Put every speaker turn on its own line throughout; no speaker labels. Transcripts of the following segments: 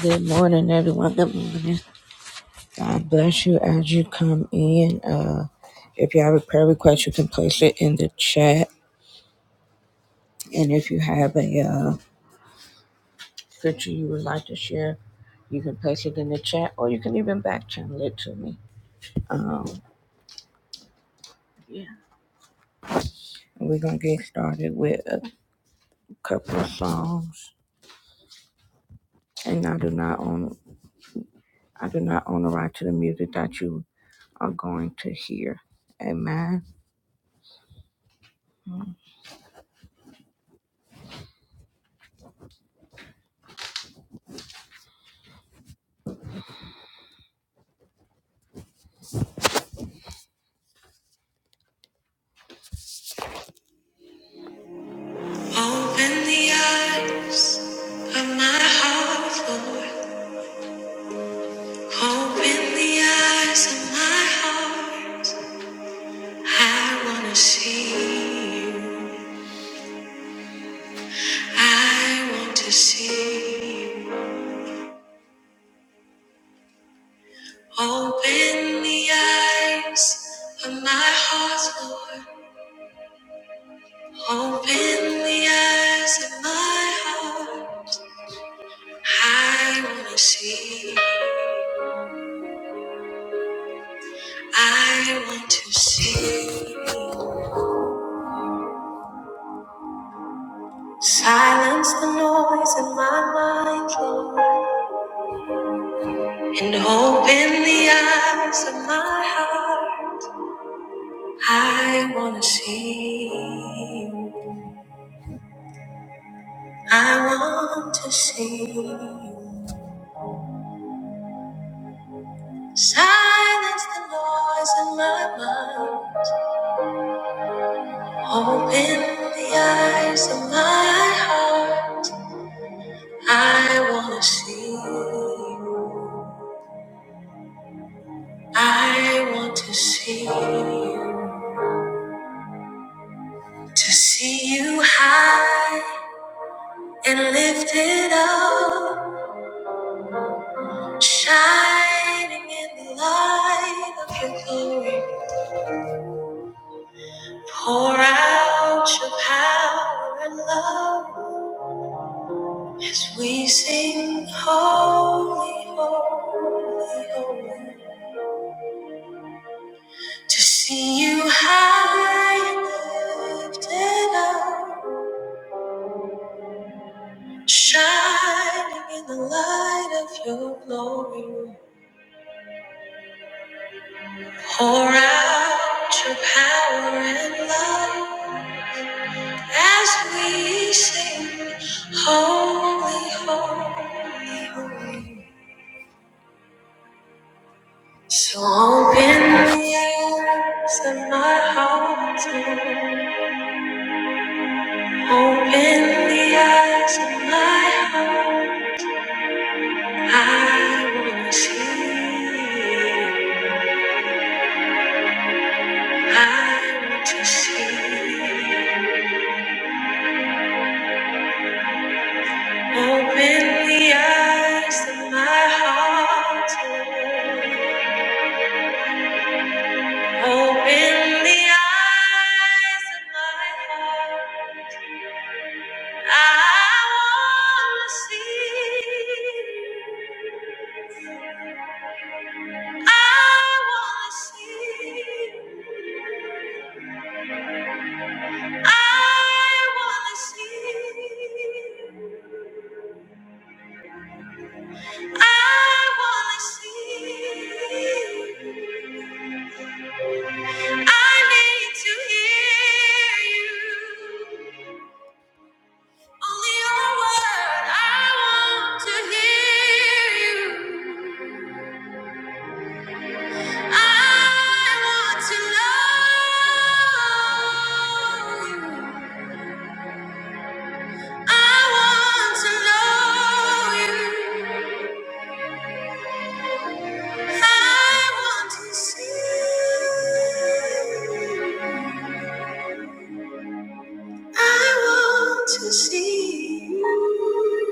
Good morning, everyone. Good morning. God bless you as you come in. Uh, if you have a prayer request, you can place it in the chat. And if you have a uh, scripture you would like to share, you can place it in the chat or you can even back channel it to me. Um, yeah. We're going to get started with a couple of songs. And I do not own I do not own the right to the music that you are going to hear. Amen. Open the eyes of my heart, Lord. Open the eyes of my heart. I want to see you. I want to see you. Open the eyes of my heart, Lord. Open the eyes of my heart. I want to see you. I want to see you. Silence the noise in my mind, Lord, and open the eyes of my heart. I want to see you. I want to see you. Silence the noise in my mind. Open the eyes of my heart. I want to see you. I want to see you. To see you high. and lifted up, shining in the light of your glory. Pour out your power and love as we sing, Holy, Holy, Holy. To see you high and lifted up, shining in the light of your glory. Pour out your power and love As we sing, holy, holy, holy. So open the eyes of my heart, open the eyes of my heart. I want to see, I want to see. Open the eyes of my heart. Open the eyes of my heart. I wanna see. you. I wanna see. you. I wanna see. you. I wanna see. you. I need to hear you. Only your word. I want to hear you. I want to know you. I want to know you. I want to see you. I want to see you.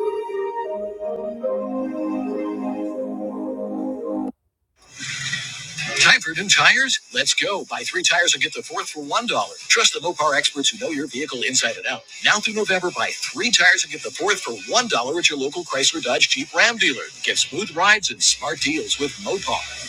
Time and tires? Let's go. Buy three tires and get the fourth for $1. Trust the Mopar experts who know your vehicle inside and out. Now through November, buy three tires and get the fourth for $1 at your local Chrysler Dodge Jeep Ram dealer. Get smooth rides and smart deals with Mopar.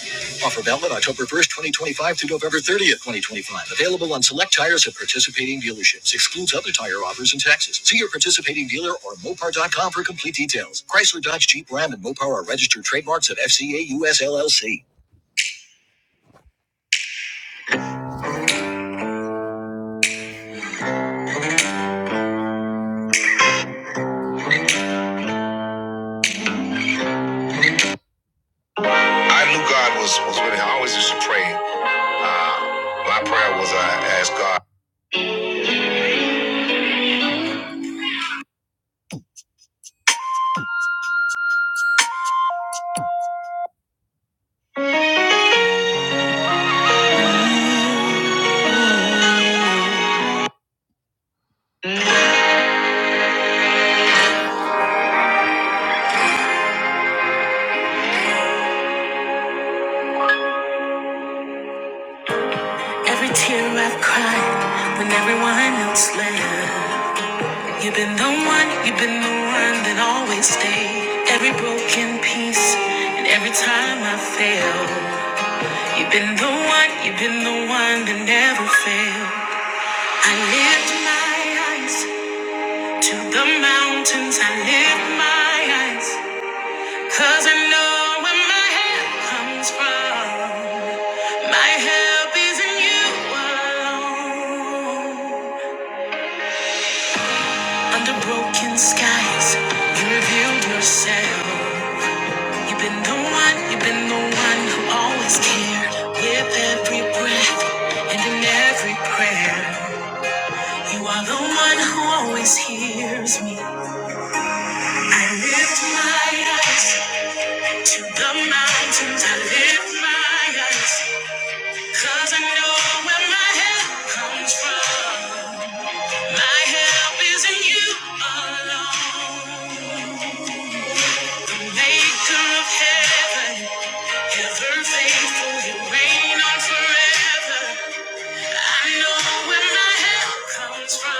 Offer valid October 1st, 2025 through November 30th, 2025. Available on select tires at participating dealerships. Excludes other tire offers and taxes. See your participating dealer or Mopar.com for complete details. Chrysler Dodge Jeep Ram and Mopar are registered trademarks of FCA US LLC. I knew God was was with him. I always used to pray. Uh, my prayer was I uh, asked God. Every tear I've cried when everyone else left. You've been the one, you've been the one that always stayed. Every broken piece and every time I fail. You've been the one, you've been the one that never failed. I lift my eyes to the mountains. I lift my eyes. Cause I know where my help comes from. My help is in you alone. Under broken skies, you revealed yourself. You've been the one, you've been the one who always cared. With every breath and in every prayer, you are the one who always hears me. I lift my eyes to the mountains. I lift my eyes. Cause I know where my help comes from. My help is in you alone. Maker of heaven, ever faithful, you reign on forever. I know where my help comes from.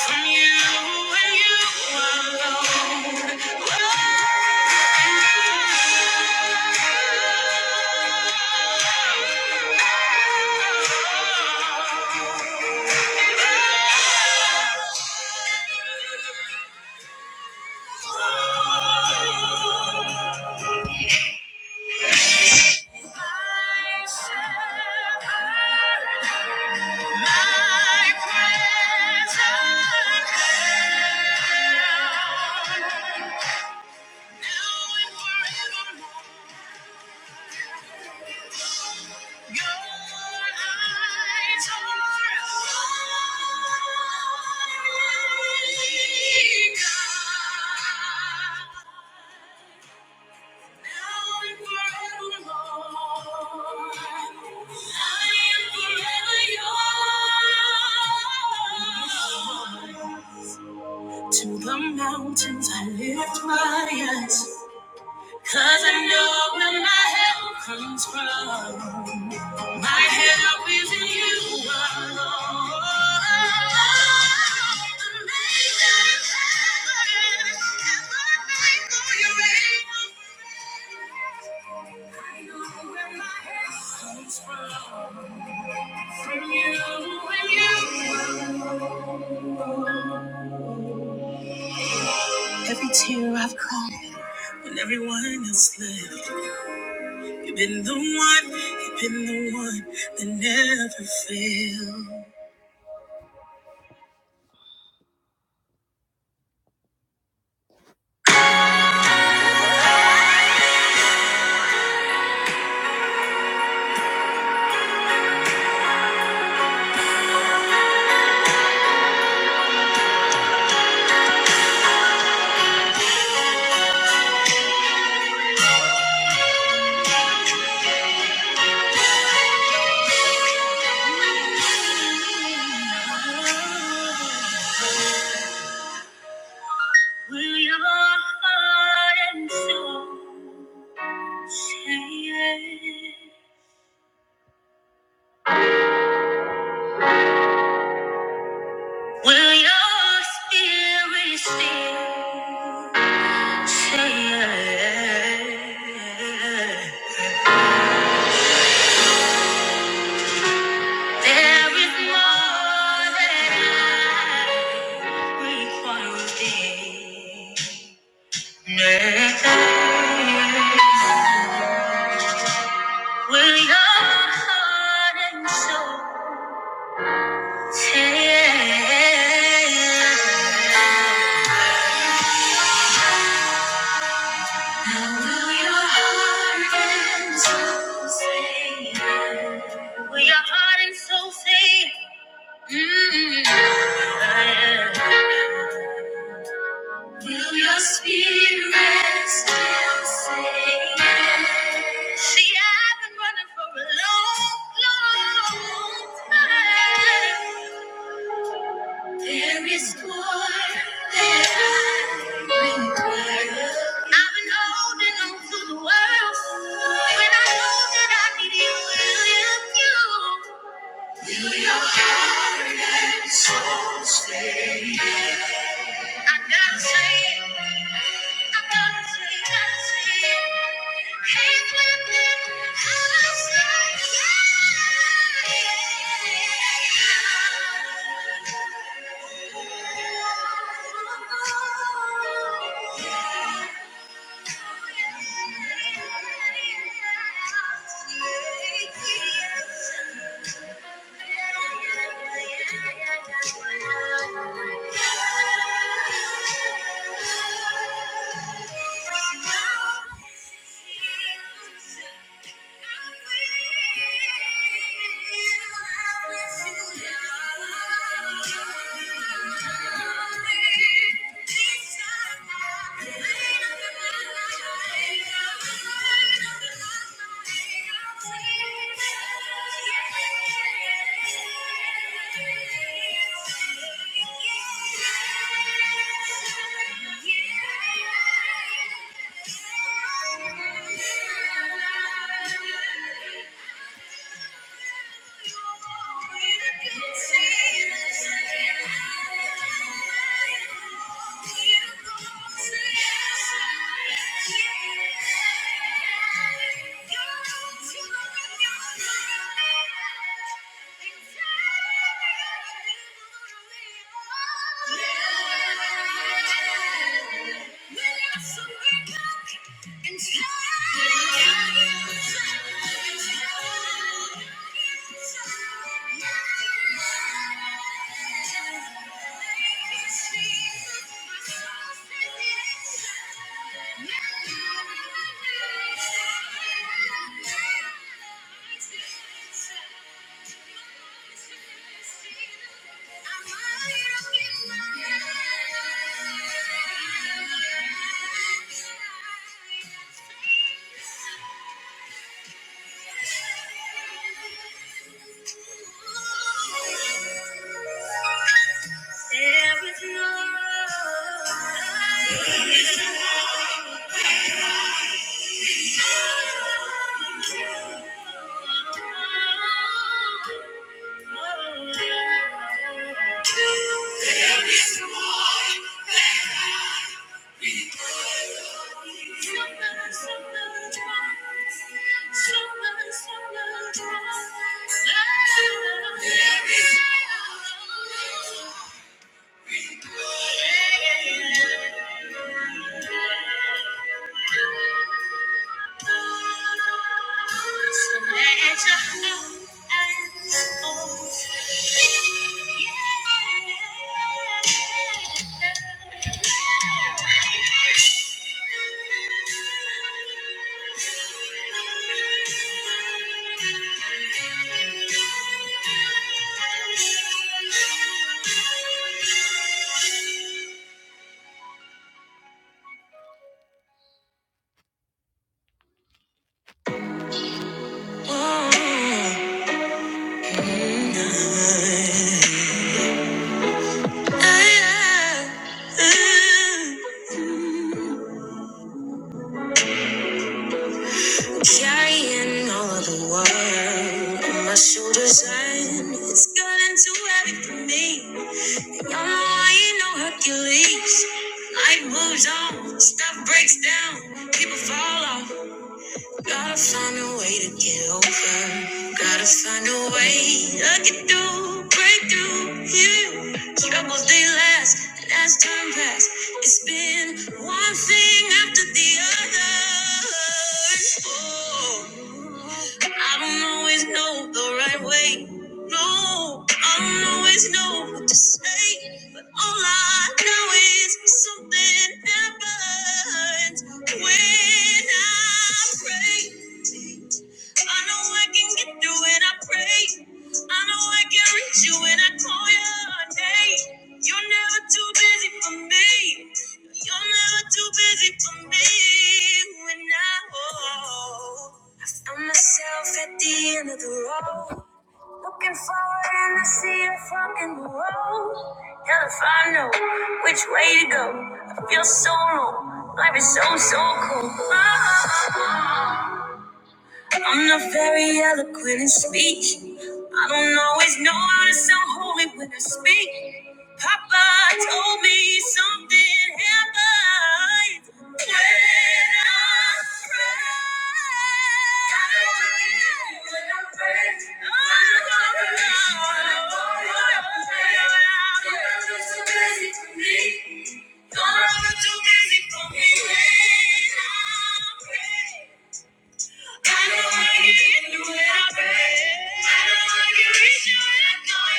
From you and you alone. My shepherd, my present help, now and forevermore. Your eyes are To the mountains I lift my eyes, 'cause I know where my help comes from. My help is in you alone. The maker of heaven and my Your reign. I know where my help comes from you, and you. Every tear I've cried when everyone else left. You've been the one, you've been the one that never failed. You're so Will your spirit stay? With more than required thing. Will your heart and soul say? Will your heart and soul say? Will your heart and soul say? Mm. Will your spirit still say yes? See, I've been running for a long, long time. There is more that I require. I've been holding on to the world when I know that I need you. Will you? you? will your I gotta say it. I gotta say it. Gotta say it. Can't flip it. How I say it. Yeah. Thank you. Yeah. Yeah. Thank you. There is no light. There is Thank you. Carrying all of the world on my shoulders, and it's getting too heavy for me. And Y'all know I ain't no Hercules. Life moves on, stuff breaks down, people fall off. Gotta find a way to get over. Gotta find a way I get through, break through you. Troubles they last, and as time pass, it's been one thing after the other. Oh. I don't always know the right way. No, I don't always know what to say. But all I know is something happens when I pray. I know I can get through when I pray. I know I can reach you when I call your name. You're never too busy for me. You're never too busy for me. When I, oh, I found myself at the end of the road. Looking forward and I see a fork in the road. Hell if I know which way to go. I feel so low. Life is so, so cold. Oh, oh, oh. I'm not very eloquent in speech. I don't always know how to sound holy when I speak. Papa told me something happened when I prayed. When I prayed. Oh, Lord. Don't run too busy for me. When I pray. I do I bet. not wanna when I call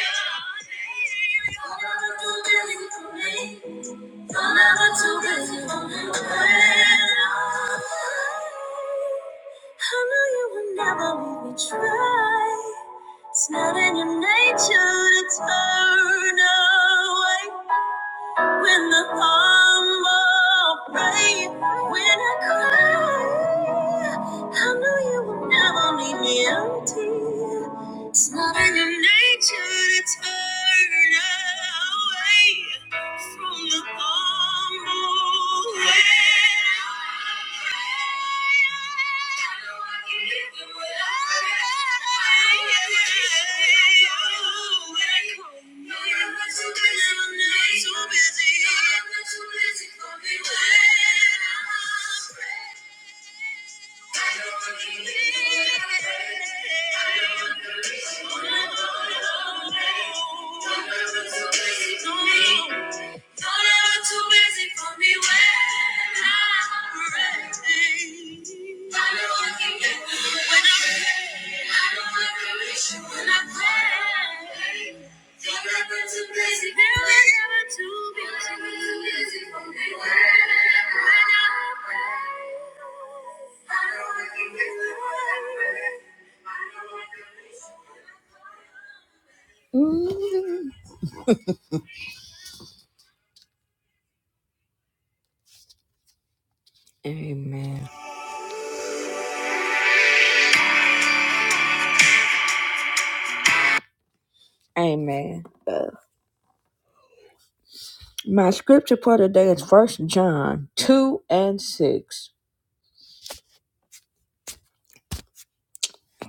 you. You're never too busy for me. You're never too busy for me. I know you will never leave me try. It's not in your nature to turn away. When the humble pray, when I cry, I know you will never leave me empty. It's not in your nature to turn away from the humble do Thank you. Don't ever too busy for me when I'm ready. I know I can get through it when I'm ready. I know I can reach you when I'm ready. Don't ever too busy, don't ever too busy. Don't ever too busy for me when when I'm ready. I know I can get through it when I'm ready. I know I can reach you when I'm ready. Mm. Amen. Amen. My scripture for today is First John 2 and 6.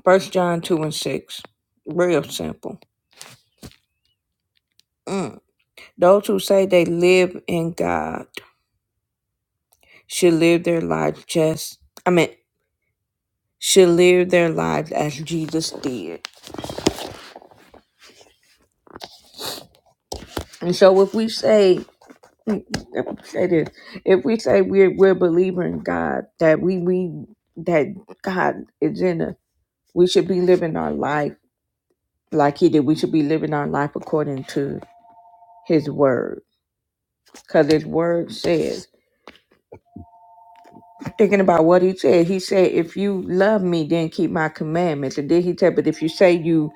First John 2 and 6. Real simple. Mm. Those who say they live in God should live their lives just, I mean, should live their lives as Jesus did. And so if we say, mm, let me say this, if we say we're, we're a believer in God, that we, we, that God is in us, we should be living our life like He did. We should be living our life according to his word because his word says thinking about what he said he said if you love me then keep my commandments and then he said but if you say you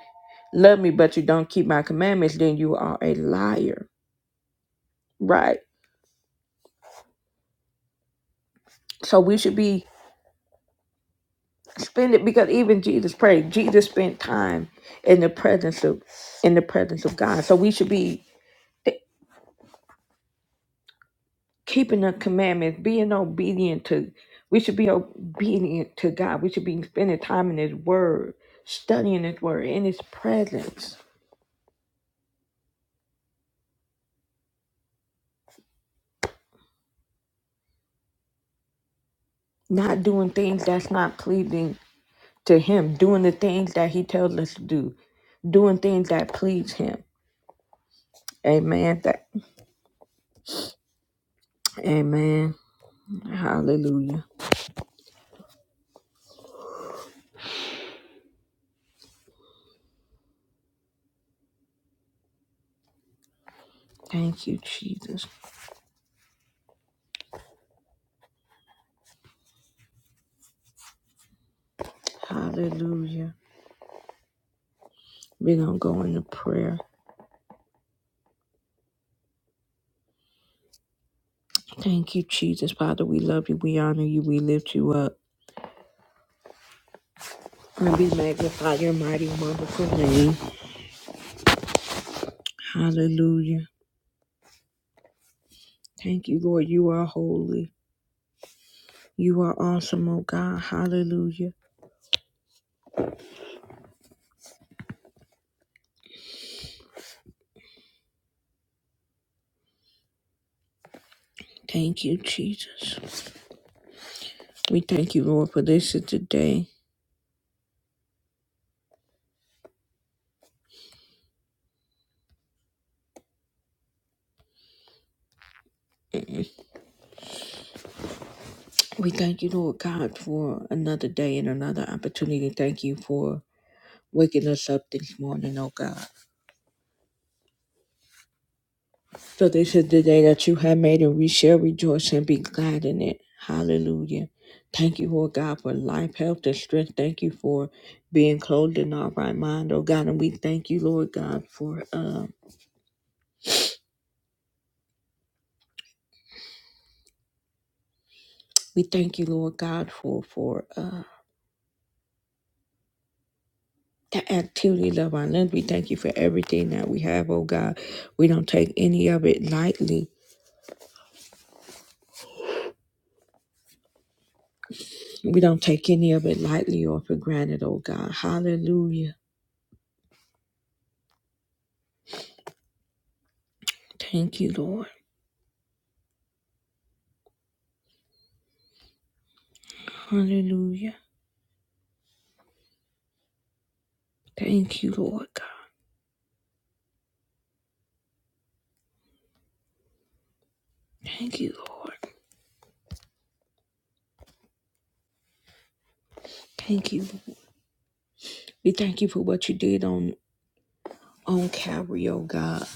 love me but you don't keep my commandments then you are a liar right so we should be spending because even jesus prayed jesus spent time in the presence of in the presence of god so we should be keeping the commandments, being obedient to, we should be obedient to God. We should be spending time in His Word, studying His Word, in His presence, not doing things that's not pleasing to Him, doing the things that He tells us to do, doing things that please Him. Amen. That, amen. Hallelujah. Thank you, Jesus. Hallelujah. We're going to go into prayer. Thank you, Jesus. Father, we love you. We honor you. We lift you up. And be magnified your mighty, wonderful name. Hallelujah. Thank you, Lord. You are holy. You are awesome, oh God. Hallelujah. Thank you, Jesus. We thank you, Lord, for this is the day. We thank you, Lord God, for another day and another opportunity. Thank you for waking us up this morning, oh God. For this is the day that you have made, and we shall rejoice and be glad in it. Hallelujah. Thank you, Lord God, for life, health, and strength. Thank you for being clothed in our right mind, oh God. And we thank you, Lord God, for uh, we thank you, Lord God, for for uh the activities of our limbs. We thank you for everything that we have, oh God. We don't take any of it lightly. We don't take any of it lightly or for granted, oh God. Hallelujah. Thank you, Lord. Hallelujah. Thank you, Lord God. Thank you, Lord. Thank you. Lord. We thank you for what you did on on Calvary, oh God.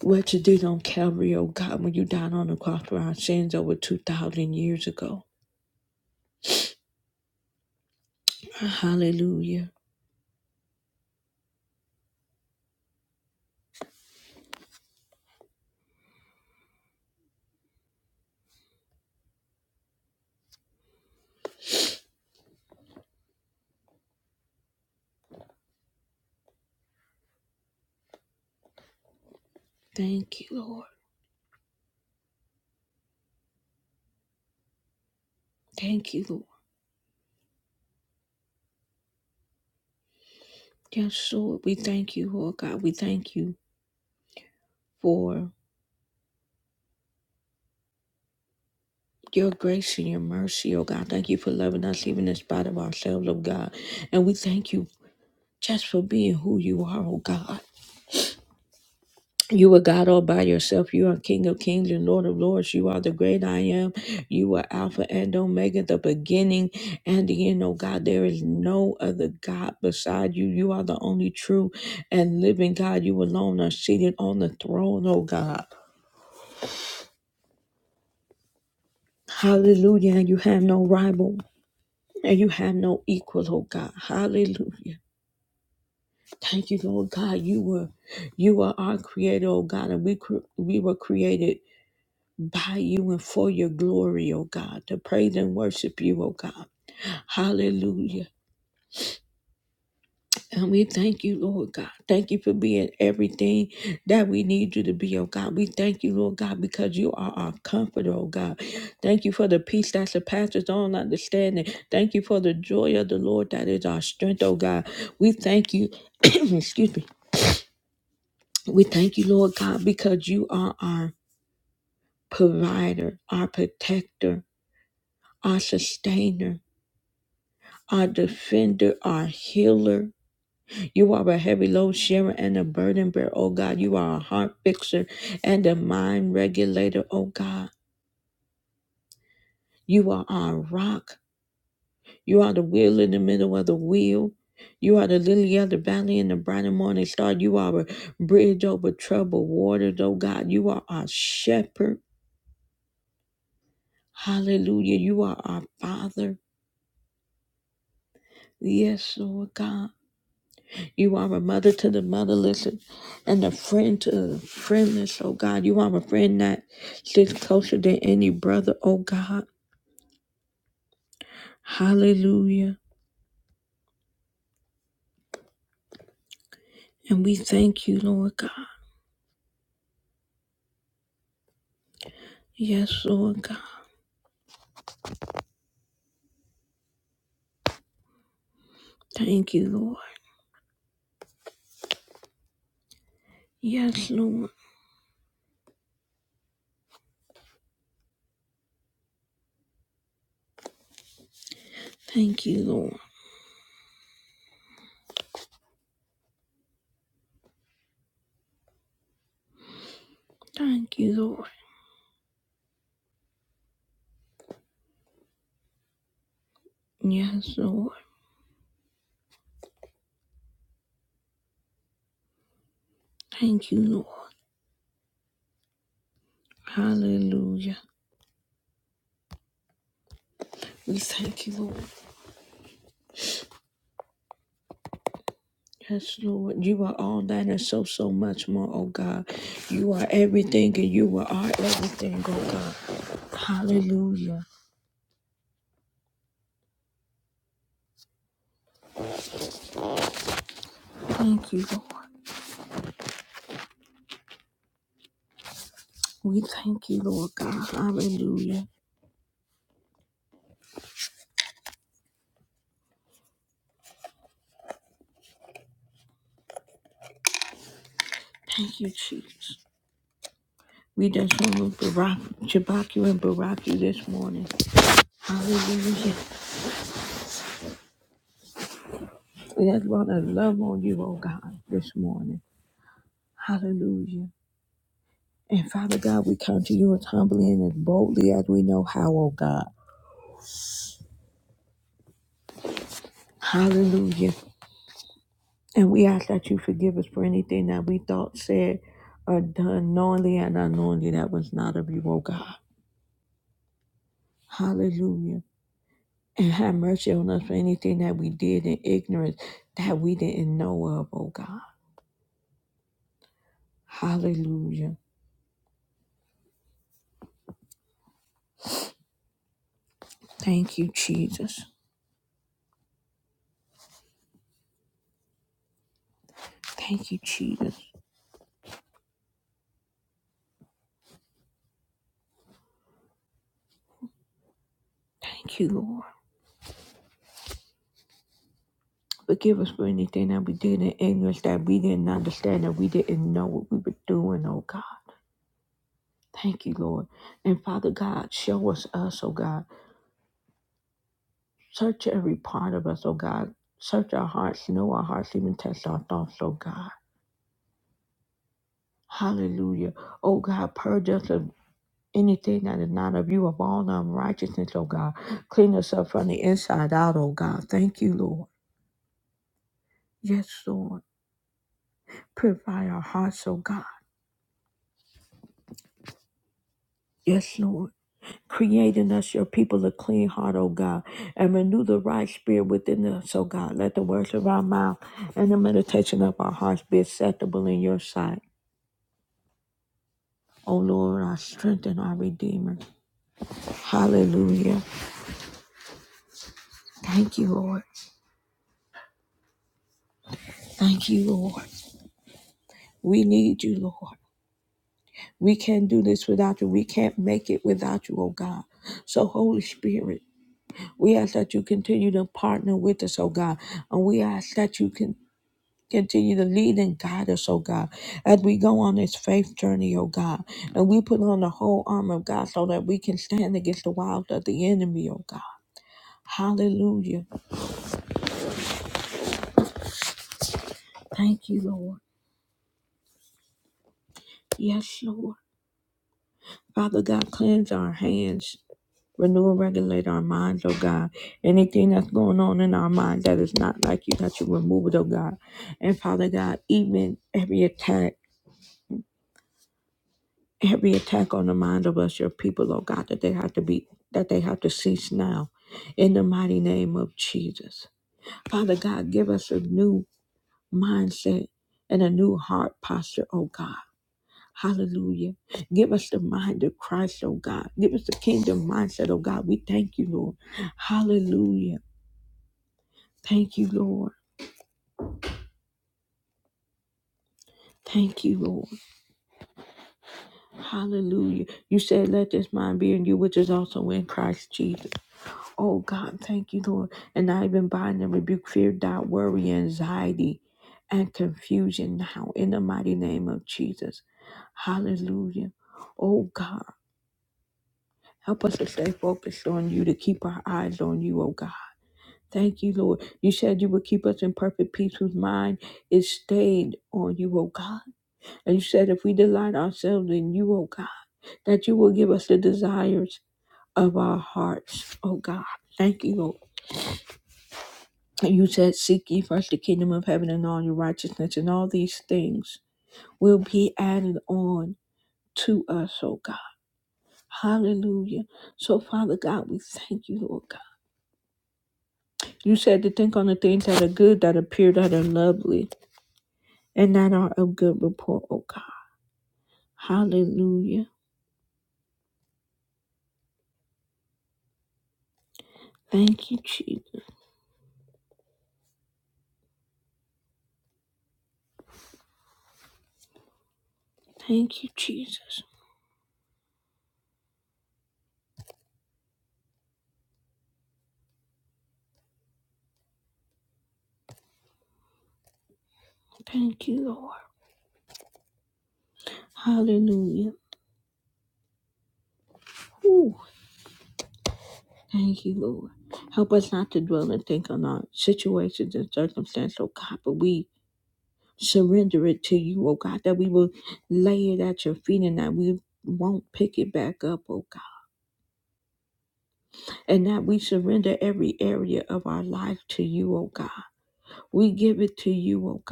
What you did on Calvary, oh God, when you died on the cross for our sins over two thousand years ago. Hallelujah. Thank you, Lord. Thank you, Lord. Yes, Lord. We thank you, Lord God. We thank you for your grace and your mercy, oh God. Thank you for loving us even in spite of ourselves, oh God. And we thank you just for being who you are, oh God. You are God all by yourself. You are King of kings and Lord of lords. You are the great I am. You are Alpha and Omega, the beginning and the end. Oh God, there is no other God beside you. You are the only true and living God. You alone are seated on the throne, oh God. Hallelujah. And you have no rival and you have no equal, oh God. Hallelujah. Thank you, Lord God. You were, you are our creator, oh God, and we cre- we were created by you and for your glory, oh God, to praise and worship you, oh God. Hallelujah. And we thank you, Lord God. Thank you for being everything that we need you to be, oh God. We thank you, Lord God, because you are our comforter, oh God. Thank you for the peace that surpasses all understanding. Thank you for the joy of the Lord that is our strength, oh God. We thank you, excuse me. We thank you, Lord God, because you are our provider, our protector, our sustainer. our defender, our healer. You are a heavy load sharer and a burden bearer, oh God. You are a heart fixer and a mind regulator, oh God. You are our rock. You are the wheel in the middle of the wheel. You are the lily of the valley and the bright and morning star. You are a bridge over troubled waters, oh God. You are our shepherd. Hallelujah. You are our Father. Yes, Lord God. You are a mother to the motherless and and a friend to the friendless, oh God. You are a friend that sits closer than any brother, oh God. Hallelujah. And we thank you, Lord God. Yes, Lord God. Thank you, Lord. Yes, Lord. Thank you, Lord. Thank you, Lord. Yes, Lord. Thank you, Lord. Hallelujah. We thank you, Lord. Yes, Lord, you are all that and so, so much more, oh God. You are everything and you are our everything, oh God. Hallelujah. Thank you, Lord. We thank you, Lord God. Hallelujah. Thank you, Jesus. We just want to Barak, Shabbat you and Barak you this morning. Hallelujah. We just want to love on you, oh God, this morning. Hallelujah. And Father God, we come to you as humbly and as boldly as we know how, oh God. Hallelujah. And we ask that you forgive us for anything that we thought, said, or done knowingly and unknowingly that was not of you, O God. Hallelujah. And have mercy on us for anything that we did in ignorance that we didn't know of, O God. Hallelujah. Thank you, Jesus. Thank you, Jesus. Thank you, Lord. Forgive us for anything that we did in ignorance that we didn't understand, that we didn't know what we were doing, oh God. Thank you, Lord. And Father God, show us us, oh God. Search every part of us, oh God. Search our hearts, know our hearts, even test our thoughts, oh God. Hallelujah. Oh God, purge us of anything that is not of you, of all unrighteousness, oh God. Clean us up from the inside out, oh God. Thank you, Lord. Yes, Lord. Purify our hearts, oh God. Yes, Lord. Create in us your people a clean heart, oh God, and renew the right spirit within us, oh God. Let the words of our mouth and the meditation of our hearts be acceptable in your sight. O Lord, our strength and our Redeemer. Hallelujah. Thank you, Lord. Thank you, Lord. We need you, Lord. We can't do this without you. We can't make it without you, oh God. So, Holy Spirit, we ask that you continue to partner with us, oh God. And we ask that you can continue to lead and guide us, oh God, as we go on this faith journey, oh God. And we put on the whole armor of God so that we can stand against the wiles of the enemy, oh God. Hallelujah. Thank you, Lord. Yes, Lord. Father God, cleanse our hands, renew and regulate our minds, oh God. Anything that's going on in our mind that is not like you, that you remove it, oh God. And Father God, even every attack, every attack on the mind of us, your people, oh God, that they have to be, that they have to cease now. In the mighty name of Jesus. Father God, give us a new mindset and a new heart posture, oh God. Hallelujah. Give us the mind of Christ, oh God. Give us the kingdom mindset, oh God. We thank you, Lord. Hallelujah. Thank you, Lord. Thank you, Lord. Hallelujah. You said, let this mind be in you, which is also in Christ Jesus. Oh God, thank you, Lord. And I even bind and rebuke fear, doubt, worry, anxiety, and confusion now in the mighty name of Jesus. Hallelujah. Oh God, help us to stay focused on you, to keep our eyes on you, oh God. Thank you, Lord. You said you would keep us in perfect peace whose mind is stayed on you, O God. And you said if we delight ourselves in you, O God, that you will give us the desires of our hearts, O God. Thank you, Lord. And you said, Seek ye first the kingdom of heaven and all your righteousness, and all these things will be added on to us, O God. Hallelujah. So, Father God, we thank you, Lord God. You said to think on the things that are good, that appear, that are lovely and that are of good report, O God. Hallelujah. Thank you, Jesus. Thank you, Jesus. Thank you, Lord. Hallelujah. Ooh, thank you, Lord. Help us not to dwell and think on our situations and circumstances, oh God, but we surrender it to you, oh God, that we will lay it at your feet and that we won't pick it back up, oh God, and that we surrender every area of our life to you, oh God. We give it to you, oh God.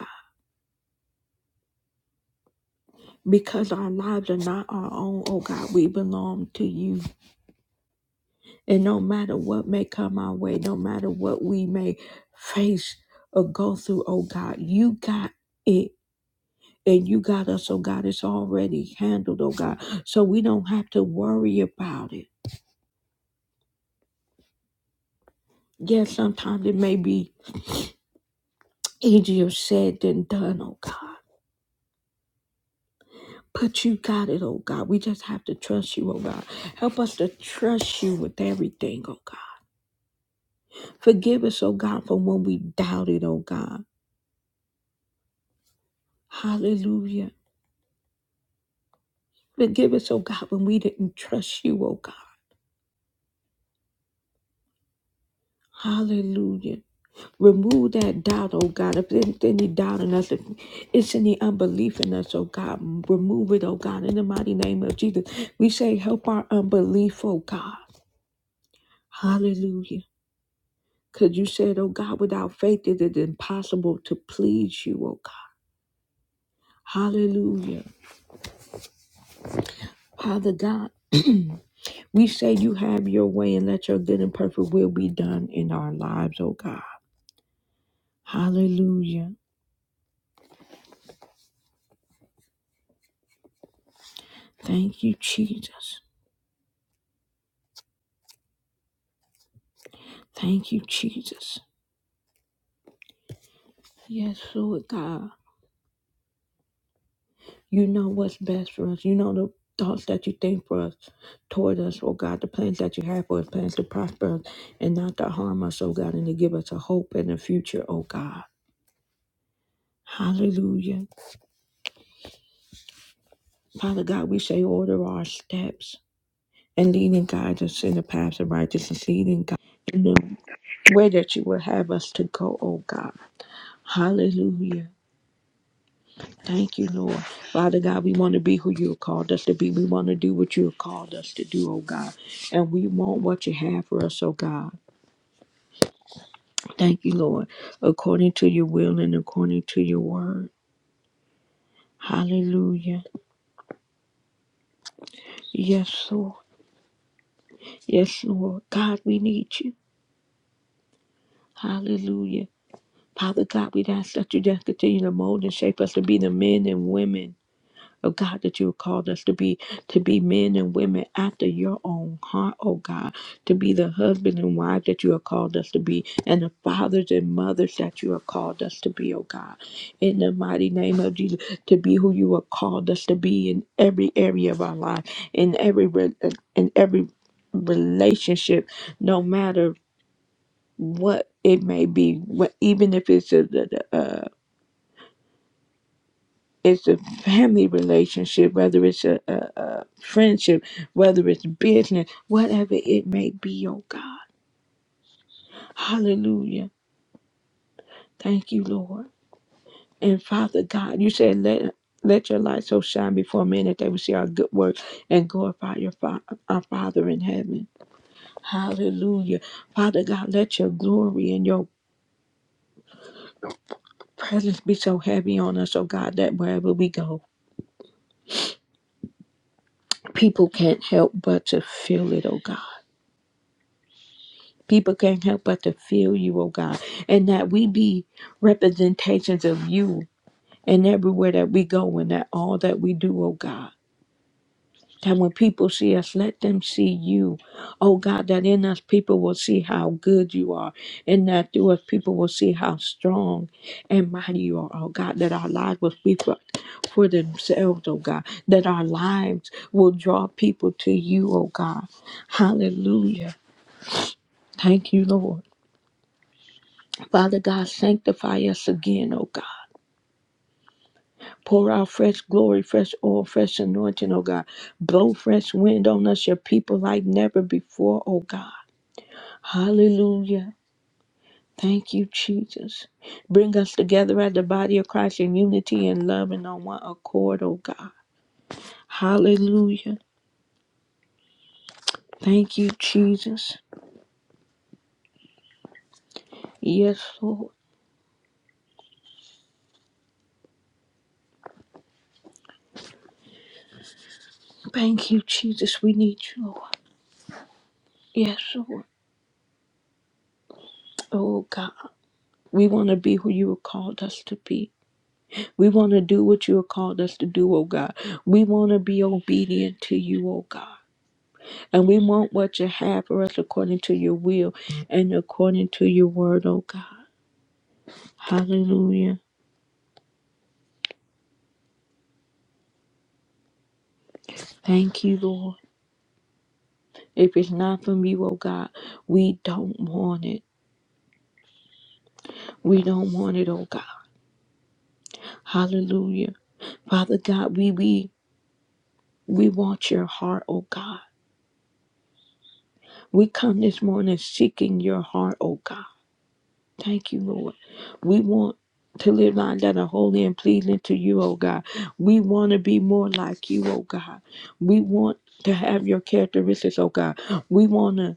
because our lives are not our own. Oh God, we belong to you. And no matter what may come our way, no matter what we may face or go through, oh God, you got it. And you got us, oh God. It's already handled, oh God. So we don't have to worry about it. Yes, sometimes it may be easier said than done, oh God. But you got it, oh God. We just have to trust you, oh God. Help us to trust you with everything, oh God. Forgive us, oh God, for when we doubted, oh God. Hallelujah. Forgive us, oh God, when we didn't trust you, oh God. Hallelujah. Remove that doubt, oh God. If there's any doubt in us, if it's any unbelief in us, oh God, remove it, oh God. In the mighty name of Jesus, we say, help our unbelief, oh God. Hallelujah. Because you said, oh God, without faith, it is impossible to please you, oh God. Hallelujah. Father God, we say you have your way and let your good and perfect will be done in our lives, oh God. Hallelujah. Thank you, Jesus. Thank you, Jesus. Yes, Lord God. You know what's best for us. You know the thoughts that you think for us, toward us, oh God, the plans that you have for us, plans to prosper us and not to harm us, oh God, and to give us a hope and a future, oh God. Hallelujah. Father God, we say order our steps. and leading guide us in the paths of righteousness, leading God in the way that you would have us to go, oh God. Hallelujah. Thank you, Lord. Father God, we want to be who you have called us to be. We want to do what you have called us to do, oh God. And we want what you have for us, oh God. Thank you, Lord. According to your will and according to your word. Hallelujah. Yes, Lord. Yes, Lord. God, we need you. Hallelujah. Father God, we'd ask that you just continue to mold and shape us to be the men and women of God that you have called us to be, to be men and women after your own heart, oh God, to be the husband and wife that you have called us to be, and the fathers and mothers that you have called us to be, oh God. In the mighty name of Jesus, to be who you have called us to be in every area of our life, in every re- in every relationship, no matter what it may be, what, even if it's a, it's a family relationship, whether it's a, a, a friendship, whether it's business, whatever it may be, oh God. Hallelujah. Thank you, Lord. And Father God, you said, let let your light so shine before men that they will see our good work and glorify your fa- our Father in heaven. Hallelujah. Father God, let your glory and your presence be so heavy on us, oh God, that wherever we go, people can't help but to feel it, oh God. People can't help but to feel you, oh God, and that we be representations of you and everywhere that we go and that all that we do, oh God. That when people see us, let them see you. Oh God, that in us people will see how good you are, and that through us people will see how strong and mighty you are, oh God. That our lives will speak for, for themselves, oh God. That our lives will draw people to you, oh God. Hallelujah. Thank you, Lord. Father God, sanctify us again, oh God. Pour out fresh glory, fresh oil, fresh anointing, oh God. Blow fresh wind on us, your people, like never before, oh God. Hallelujah. Thank you, Jesus. Bring us together as the body of Christ in unity and love and on one accord, oh God. Hallelujah. Thank you, Jesus. Yes, Lord. Thank you, Jesus. We need you, Lord. Yes, Lord. Oh God. We want to be who you have called us to be. We want to do what you have called us to do, oh God. We want to be obedient to you, oh God. And we want what you have for us according to your will and according to your word, oh God. Hallelujah. Thank you, Lord. If it's not from you, oh God, we don't want it. We don't want it, oh God. Hallelujah. Father God, we we we want your heart, oh God. We come this morning seeking your heart, oh God. Thank you, Lord. We want to live lives that are holy and pleasing to you, oh God. We want to be more like you, oh God. We want to have your characteristics, oh God. We want to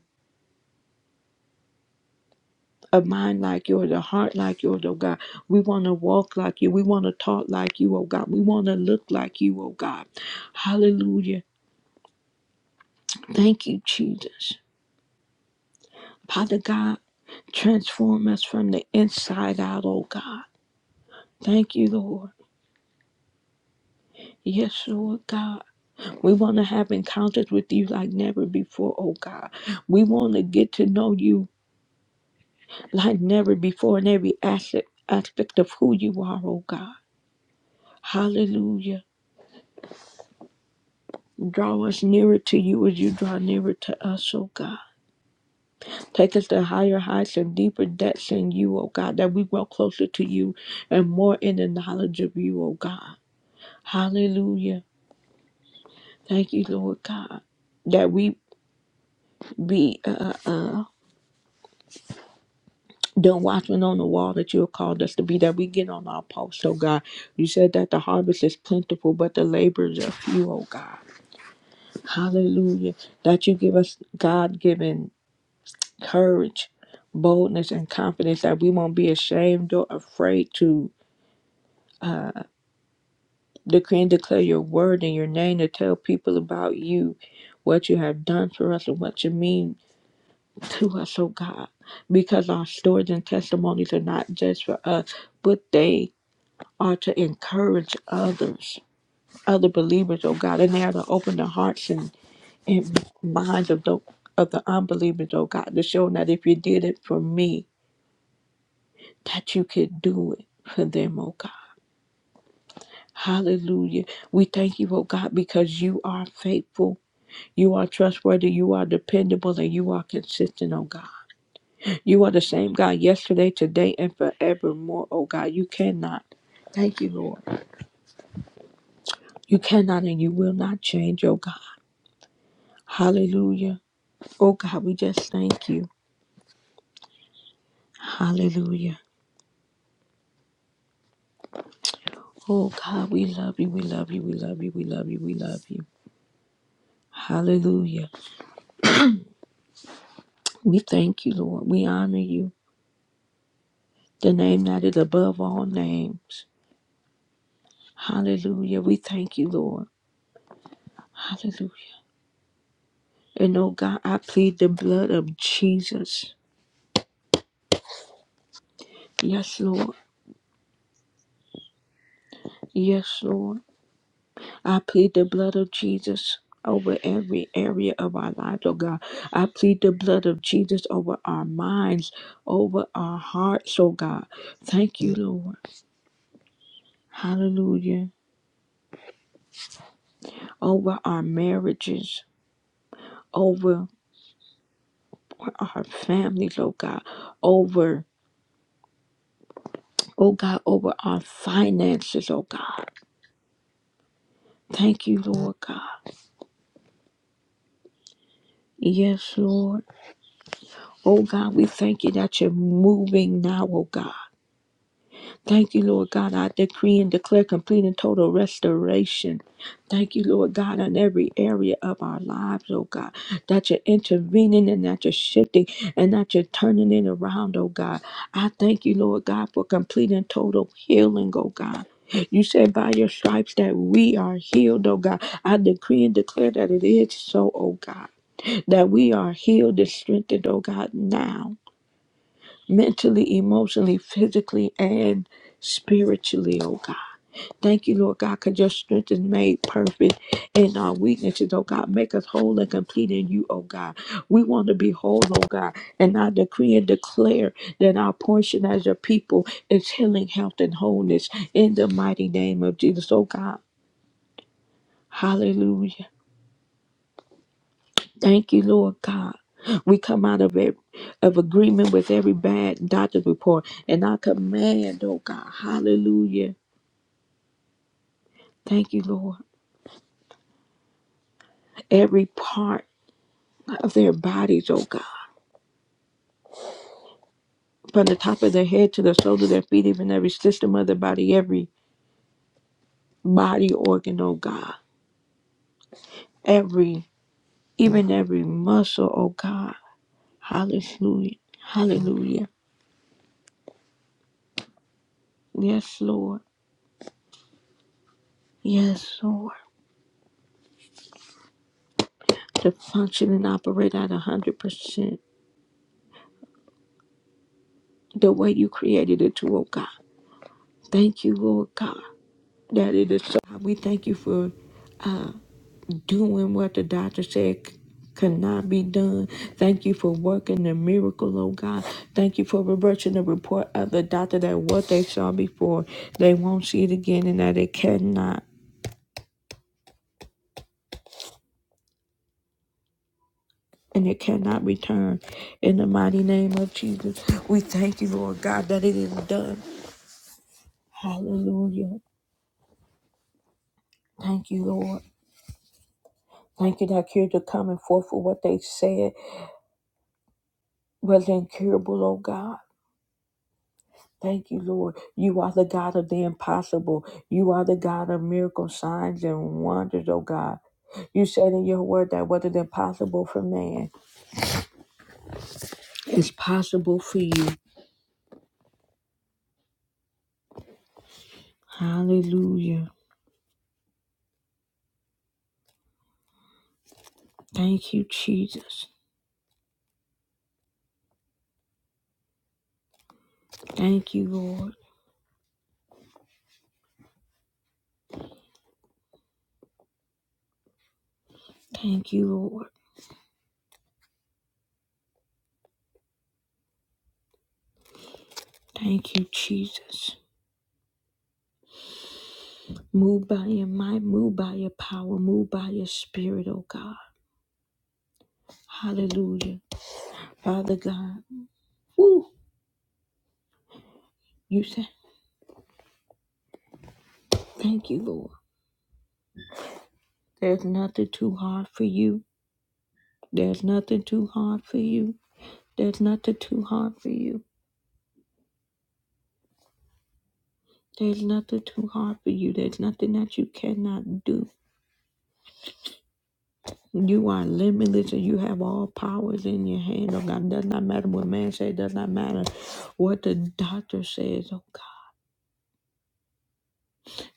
a mind like yours, a heart like yours, oh God. We want to walk like you. We want to talk like you, oh God. We want to look like you, oh God. Hallelujah. Thank you, Jesus. Father God, transform us from the inside out, oh God. Thank you, Lord. Yes, Lord God. We want to have encounters with you like never before, oh God. We want to get to know you like never before in every aspect, aspect of who you are, oh God. Hallelujah. Draw us nearer to you as you draw nearer to us, oh God. Take us to higher heights and deeper depths in you, oh God, that we grow closer to you and more in the knowledge of you, oh God. Hallelujah. Thank you, Lord God, that we be uh, uh, uh, the watchman on the wall that you have called us to be, that we get on our post, oh God. You said that the harvest is plentiful, but the laborers are few, oh God. Hallelujah. That you give us God given courage, boldness, and confidence that we won't be ashamed or afraid to decree and declare your word in your name to tell people about you, what you have done for us, and what you mean to us, oh God. Because our stories and testimonies are not just for us, but they are to encourage others, other believers, oh God, and they are to open the hearts and, and minds of the of the unbelievers, oh God, to show them that if you did it for me, that you could do it for them, oh God. Hallelujah. We thank you, oh God, because you are faithful, you are trustworthy, you are dependable, and you are consistent, oh God. You are the same God yesterday, today, and forevermore, oh God. You cannot. Thank you, Lord. You cannot and you will not change, oh God. Hallelujah. Oh God, we just thank you. Hallelujah. Oh God, we love you. We love you. We love you. We love you. We love you. Hallelujah. We thank you, Lord. We honor you. The name that is above all names. Hallelujah. We thank you, Lord. Hallelujah. And oh God, I plead the blood of Jesus. Yes, Lord. Yes, Lord. I plead the blood of Jesus over every area of our lives, oh God. I plead the blood of Jesus over our minds, over our hearts, oh God. Thank you, Lord. Hallelujah. Over our marriages, over our families, oh God. Over, oh God, over our finances, oh God. Thank you, Lord God. Yes, Lord. Oh God, we thank you that you're moving now, oh God. Thank you, Lord God. I decree and declare complete and total restoration. Thank you, Lord God, on every area of our lives, oh God, that you're intervening and that you're shifting and that you're turning it around, oh God. I thank you, Lord God, for complete and total healing, oh God. You said by your stripes that we are healed, oh God. I decree and declare that it is so, oh God, that we are healed and strengthened, oh God, now mentally, emotionally, physically, and spiritually, oh God. Thank you, Lord God, because your strength is made perfect in our weaknesses, oh God. Make us whole and complete in you, oh God. We want to be whole, oh God. And I decree and declare that our portion as a people is healing, health, and wholeness in the mighty name of Jesus, oh God. Hallelujah. Thank you, Lord God. We come out of it of agreement with every bad doctor's report. And I command, oh God, hallelujah. Thank you, Lord. Every part of their bodies, oh God. From the top of their head to the soles of their feet, even every system of the body, every body organ, oh God. Every even every muscle, oh God. Hallelujah. Hallelujah. Yes, Lord. Yes, Lord. To function and operate at a hundred percent. the way you created it to, oh God. Thank you, Lord God, that it is so. We thank you for doing what the doctor said c- could not be done. Thank you for working the miracle, oh God. Thank you for reversing the report of the doctor that what they saw before, they won't see it again and that it cannot. And it cannot return in the mighty name of Jesus. We thank you, Lord God, that it is done. Hallelujah. Thank you, Lord. Thank you that you're the coming forth for what they said was incurable, oh God. Thank you, Lord. You are the God of the impossible. You are the God of miracles, signs, and wonders, oh God. You said in your word that what is impossible for man is possible for you. Hallelujah. Thank you, Jesus. Thank you, Lord. Thank you, Lord. Thank you, Jesus. Move by your might, move by your power, move by your spirit, oh God. Hallelujah. Father God. Woo. You said, thank you, Lord. There's nothing too hard for you. There's nothing too hard for you. There's nothing too hard for you. There's nothing too hard for you. There's nothing that you cannot do. You are limitless and you have all powers in your hand. Oh God, it does not matter what man says, it does not matter what the doctor says. Oh God.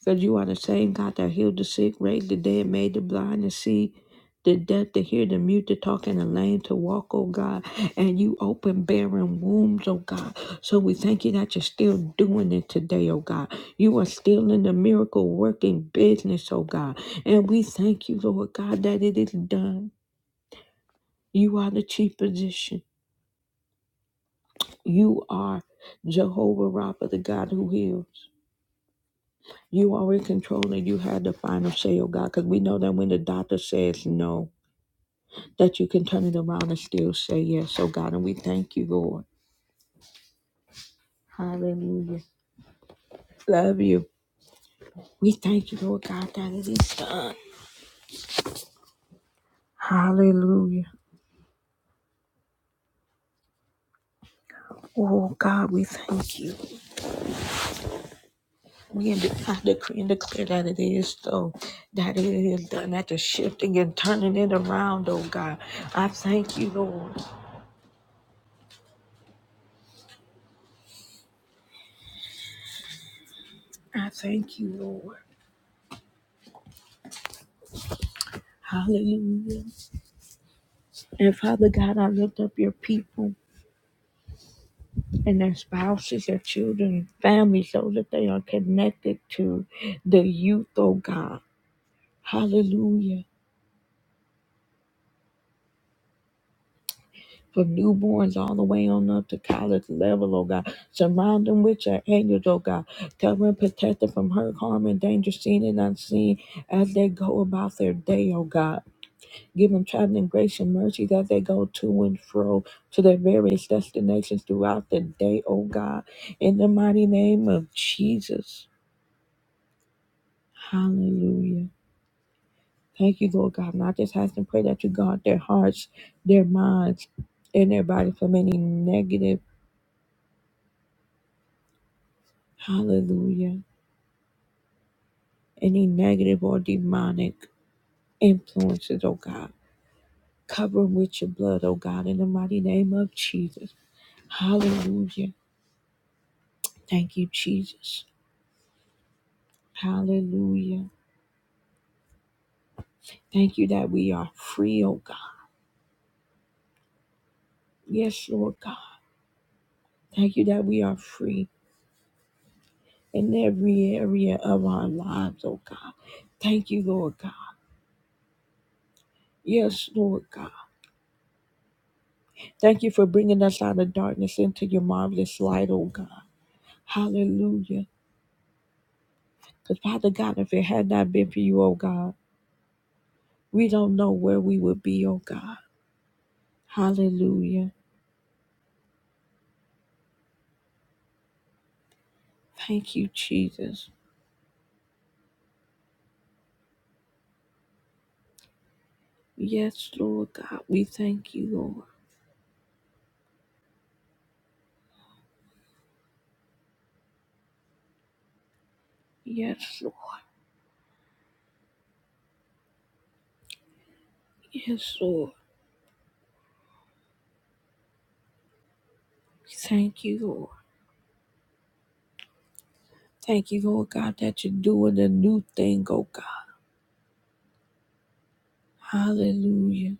Because you are the same God that healed the sick, raised the dead, made the blind to see, the deaf to hear, the mute to talk, and the lame to walk, oh God. And you open barren wombs, oh God. So we thank you that you're still doing it today, oh God. You are still in the miracle working business, oh God. And we thank you, Lord God, that it is done. You are the chief physician. You are Jehovah Rapha, the God who heals. You are in control and you have the final say, oh God, because we know that when the doctor says no, that you can turn it around and still say yes, oh God. And we thank you, Lord. Hallelujah. Love you. We thank you, Lord God, that it is done. Hallelujah. Oh God, we thank you. We in the, I decree and declare that it is so, that it is done, that the shifting and turning it around, oh God. I thank you, Lord. I thank you, Lord. Hallelujah. And Father God, I lift up your people and their spouses, their children, families, so that they are connected to the youth, oh God. Hallelujah. From newborns all the way on up to college level, oh God. Surround them with your angels, oh God. Cover and protect them from hurt, harm, and danger, seen and unseen, as they go about their day, oh God. Give them traveling grace and mercy as they go to and fro to their various destinations throughout the day, oh God. In the mighty name of Jesus. Hallelujah. Thank you, Lord God. And I just ask and pray that you guard their hearts, their minds, and their body from any negative, hallelujah, any negative or demonic influences, oh God. Cover them with your blood, oh God, in the mighty name of Jesus. Hallelujah. Thank you, Jesus. Hallelujah. Thank you that we are free, oh God. Yes, Lord God. Thank you that we are free in every area of our lives, oh God. Thank you, Lord God. Yes, Lord God. Thank you for bringing us out of darkness into your marvelous light, oh God. Hallelujah. Because, Father God, if it had not been for you, oh God, we don't know where we would be, oh God. Hallelujah. Thank you, Jesus. Yes, Lord God. We thank you, Lord. Yes, Lord. Yes, Lord. Thank you, Lord. Thank you, Lord God, that you're doing a new thing, oh God. Hallelujah.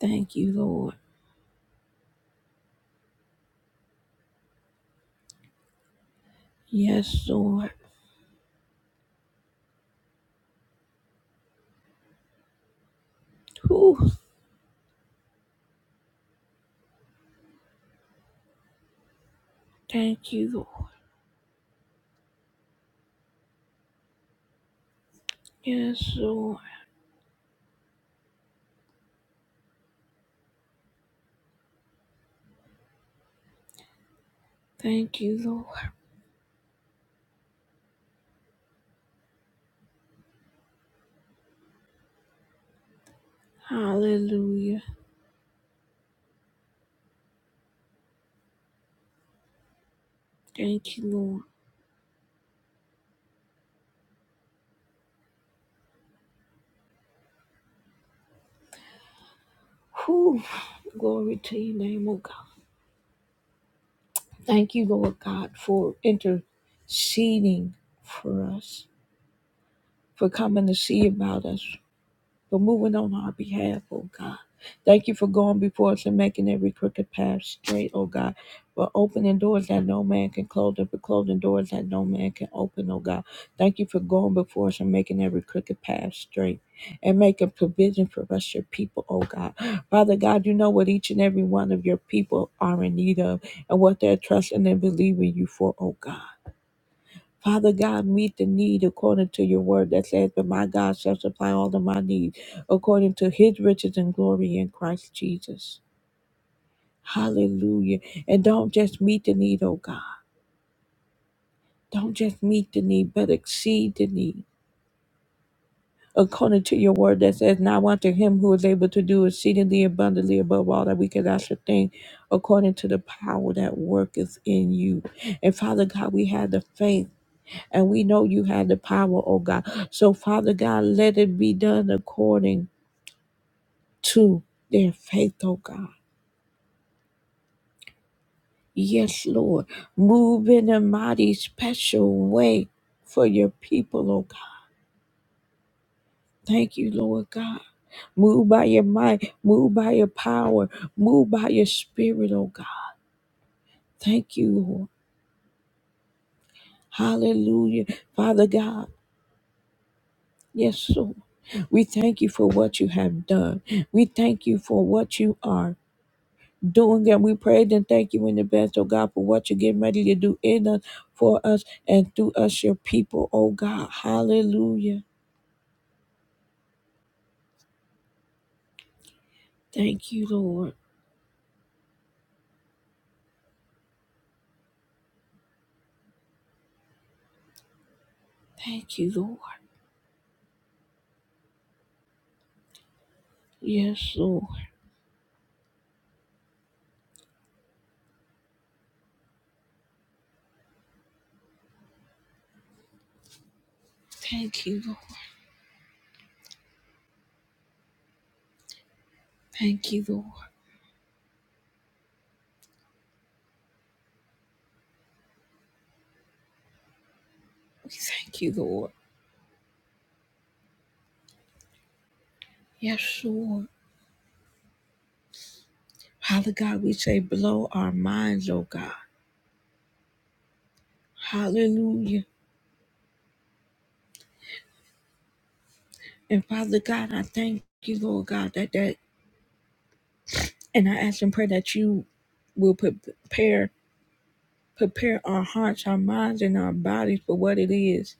Thank you, Lord. Yes, Lord. Whew. Thank you, Lord. Yes, Lord. Thank you, Lord. Hallelujah. Thank you, Lord. Whew. Glory to your name, oh God. Thank you, Lord God, for interceding for us, for coming to see about us, for moving on our behalf, oh God. Thank you for going before us and making every crooked path straight, oh God. For opening doors that no man can close and for closing doors that no man can open, oh God. Thank you for going before us and making every crooked path straight and making provision for us, your people, oh God. Father God, you know what each and every one of your people are in need of and what they're trusting and believing you for, oh God. Father God, meet the need according to your word that says, But my God shall supply all of my needs according to his riches and glory in Christ Jesus. Hallelujah. And don't just meet the need, oh God. Don't just meet the need, but exceed the need. According to your word that says, Now unto him who is able to do exceedingly abundantly above all that we could ask or think, according to the power that worketh in you. And Father God, we have the faith And we know you have the power, oh God. So, Father God, let it be done according to their faith, oh God. Yes, Lord. Move in a mighty special way for your people, oh God. Thank you, Lord God. Move by your might, move by your power, move by your spirit, oh God. Thank you, Lord. Hallelujah. Father God, yes, Lord. We thank you for what you have done. We thank you for what you are. doing and we prayed and thank you in advance, oh God, for what you're getting ready to do in us, for us, and through us, your people, oh God. Hallelujah. Thank you, Lord. Thank you, Lord. Yes, Lord. Thank you, Lord. Thank you, Lord. We thank you, Lord. Yes, Lord. Father God, we say, blow our minds, oh God. Hallelujah. And Father God, I thank you, Lord God, that that, and I ask and pray that you will prepare prepare our hearts, our minds, and our bodies for what it is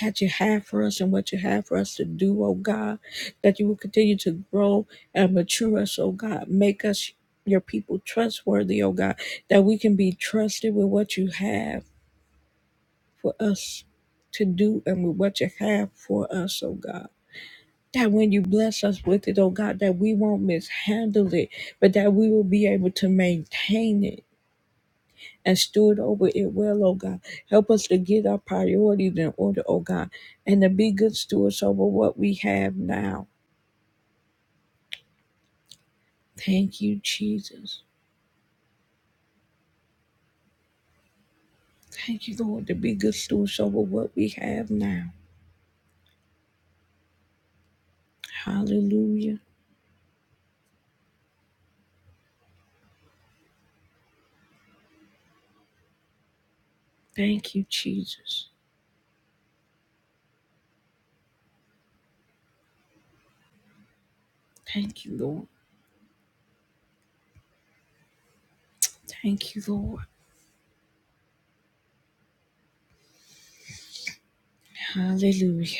that you have for us and what you have for us to do, oh God. That you will continue to grow and mature us, oh God. Make us your people trustworthy, oh God. That we can be trusted with what you have for us to do and with what you have for us, oh God. That when you bless us with it, oh God, that we won't mishandle it, but that we will be able to maintain it and steward over it well, oh God. Help us to get our priorities in order, oh God, and to be good stewards over what we have now. Thank you, Jesus. Thank you, Lord, to be good stewards over what we have now. Hallelujah. Thank you, Jesus. Thank you, Lord. Thank you, Lord. Hallelujah.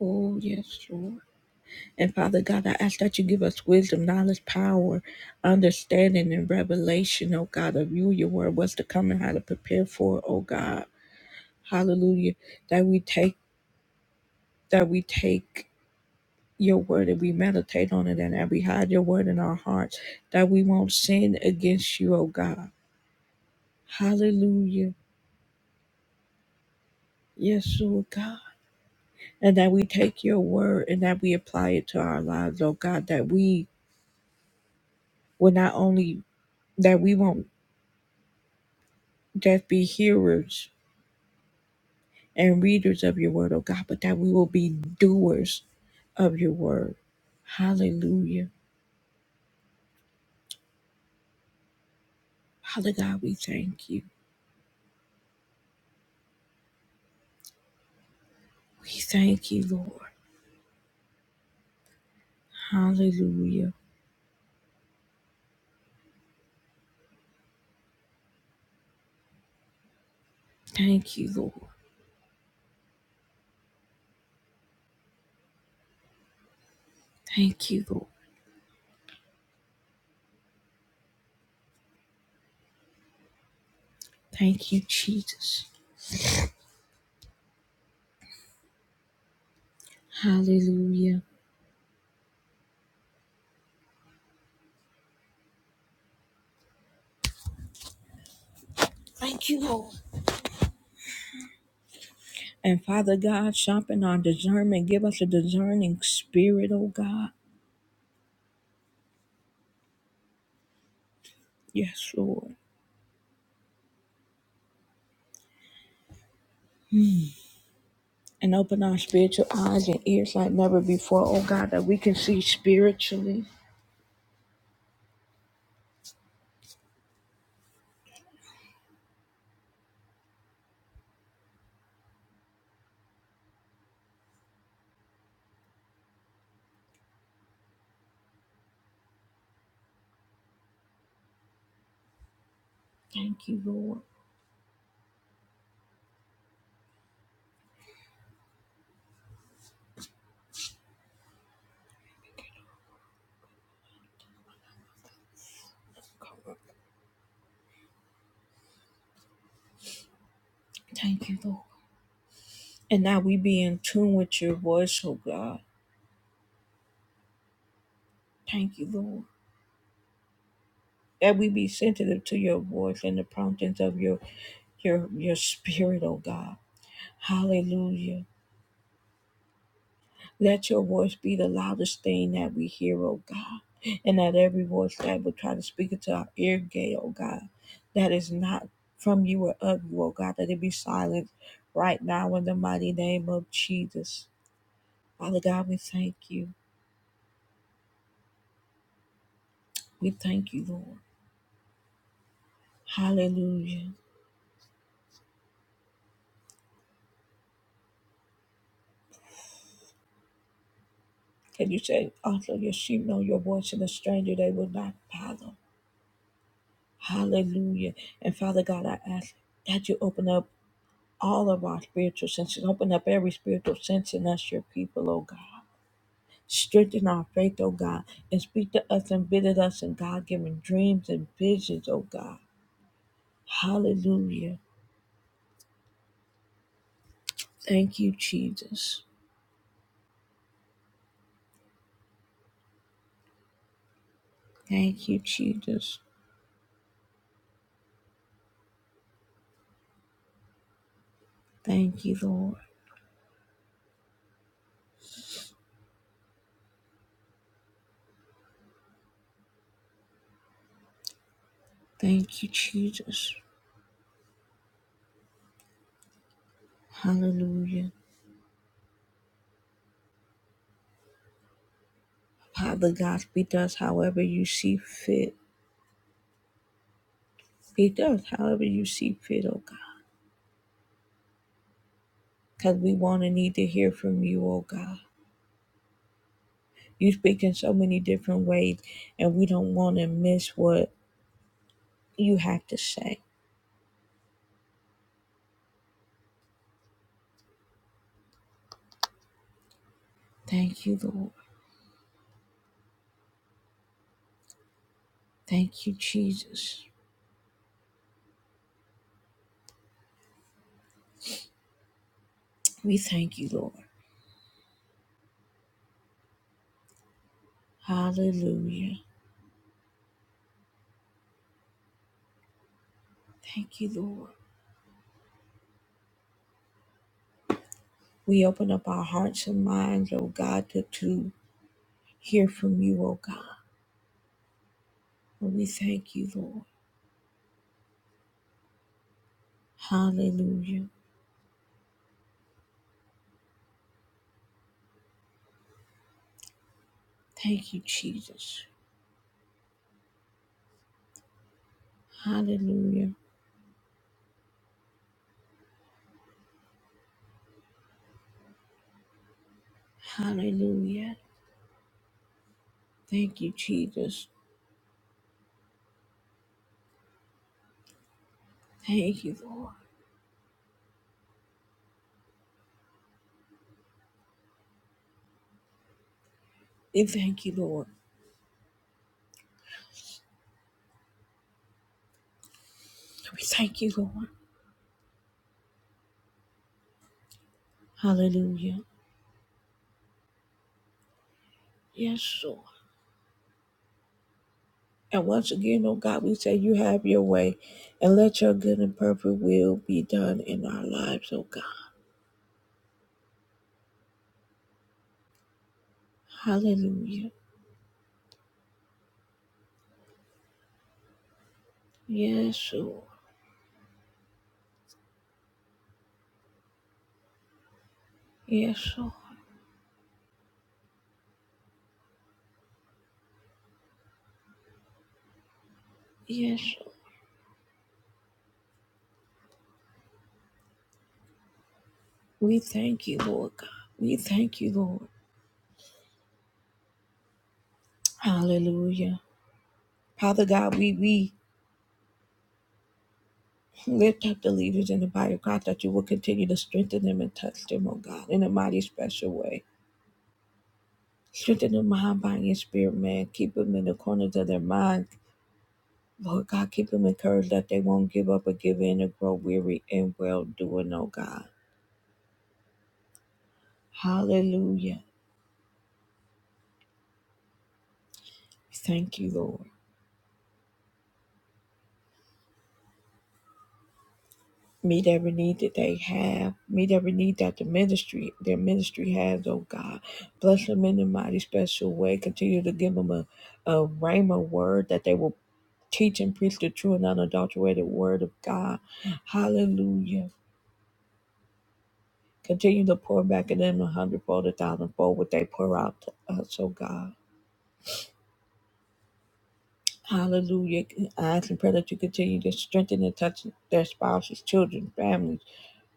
Oh, yes, Lord. And Father God, I ask that you give us wisdom, knowledge, power, understanding, and revelation, oh God, of you, your word, what's to come and how to prepare for it, oh God. Hallelujah. That we take that we take your word and we meditate on it and that we hide your word in our hearts, that we won't sin against you, oh God. Hallelujah. Yes, oh God. And that we take your word and that we apply it to our lives, oh God, that we will not only that we won't just be hearers and readers of your word, oh God, but that we will be doers of your word. Hallelujah. Father God, we thank you. We thank you, Lord. Hallelujah. Thank you, Lord. Thank you, Lord. Thank you, Jesus. Hallelujah. Thank you, Lord. And Father God, sharpen our discernment. Give us a discerning spirit, oh God. Yes, Lord. And open our spiritual eyes and ears like never before, oh God, that we can see spiritually. Thank you, Lord. Thank you, Lord. And now we be in tune with your voice, oh God. Thank you, Lord. That we be sensitive to your voice and the promptings of your your your spirit, oh God. Hallelujah. Let your voice be the loudest thing that we hear, oh God. And that every voice that would try to speak into our ear gate, oh God, that is not from you or of you, oh God, that it be silent right now in the mighty name of Jesus. Father God, we thank you. We thank you, Lord. Hallelujah. Can you say, also your sheep know your voice and a stranger they will not follow. Hallelujah. And Father God, I ask that you open up all of our spiritual senses. Open up every spiritual sense in us, your people, oh God. Strengthen our faith, oh God, and speak to us and visit us in God given dreams and visions, oh God. Hallelujah. Thank you, Jesus. Thank you, Jesus. Thank you, Lord. Thank you, Jesus. Hallelujah. Father God, beat us however you see fit. Beat us however you see fit, oh God. Because we want and need to hear from you, oh God. You speak in so many different ways, and we don't want to miss what you have to say. Thank you, Lord. Thank you, Jesus. We thank you, Lord. Hallelujah. Thank you, Lord. We open up our hearts and minds, oh God, to, to hear from you, oh God. And we thank you, Lord. Hallelujah. Thank you, Jesus. Hallelujah. Hallelujah. Thank you, Jesus. Thank you, Lord. We thank you, Lord. We thank you, Lord. Hallelujah. Yes, Lord. And once again, oh God, we say you have your way and let your good and perfect will be done in our lives, oh God. Hallelujah. Yes, Lord. Yes, Lord. Yes, Lord. We thank you, Lord God. We thank you, Lord. Hallelujah. Father God, we we Lift up the leaders in the body of God that you will continue to strengthen them and touch them, oh God, in a mighty special way. Strengthen their mind, body, and spirit, man. Keep them in the corners of their mind. Lord God, keep them encouraged that they won't give up or give in or grow weary in well doing, oh God. Hallelujah. Thank you, Lord. Meet every need that they have. Meet every need that the ministry, their ministry has, oh God. Bless them in a mighty special way. Continue to give them a, a rhema word that they will teach and preach the true and unadulterated word of God. Hallelujah. Continue to pour back in them a hundredfold, a thousandfold, what they pour out to us, oh God. Hallelujah. I ask and pray that you continue to strengthen and touch their spouses, children, families,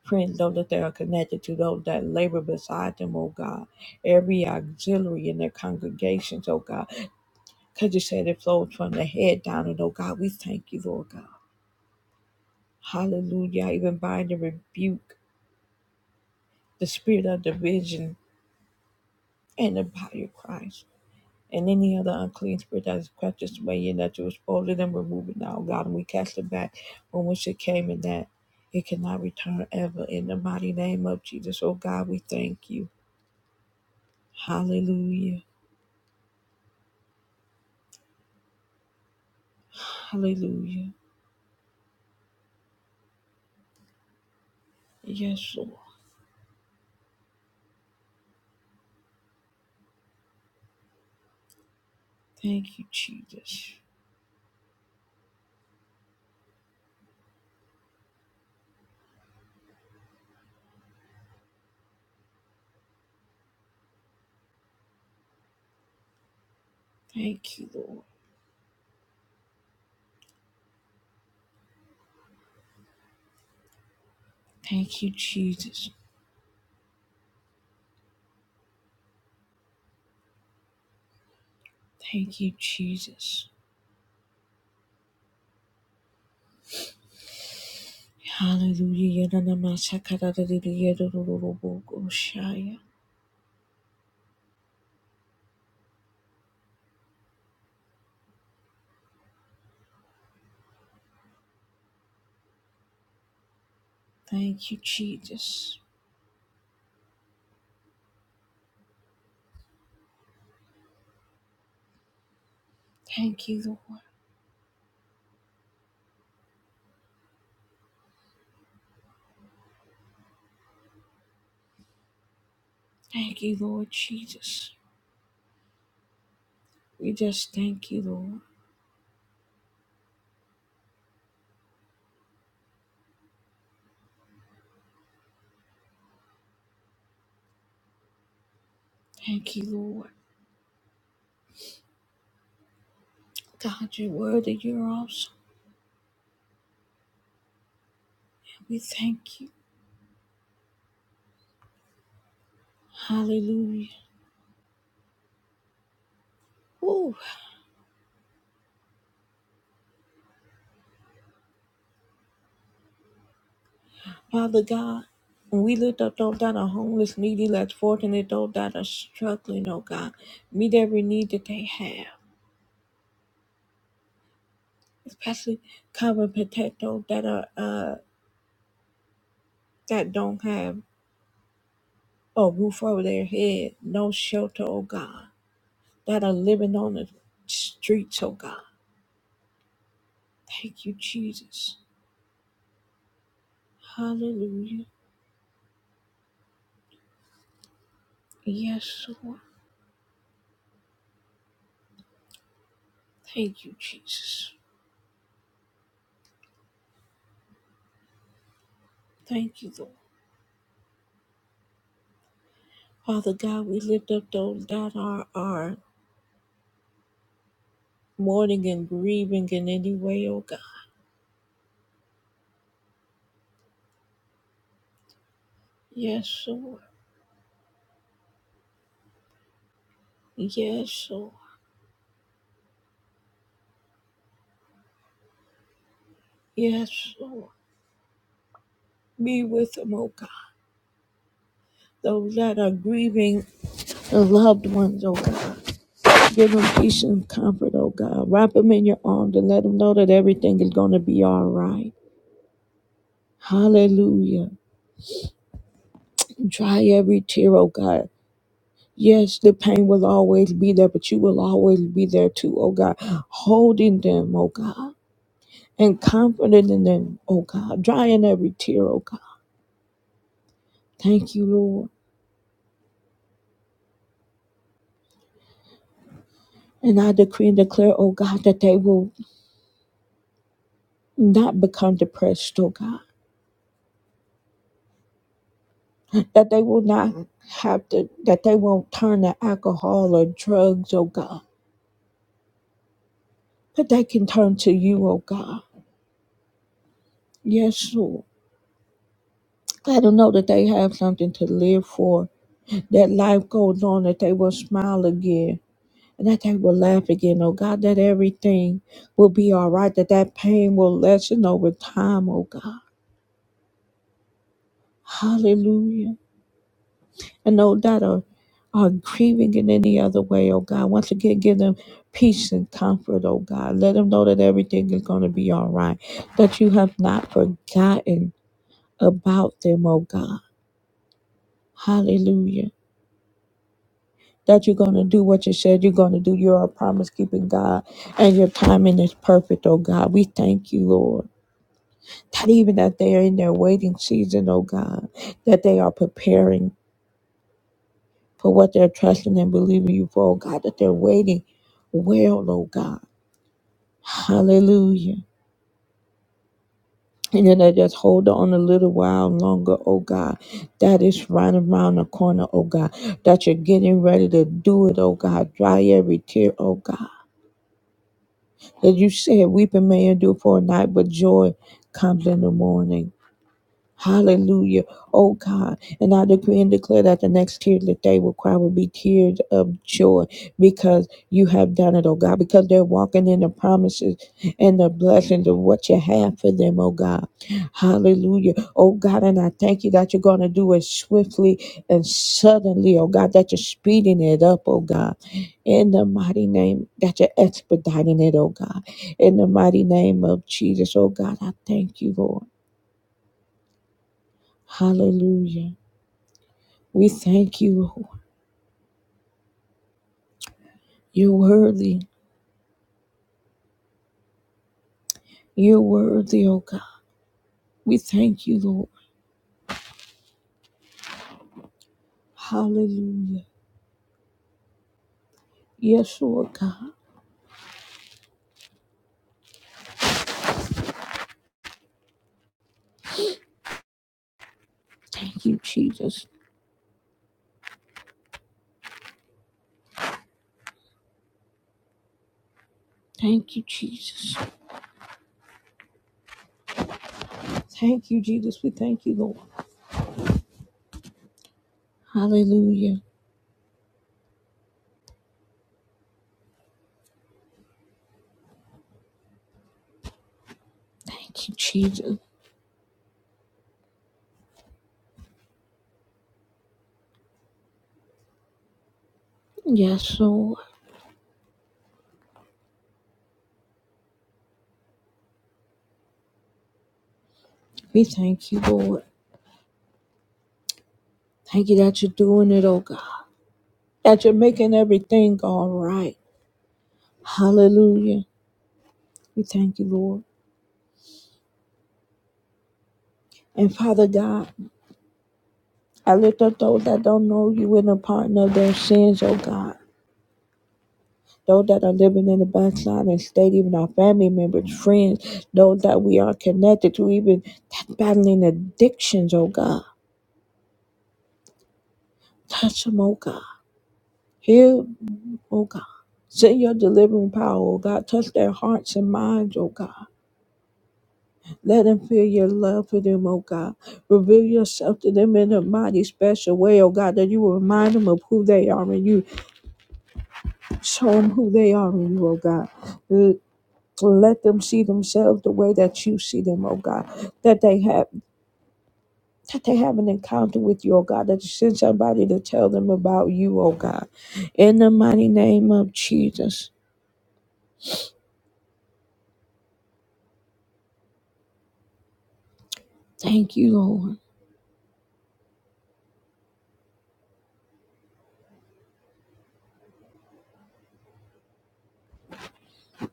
friends, those that they are connected to, those that labor beside them, oh God. Every auxiliary in their congregations, oh God. Because you said it flows from the head down, and oh God, we thank you, Lord God. Hallelujah. I even bind and rebuke the spirit of division and the body of Christ. and any other unclean spirit that is practiced by you that you was older than remove it now, God. And we cast it back from which it came and that it cannot return ever. In the mighty name of Jesus, oh God, we thank you. Hallelujah. Hallelujah. Yes, Lord. Thank you, Jesus. Thank you, Lord. Thank you, Jesus. Thank you, Jesus. Hallelujah. Yananamasakaradadidiyadodododoboko shaya. Thank you, Jesus. Thank you, Lord. Thank you, Lord Jesus. We just thank you, Lord. Thank you, Lord. God, you're worthy. You're awesome. We thank you. Hallelujah. Ooh, Father God, when we lift up those that are homeless, needy, less fortunate, those that are struggling, oh God, meet every need that they have. Especially cover and protect those that are uh that don't have a roof over their head, no shelter, oh God, that are living on the streets, oh God. Thank you, Jesus. Hallelujah. Yes, Lord. Thank you, Jesus. Thank you, Lord. Father God, we lift up those that are, are mourning and grieving in any way, oh God. Yes, Lord. Yes, Lord. Yes, Lord. Be with them, oh God. Those that are grieving the loved ones, oh God. Give them peace and comfort, oh God. Wrap them in your arms and let them know that everything is going to be all right. Hallelujah. Dry every tear, oh God. Yes, the pain will always be there, but you will always be there too, oh God. Holding them, oh God, and comforting in them, oh God. Drying every tear, oh God. Thank you, Lord. And I decree and declare, oh God, that they will not become depressed, oh God. That they will not have to, that they won't turn to alcohol or drugs, oh God. But they can turn to you, oh God. Yes, Lord. Let them know that they have something to live for that life goes on, that they will smile again, and that they will laugh again. Oh God, that everything will be all right, that that pain will lessen over time, oh God. Hallelujah. And oh, that are, are grieving in any other way, oh God. Once again, give them peace and comfort, oh God. Let them know that everything is going to be all right, that you have not forgotten about them, oh God. Hallelujah. that you're going to do what you said you're going to do. You're a promise keeping God, and your timing is perfect, oh God. We thank you, Lord, that even that they are in their waiting season, oh God, that they are preparing for what they're trusting and believing you for, oh God, that they're waiting well, oh God. Hallelujah. And then they just hold on a little while longer, oh God. That is right around the corner, oh God. That you're getting ready to do it, oh God. Dry every tear, oh God As you said, weeping may endure for a night, but joy comes in the morning. Hallelujah. Oh God. And I decree and declare that the next tear that they will cry will be tears of joy because you have done it, oh God, because they're walking in the promises and the blessings of what you have for them, oh God. Hallelujah. Oh God, and I thank you that you're going to do it swiftly and suddenly, oh God, that you're speeding it up, oh God. In the mighty name, that you're expediting it, oh God. In the mighty name of Jesus, oh God, I thank you, Lord. Hallelujah. We thank you, Lord. You're worthy. You're worthy, oh God. We thank you, Lord. Hallelujah. Yes, Lord God. Thank you, Jesus. Thank you, Jesus. Thank you, Jesus. We thank you, Lord. Hallelujah. Thank you, Jesus. Yes, Lord. We thank you, Lord. Thank you that you're doing it, oh God. That you're making everything all right. Hallelujah. We thank you, Lord. And Father God, I lift up those that don't know you in the pardon of their sins, oh God. Those that are living in the backside and state, even our family members, friends, those that we are connected to, even that battling addictions, oh God. Touch them, oh God. Heal, 'em, oh God. Send your delivering power, oh God. Touch their hearts and minds, oh God. Let them feel your love for them, oh God. Reveal yourself to them in a mighty special way, oh God, that you will remind them of who they are in you Show them who they are in you, oh God. L- Let them see themselves the way that you see them, oh God. That they have that they have an encounter with you, oh God. That you send somebody to tell them about you, oh God. In the mighty name of Jesus. Thank you, Lord.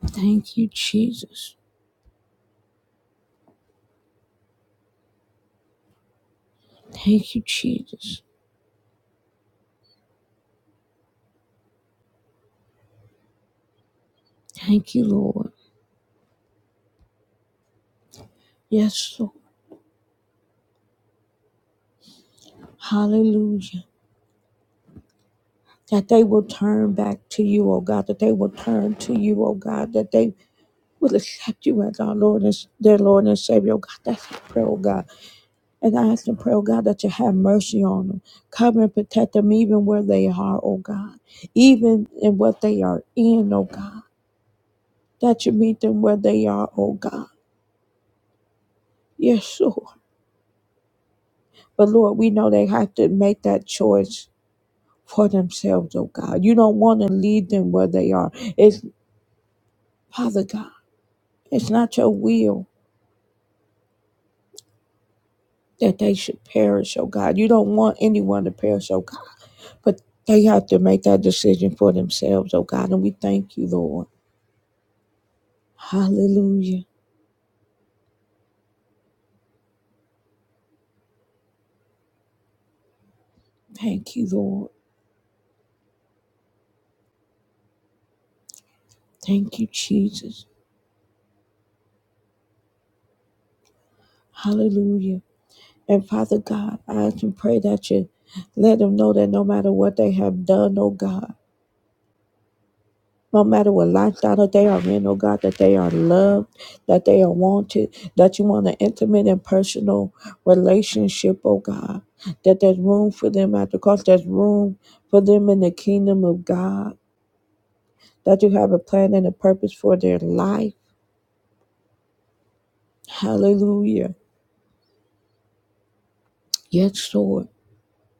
Thank you, Jesus. Thank you, Jesus. Thank you, Lord. Yes, Lord. Hallelujah. That they will turn back to you, oh God. That they will turn to you, oh God. That they will accept you as our Lord and their Lord and Savior. Oh, God, that's our prayer, oh God. And I ask and pray, oh God, that you have mercy on them. Cover and protect them even where they are, oh God. Even in what they are in, oh God. That you meet them where they are, oh God. Yes, Lord. But Lord, we know they have to make that choice for themselves, oh God. You don't want to lead them where they are. It's Father God, it's not your will that they should perish, oh God. You don't want anyone to perish, oh God But they have to make that decision for themselves, oh God. And we thank you, Lord. Hallelujah. Thank you, Lord. Thank you, Jesus. Hallelujah. And Father God, I ask and pray that you let them know that no matter what they have done, oh God, no matter what lifestyle that they are in, oh God, that they are loved, that they are wanted, that you want an intimate and personal relationship, oh God, that there's room for them at the cross, there's room for them in the kingdom of God. that you have a plan and a purpose for their life. Hallelujah. Yes, Lord.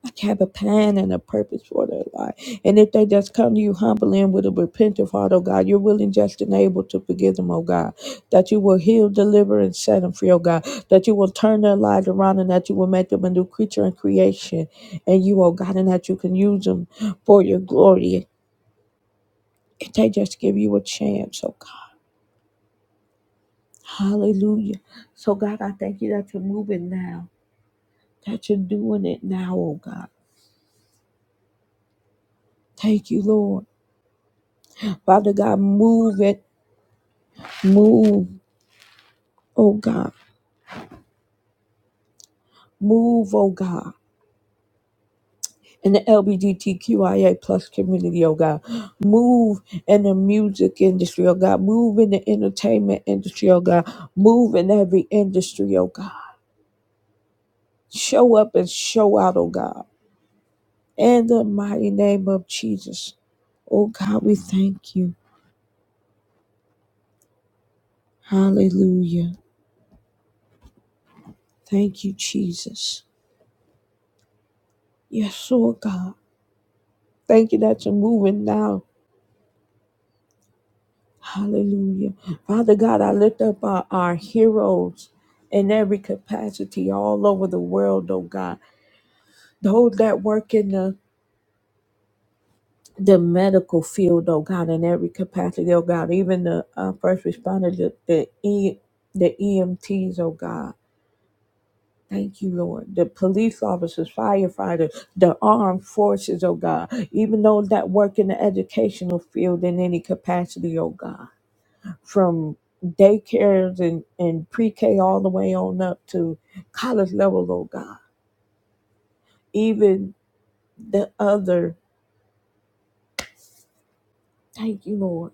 I have a plan and a purpose for their life. And if they just come to you humbly and with a repentant heart, oh God, you're willing, just, and able to forgive them, oh God. That you will heal, deliver, and set them free, oh God. That you will turn their lives around and that you will make them a new creature in creation. And you, oh God, and that you can use them for your glory. If they just give you a chance, oh God. Hallelujah. So, God, I thank you that you're moving now. that you're doing it now, oh God. Thank you, Lord. Father God, move it, move, oh God, move, oh God. In the LGBTQIA plus community, oh God. Move in the music industry, oh God. Move in the entertainment industry, oh God. Move in every industry, oh God. Show up and show out, oh God. In the mighty name of Jesus. Oh God, we thank you. Hallelujah. Thank you, Jesus. Yes, oh God. Thank you that you're moving now. Hallelujah. Father God, I lift up our, our heroes in every capacity all over the world, oh God. Those that work in the the medical field, oh God, in every capacity, oh God, even the uh, first responders, the, the, e, the EMTs, oh God. Thank you, Lord. The police officers, firefighters, the armed forces, oh God, even those that work in the educational field in any capacity, oh God. from daycares and, and pre-K all the way on up to college level, oh God. Even the other, thank you, Lord,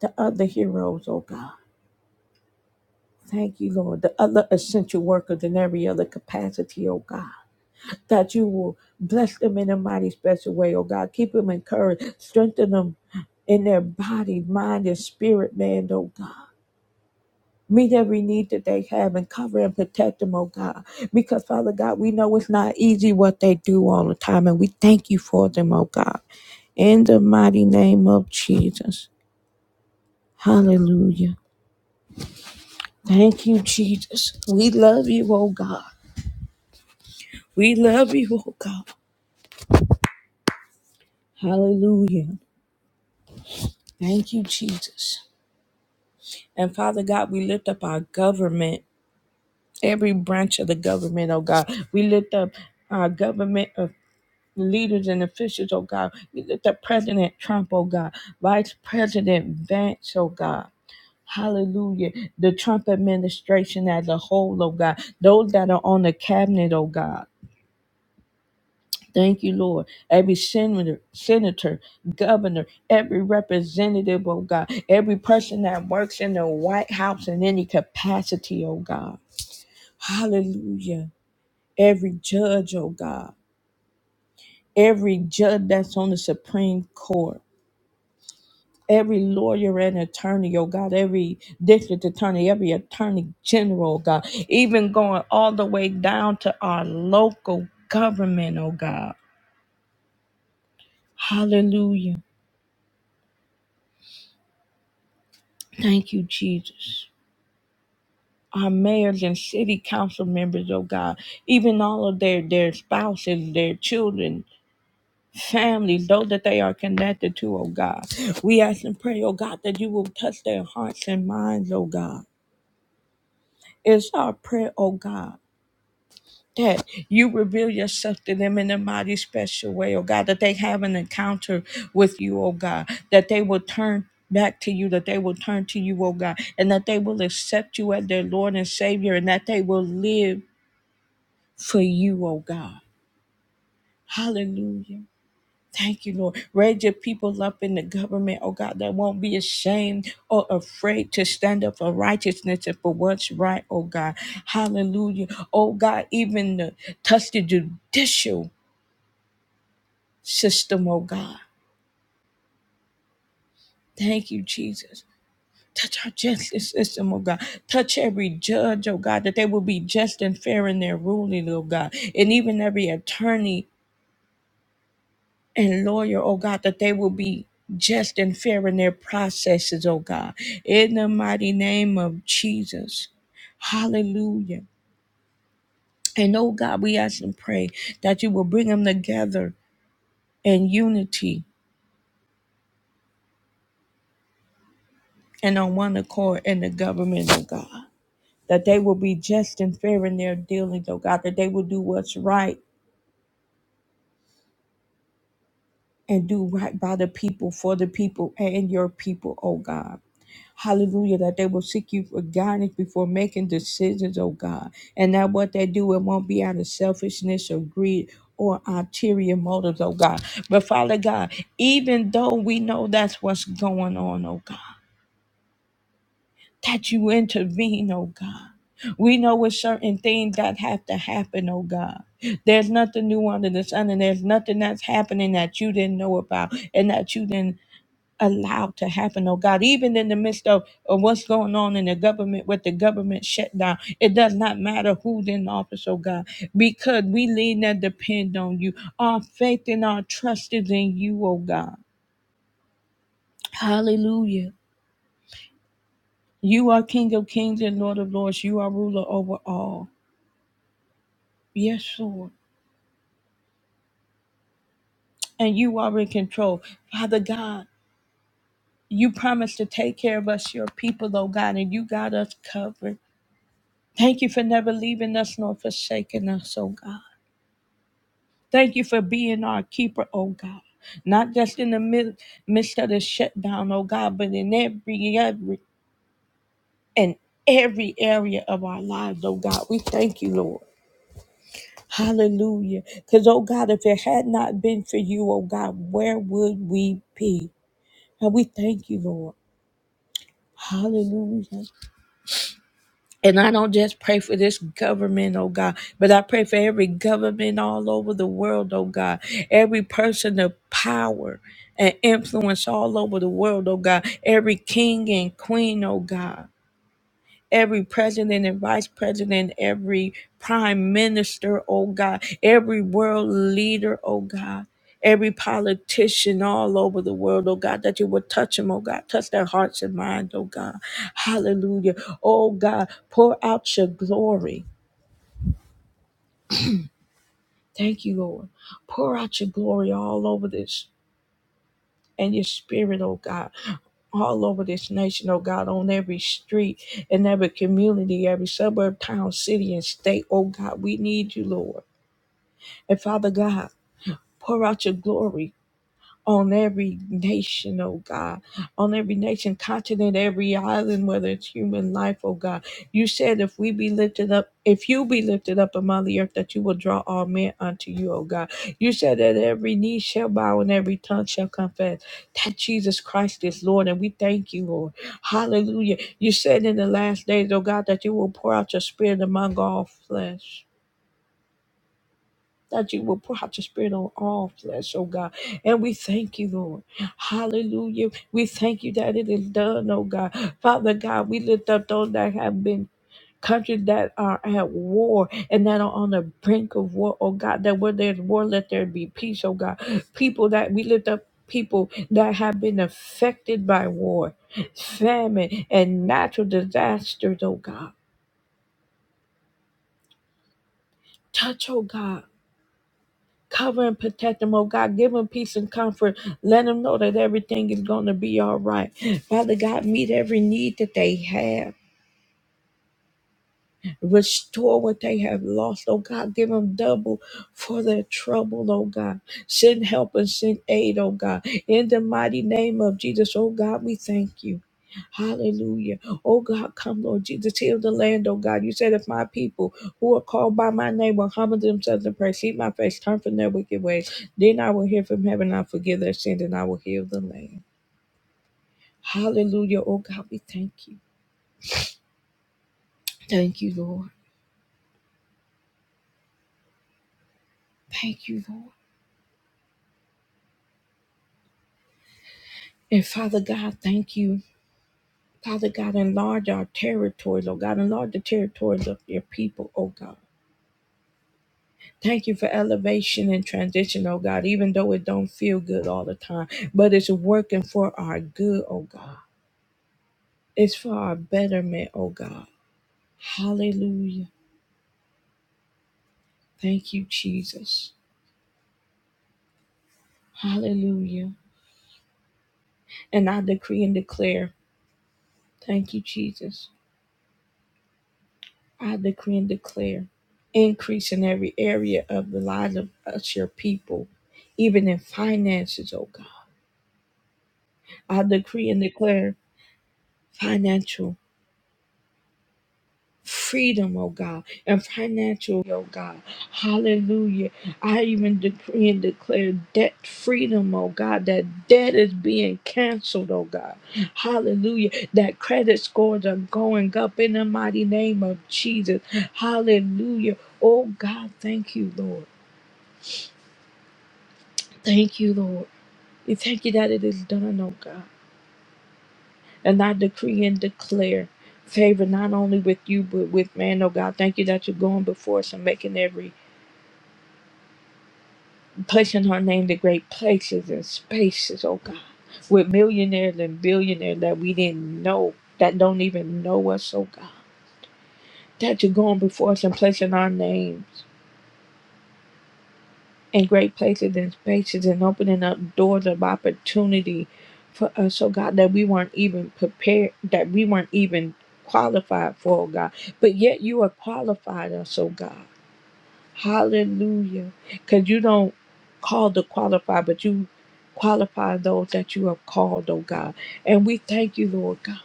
the other heroes, oh God. Thank you, Lord, the other essential workers in every other capacity, oh God. That you will bless them in a mighty special way, oh God. Keep them encouraged, strengthen them in their body, mind, and spirit, man, oh God. Meet every need that they have and cover and protect them, oh God. Because, Father God, we know it's not easy what they do all the time, and we thank you for them, oh God. In the mighty name of Jesus. Hallelujah. Thank you, Jesus. We love you, oh God. We love you, oh God. Hallelujah. Thank you, Jesus. And Father God, we lift up our government, every branch of the government, oh God. We lift up our government leaders and officials, oh God. We lift up President Trump, oh God, Vice President Vance, oh God. Hallelujah. The Trump administration as a whole, oh God. Those that are on the cabinet, oh God. Thank you, Lord. Every senator, senator, governor, every representative, oh God, every person that works in the White House in any capacity, oh God. Hallelujah. Every judge, oh God. Every judge that's on the Supreme Court. every lawyer and attorney, oh God, every district attorney, every attorney general, oh God, even going all the way down to our local government, oh God. Hallelujah. Thank you, Jesus. Our mayors and city council members, oh God, even all of their, their spouses, their children, families, those that they are connected to, oh God. We ask and pray, oh God, that you will touch their hearts and minds, oh God. It's our prayer, oh God that you reveal yourself to them in a mighty special way, oh God, that they have an encounter with you, oh God, that they will turn back to you, that they will turn to you, oh God, and that they will accept you as their Lord and Savior, and that they will live for you, oh God. Hallelujah. Thank you, Lord. Raise your people up in the government, oh God, that won't be ashamed or afraid to stand up for righteousness and for what's right, oh God. Hallelujah. Oh God, even the touch the judicial system, oh God. Thank you, Jesus. Touch our justice system, oh God. Touch every judge, oh God, that they will be just and fair in their ruling, oh God. And even every attorney and lawyer, oh God, that they will be just and fair in their processes, oh God. In the mighty name of Jesus. Hallelujah. And oh God, we ask and pray that you will bring them together in unity and on one accord in the government, oh God. that they will be just and fair in their dealings, oh God, that they will do what's right and do right by the people, for the people, and your people, oh God. Hallelujah, that they will seek you for guidance before making decisions, oh God. And that what they do, it won't be out of selfishness or greed or ulterior motives, oh God. But Father God, even though we know that's what's going on, oh God. that you intervene, oh God. We know it's certain things that have to happen, oh God. There's nothing new under the sun, and there's nothing that's happening that you didn't know about and that you didn't allow to happen, oh God. Even in the midst of, of what's going on in the government with the government shutdown, it does not matter who's in office, oh God, because we lean and depend on you. Our faith and our trust is in you, oh God. Hallelujah. You are King of kings and Lord of lords. You are ruler over all. Yes, Lord. And you are in control. Father God, you promised to take care of us, your people, oh God, and you got us covered. Thank you for never leaving us nor forsaking us, oh God. Thank you for being our keeper, oh God. Not just in the mid- midst of the shutdown, oh God, but in every, every, in every area of our lives, oh God. We thank you, Lord. Hallelujah. Because, oh God, if it had not been for you, oh God, where would we be? And we thank you, Lord. Hallelujah. And I don't just pray for this government, oh God, but I pray for every government all over the world, oh God, every person of power and influence all over the world, oh God, every king and queen, oh God. every president and vice president, every prime minister, oh God, every world leader, oh God. Every politician all over the world, oh God, that you would touch them, oh God, touch their hearts and minds, oh God. Hallelujah. Oh God, pour out your glory. Thank you, Lord. Pour out your glory all over this and your spirit, oh God, all over this nation, oh God, on every street, in every community, every suburb, town, city, and state, oh God. We need you, Lord. And Father God, pour out your glory on every nation, oh God, on every nation, continent, every island, whether it's human life, oh God. You said if we be lifted up, if you be lifted up among the earth, that you will draw all men unto you, oh God. You said that every knee shall bow and every tongue shall confess that Jesus Christ is Lord, and we thank you, Lord. Hallelujah. You said in the last days, oh God, that you will pour out your spirit among all flesh that you will pour out your spirit on all flesh, oh God. And we thank you, Lord. Hallelujah. We thank you that it is done, oh God. Father God, we lift up those that have been countries that are at war and that are on the brink of war, oh God, that where there's war, let there be peace, oh God. People that we lift up people that have been affected by war, famine, and natural disasters, oh God. Touch, oh God. Cover and protect them, oh God. Give them peace and comfort. Let them know that everything is going to be all right. Father God, meet every need that they have. Restore what they have lost, oh God. Give them double for their trouble, oh God. Send help and send aid, oh God. In the mighty name of Jesus, oh God, we thank you. Hallelujah. Oh God, come, Lord Jesus, heal the land, oh God. You said, if my people who are called by my name will humble themselves and pray, seek my face, turn from their wicked ways, then I will hear from heaven, I'll forgive their sins, and I will heal the land. Hallelujah. Oh God, we thank you. Thank you, Lord. Thank you, Lord. And Father God, thank you. Father God, enlarge our territories. Oh God. Enlarge the territories of your people, oh God. Thank you for elevation and transition, oh God, even though it don't feel good all the time. But it's working for our good, oh God. It's for our betterment, oh God. Hallelujah. Thank you, Jesus. Hallelujah. And I decree and declare, thank you, Jesus. I decree and declare increase in every area of the lives of us, your people, even in finances, oh God I decree and declare financial freedom, oh God, and financial, oh God. Hallelujah. I even decree and declare debt freedom, oh God, that debt is being canceled, oh God. Hallelujah. That credit scores are going up in the mighty name of Jesus. Hallelujah. Oh God, thank you, Lord. Thank you, Lord. We thank you that it is done, oh God. And I decree and declare favor not only with you, but with man, oh God. Thank you that you're going before us and making every, placing her name to great places and spaces, oh God. With millionaires and billionaires that we didn't know, that don't even know us, oh God. That you're going before us and placing our names. in great places and spaces and opening up doors of opportunity for us, oh God, that we weren't even prepared, that we weren't even qualified for, oh God. But yet you are qualified us, oh God. Hallelujah. Because you don't call the qualified, but you qualify those that you have called, oh God. And we thank you, Lord God.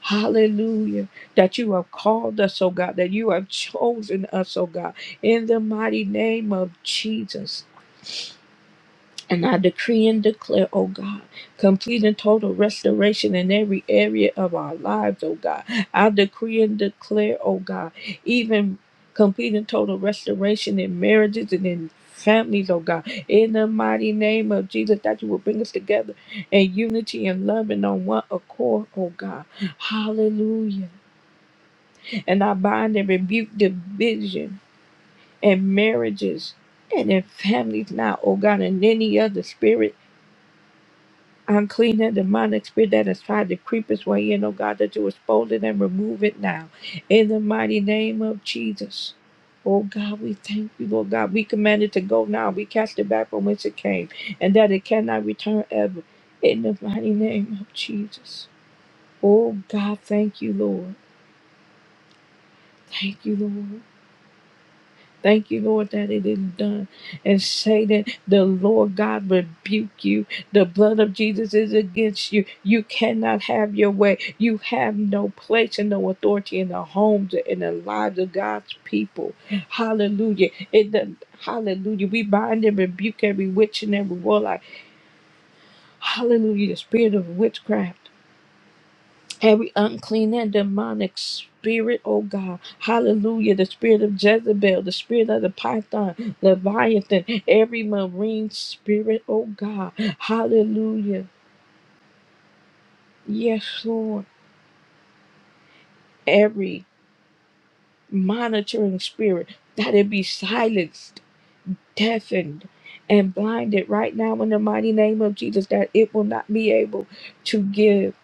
Hallelujah. That you have called us, oh God, that you have chosen us, oh God, in the mighty name of Jesus. And I decree and declare, oh God, complete and total restoration in every area of our lives, oh God. I decree and declare, oh God, even complete and total restoration in marriages and in families, oh God. In the mighty name of Jesus, that you will bring us together in unity and love and on one accord, oh God. Hallelujah. And I bind and rebuke division in marriages and in families now, oh God, and any other spirit. Unclean and demonic spirit that has tried to creep its way in, oh God, that you expose it and remove it now. In the mighty name of Jesus. Oh God, we thank you, Lord God. We command it to go now. We cast it back from whence it came, and that it cannot return ever. In the mighty name of Jesus. Oh God, thank you, Lord. Thank you, Lord. Thank you, Lord, that it is done. And say that the Lord God rebuke you. The blood of Jesus is against you. You cannot have your way. You have no place and no authority in the homes and in the lives of God's people. Hallelujah. In the Hallelujah. We bind and rebuke every witch and every warlock. Hallelujah. The spirit of witchcraft. Every unclean and demonic spirit, oh God, hallelujah, the spirit of Jezebel, the spirit of the python, Leviathan, every marine spirit, oh God, hallelujah, yes, Lord, every monitoring spirit, that it be silenced, deafened, and blinded right now in the mighty name of Jesus, that it will not be able to give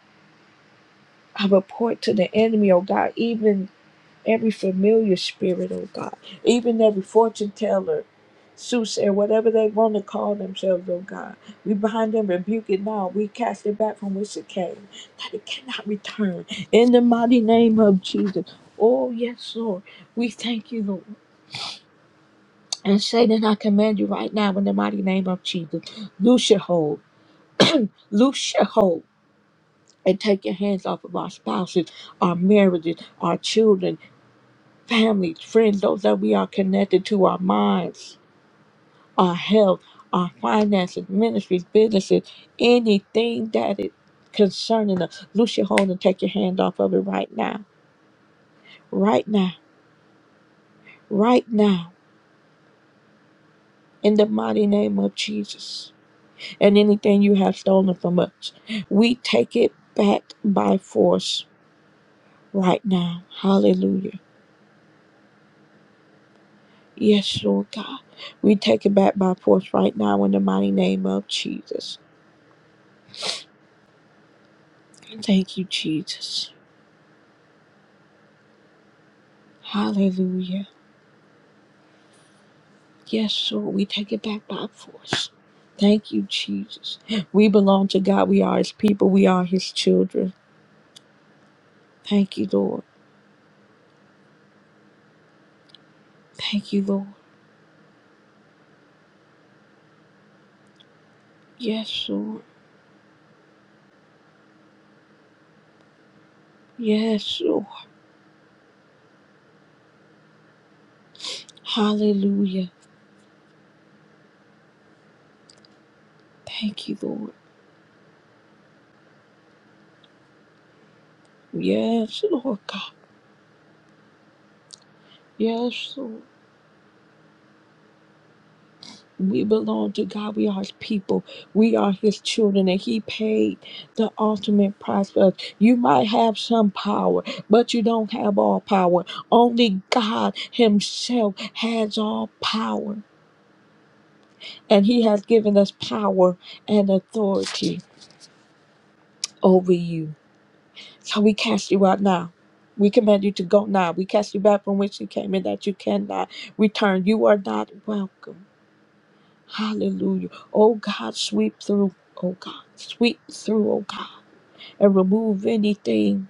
a report to the enemy, oh God, even every familiar spirit, oh God, even every fortune teller, soothsayer, whatever they want to call themselves, oh God. We bind them, rebuke it now. We cast it back from which it came, that it cannot return. In the mighty name of Jesus. Oh, yes, Lord. We thank you, Lord. And Satan, I command you right now in the mighty name of Jesus. Loose your hold. Loose your hold. And take your hands off of our spouses, our marriages, our children family, friends, those that we are connected to, our minds, our health, our finances, ministries, businesses, anything that is concerning us. Loose your hold and take your hand off of it right now. Right now. Right now. In the mighty name of Jesus. And anything you have stolen from us, we take it back by force right now. Hallelujah. Yes, Lord God. We take it back by force right now in the mighty name of Jesus. Thank you, Jesus. Hallelujah. Yes, Lord, we take it back by force. Thank you, Jesus. We belong to God. We are His people. We are His children. Thank you, Lord. Thank you, Lord. Yes, Lord. Yes, Lord. Hallelujah. Thank you, Lord. Yes, Lord God. Yes, Lord. We belong to God. We are His people. We are His children, and He paid the ultimate price for us. You might have some power, but you don't have all power. Only God Himself has all power, and He has given us power and authority over you. So we cast you out now. We command you to go now. We cast you back from which you came, and that you cannot return. You are not welcome. Hallelujah. Oh God, sweep through. Oh God, sweep through, oh God, and remove anything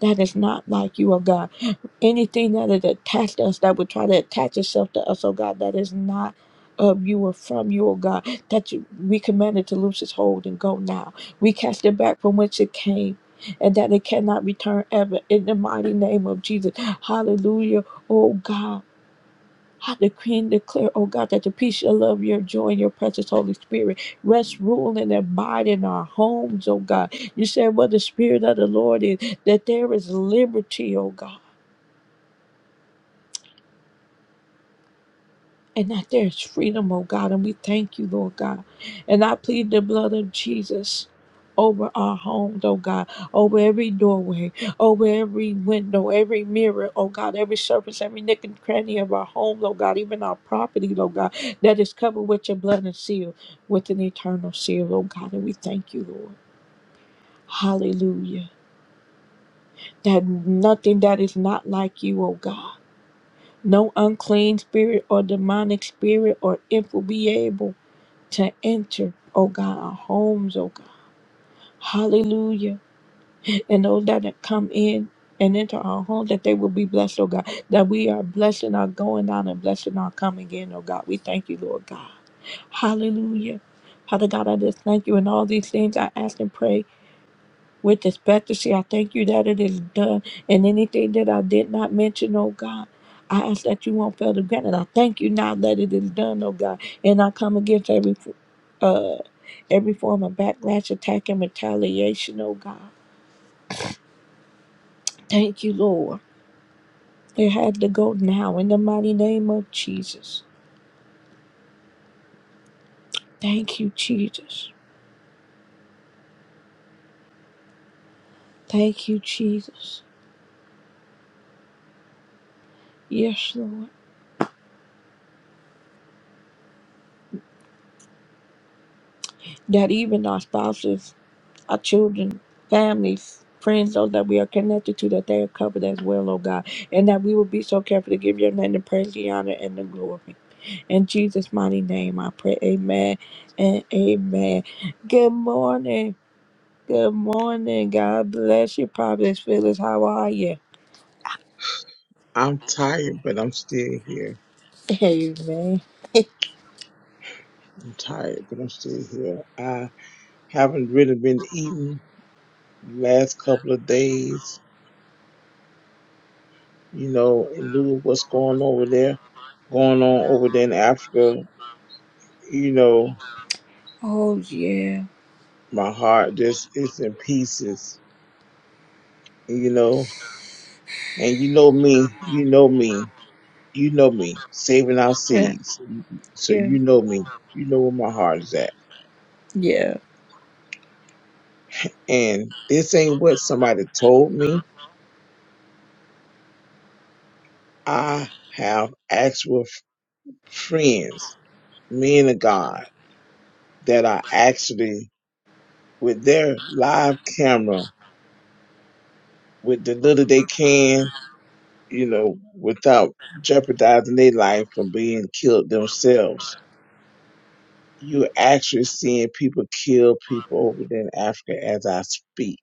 that is not like you, oh God. Anything that is attached to us, that would try to attach itself to us, oh God, that is not of you or from you, oh God. That you, we command it to loose its hold and go now. We cast it back from whence it came. And that it cannot return ever in the mighty name of Jesus. Hallelujah. Oh God. I decree and declare, oh God, that the peace, your love, your joy, and your precious Holy Spirit rest, rule, and abide in our homes, oh God. You said, where the Spirit of the Lord is, that there is liberty, oh God. and that there's freedom, oh God. And we thank you, Lord God. And I plead the blood of Jesus over our homes, oh God, over every doorway, over every window, every mirror, oh God, every surface, every nick and cranny of our home, oh God, even our property, oh God, that is covered with your blood and sealed with an eternal seal, oh God. And we thank you, Lord. Hallelujah. That nothing that is not like you, oh God. No unclean spirit or demonic spirit or infant be able to enter, oh God, our homes, oh God. Hallelujah. And those that have come in and into our home, that they will be blessed, oh God. That we are blessing our going out and blessing our coming in, oh God. We thank you, Lord God. Hallelujah. Father God, I just thank you in all these things I ask and pray with expectancy. I thank you that it is done. And anything that I did not mention, oh God, I ask that you won't fail to grant it. I thank you now that it is done, oh God. And I come against every uh every form of backlash, attack, and retaliation, oh God. Thank you, Lord. It had to go now in the mighty name of Jesus. Thank you, Jesus. Thank you, Jesus. Yes, Lord. That even our spouses our children, families, friends, those that we are connected to, that they are covered as well, oh God. And that we will be so careful to give your name the praise, the honor, and the glory. In Jesus' mighty name, I pray. Amen and amen. Good morning. Good morning. God bless you, Providence Phyllis. How are you?
I'm tired, but I'm still here.
Amen.
I'm tired, but I'm still here. I haven't really been eating the last couple of days, you know, in lieu of what's going over there, going on over there in Africa. You know,
Oh, yeah.
my heart just is in pieces, you know. And you know me, you know me, you know me, saving our seeds. So
Yeah.
you know me, you know where my heart is at.
Yeah.
And this ain't what somebody told me. I have actual friends, men of God, that are actually with their live camera, with the little they can, you know, without jeopardizing their life from being killed themselves. You're actually seeing people kill people over there in Africa as I speak.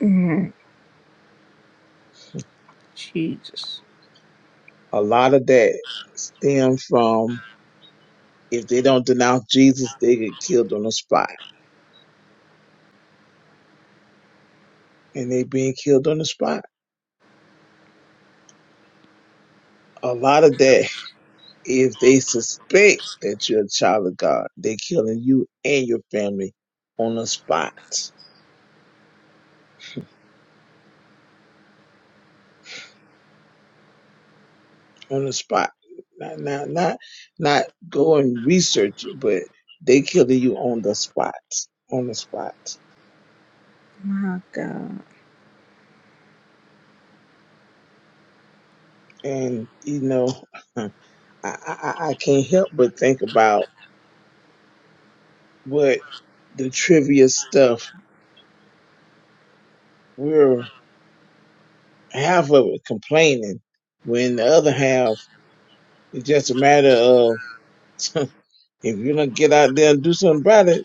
Mm, Jesus.
A lot of that stems from if they don't denounce Jesus, they get killed on the spot. And they being killed on the spot. A lot of that If they suspect that you're a child of God, they're killing you and your family on the spot. On the spot. Not not not not go and research it, but they killing you on the spot. On the spot.
My God.
And you know, I, I, I can't help but think about what the trivia stuff, we're half of it complaining, when the other half it's just a matter of if you don't get out there and do something about it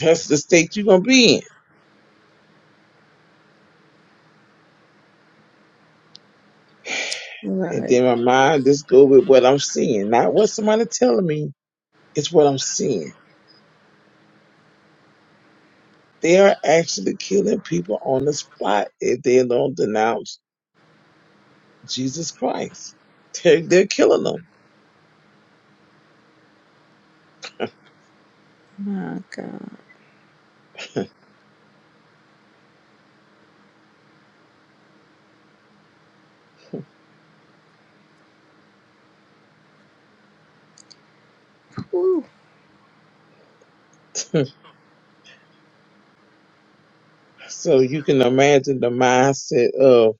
That's the state you're gonna be in. And
Right.
then my mind just go with what I'm seeing, not what somebody telling me. It's what I'm seeing. They are actually killing people on the spot if they don't denounce Jesus Christ. They're, they're killing
My God.
them.
Woo.
so you can imagine the mindset of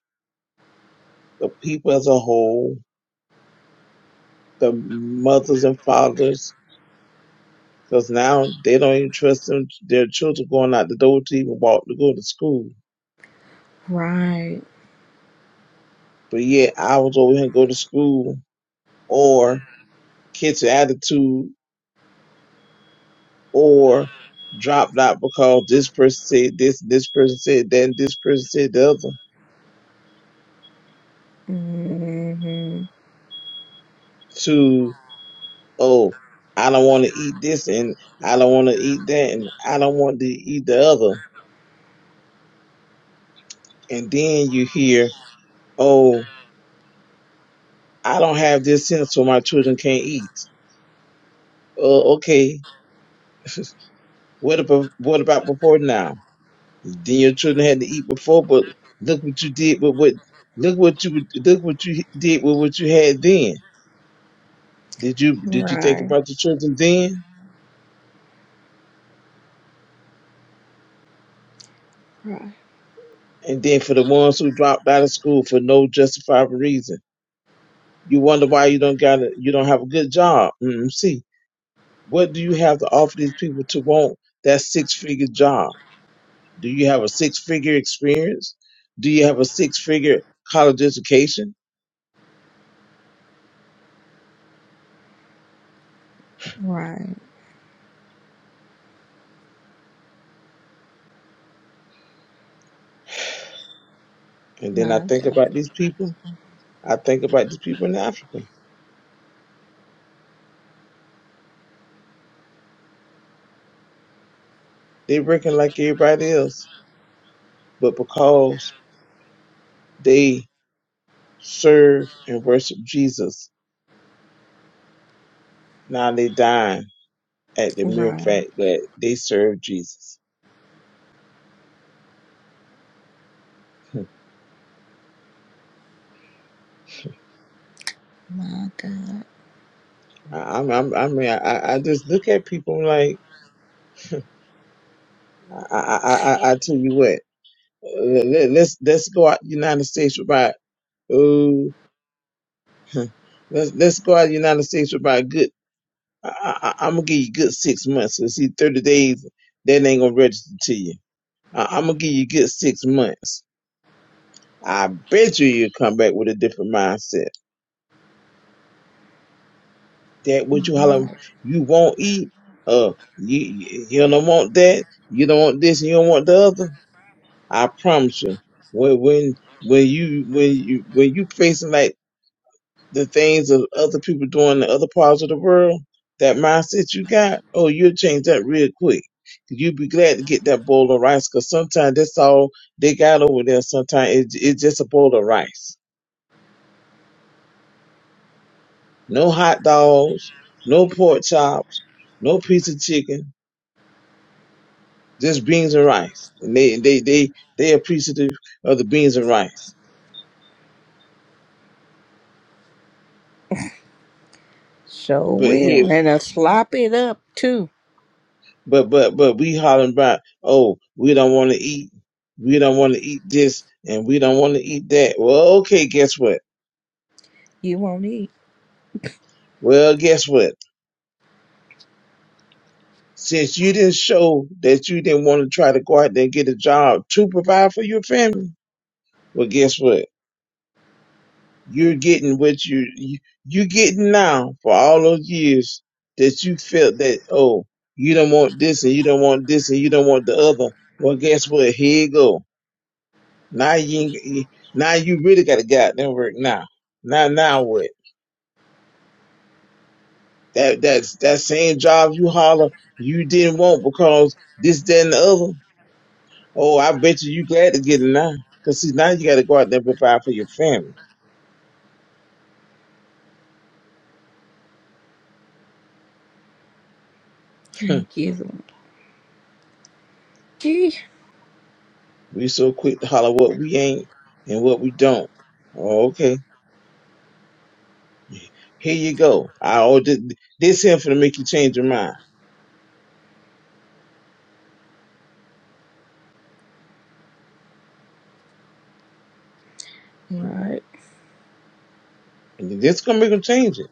the people as a whole, the mothers and fathers, because now they don't even trust them, their children going out the door to even walk to go to school.
Right.
But yet I was over here and go to school or kids with attitude or dropped out because this person said this, this person said that, and this person said the other
Mm-hmm.
to, oh, I don't want to eat this and I don't want to eat that and I don't want to eat the other. And then you hear, oh, I don't have this sense so my children can't eat. Uh, okay, what about, what about before now? Then your children had to eat before, but look what you did with what, look what you, look what you did with what you had then Did you did you think
Right,
about the children then?
right,
And then for the ones who dropped out of school for no justifiable reason, you wonder why you don't got a, you don't have a good job. mm What do you have to offer these people to want that six figure job? Do you have a six figure experience? Do you have a six figure college education?
right,
And then I
my God,
think about these people. I think about these people in Africa. They're working like everybody else, but because they serve and worship Jesus, now they dying at the mere
right,
fact that they serve Jesus. I-
my God.
I'm, I'm, I mean, I, I I just look at people like, I, I, I, I I tell you what, let, let- let's, let's go out the United States about, oh, let's, let's go out the United States about a good, I, I, I'm gonna give you a good six months. Let's see, 30 days, that ain't gonna register to you. I, I'm gonna give you a good six months. I bet you you'll come back with a different mindset. that what you hollering you won't eat, uh you you don't want that, you don't want this and you don't want the other. I promise you, when when when you when you when you facing like the things of other people doing in other parts of the world, that mindset you got, oh you'll change that real quick. You'll be glad to get that bowl of rice because sometimes that's all they got over there. Sometimes it, it's just a bowl of rice. No hot dogs, no pork chops, no piece of chicken just beans and rice, and they they they they appreciative of the beans and rice.
So
But yeah,
will. And I slop it up too.
but but but we hollering about, oh, we don't want to eat, we don't want to eat this, and we don't want to eat that. Well, okay, guess what?
You won't eat.
Well, guess what? Since you didn't show that you didn't want to try to go out there and get a job to provide for your family, well, guess what? You're getting what you, you you're getting now for all those years that you felt that oh you don't want this and you don't want this and you don't want the other. Well, guess what? Here you go. Now you ain't- now you really got to goddamn work now. Now now what? That that's that same job you holler you didn't want because this that and the other. Oh, I bet you you glad to get it now. Cause see now you got to go out there and provide for your family.
Thank you. Lord. Gee.
We so quick to holler what we ain't and what we don't. Oh, okay. Here you go. I oh, this, this here for to make you change your mind.
Right,
And this gonna make them change it.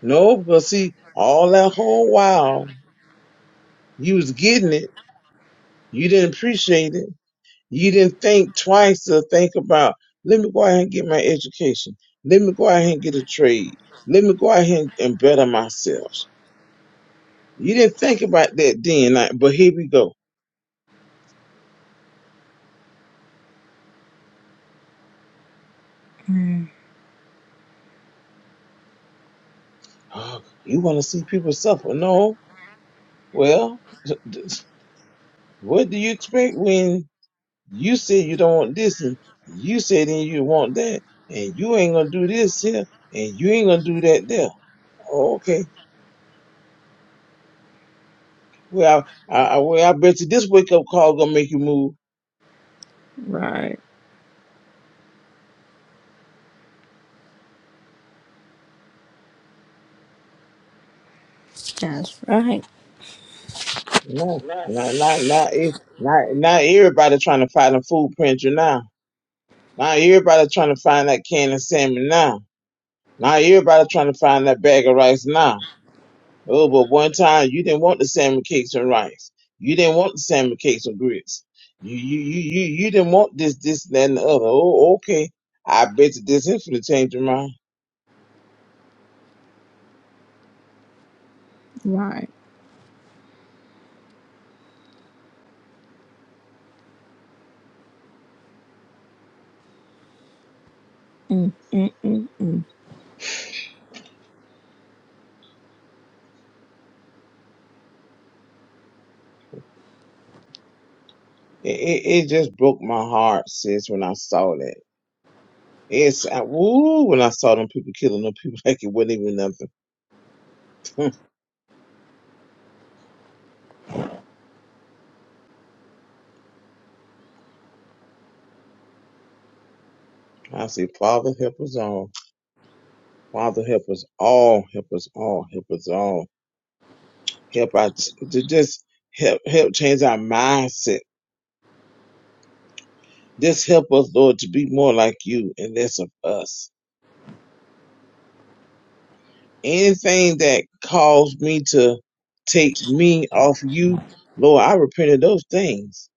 No, because see, all that whole while you was getting it, you didn't appreciate it. You didn't think twice to think about, let me go out here and get my education. Let me go out here and get a trade. Let me go out here and, and better myself. You didn't think about that then, like, but here we go. Oh, you want to see people suffer? No, Well, what do you expect when you said you don't want this and you said then you want that and you ain't gonna do this here and you ain't gonna do that there? Oh, okay. Well, I, I, well, I bet you this wake up call gonna make you move.
right. That's right,
No, not, not, not, e- not, not everybody trying to find a food printer now. Not everybody trying to find that can of salmon now. Not everybody trying to find that bag of rice now. Oh, but one time you didn't want the salmon cakes and rice. You didn't want the salmon cakes and grits. You you you you, you didn't want this this that, and the other. Oh, okay. I bet you this is for the change your mind.
right. Mm, mm, mm, mm.
It, it it just broke my heart, sis, when I saw that. It's I, woo when I saw them people killing them people like it wasn't even nothing. I say, Father help us all. Father help us all. Help us all. Help us all. Help our ch- to just help help change our mindset This help us, Lord, to be more like you and less of us. Anything that caused me to take me off you, Lord, I repent of those things.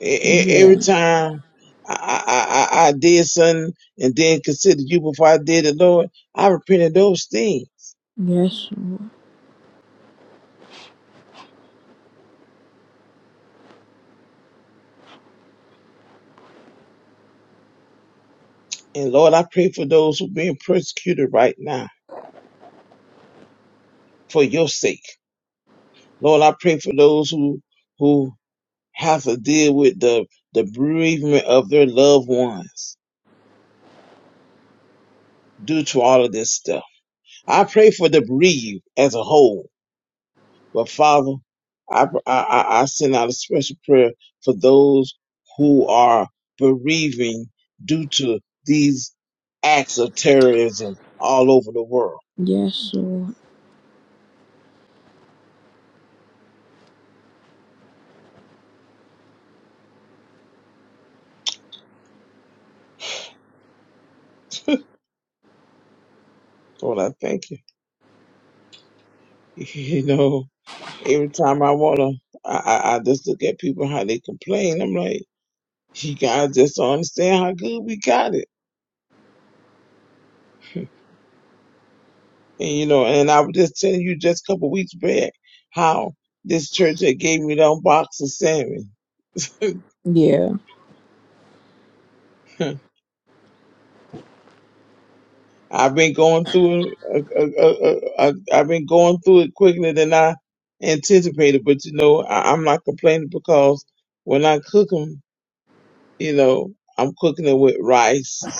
E- e- Every
Yeah.
time I, I, I I did something and then considered you before I did it, Lord, I repent of those things.
Yes, Lord.
And Lord, I pray for those who are being persecuted right now for your sake. Lord, I pray for those who who have to deal with the the bereavement of their loved ones. due to all of this stuff. I pray for the bereaved as a whole, but Father, I, I, I send out a special prayer for those who are bereaving due to these acts of terrorism all over the world.
Yes, Lord.
Lord, I thank you. You know, every time I wanna, I, I, I just look at people how they complain. I'm like, you guys just don't understand how good we got it. And, you know, and I was just telling you just a couple weeks back how this church had gave me that box of salmon.
Yeah.
I've been going through, it, uh, uh, uh, uh, I've been going through it quicker than I anticipated. But you know, I, I'm not complaining because when I cook them, you know, I'm cooking it with rice.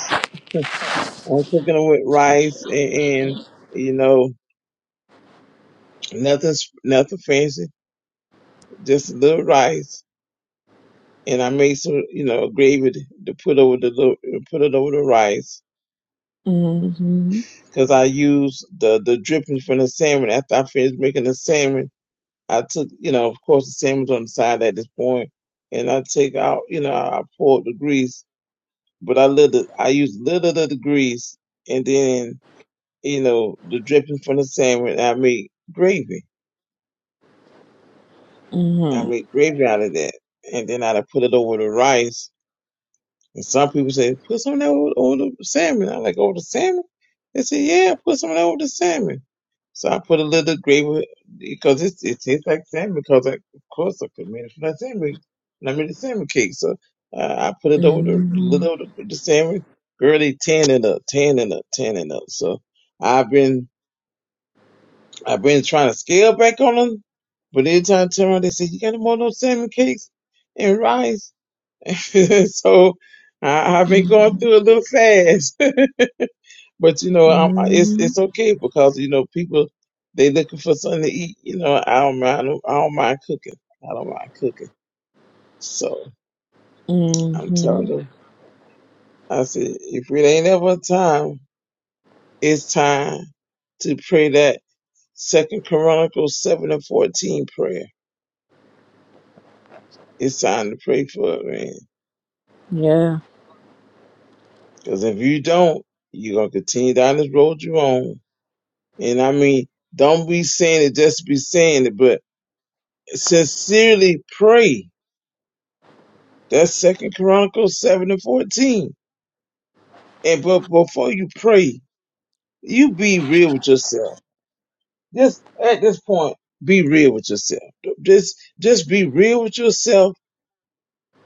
I'm cooking them with rice and, and you know, nothing, sp- nothing fancy, just a little rice and I made some, you know, gravy to to put over the lo- put it over the rice
Mm-hmm.
because I used the the drippings from the salmon. After I finished making the salmon, I took, you know, of course the salmon's on the side at this point, and I take out, you know, I poured the grease, but I little I used little of the grease and then you know the drippings from the salmon. I made gravy. I
Mm-hmm.
made gravy out of that, and then I put it over the rice And some people say, put some of that over, over the salmon. I'm like, over the salmon? They say, yeah, put some of that over the salmon. So I put a little gravy because it, it tastes like salmon because, I, of course, I could made it from that salmon. And I made a salmon cake. So uh, I put it over the,
Mm-hmm.
little over the, the salmon. Girl, they tanning up, tanning up, tanning up. So I've been, I've been trying to scale back on them. But every time I turn around, they say, you got more of those salmon cakes and rice. so I, I've been going through a little fast, but you know, um, it's
Mm-hmm.
it's okay because you know people they looking for something to eat. You know, I don't mind. I don't, I don't mind cooking. I don't mind cooking. So I'm telling
Mm-hmm.
them, I said, if it ain't ever time, it's time to pray that Second Chronicles seven and fourteen prayer. It's time to pray for it, man.
Yeah.
Because if you don't, you're gonna continue down this road you're on And I mean, don't be saying it just be saying it, but sincerely pray. That's Second Chronicles seven and fourteen. And but before you pray, you be real with yourself. Just at this point, be real with yourself. Just just be real with yourself.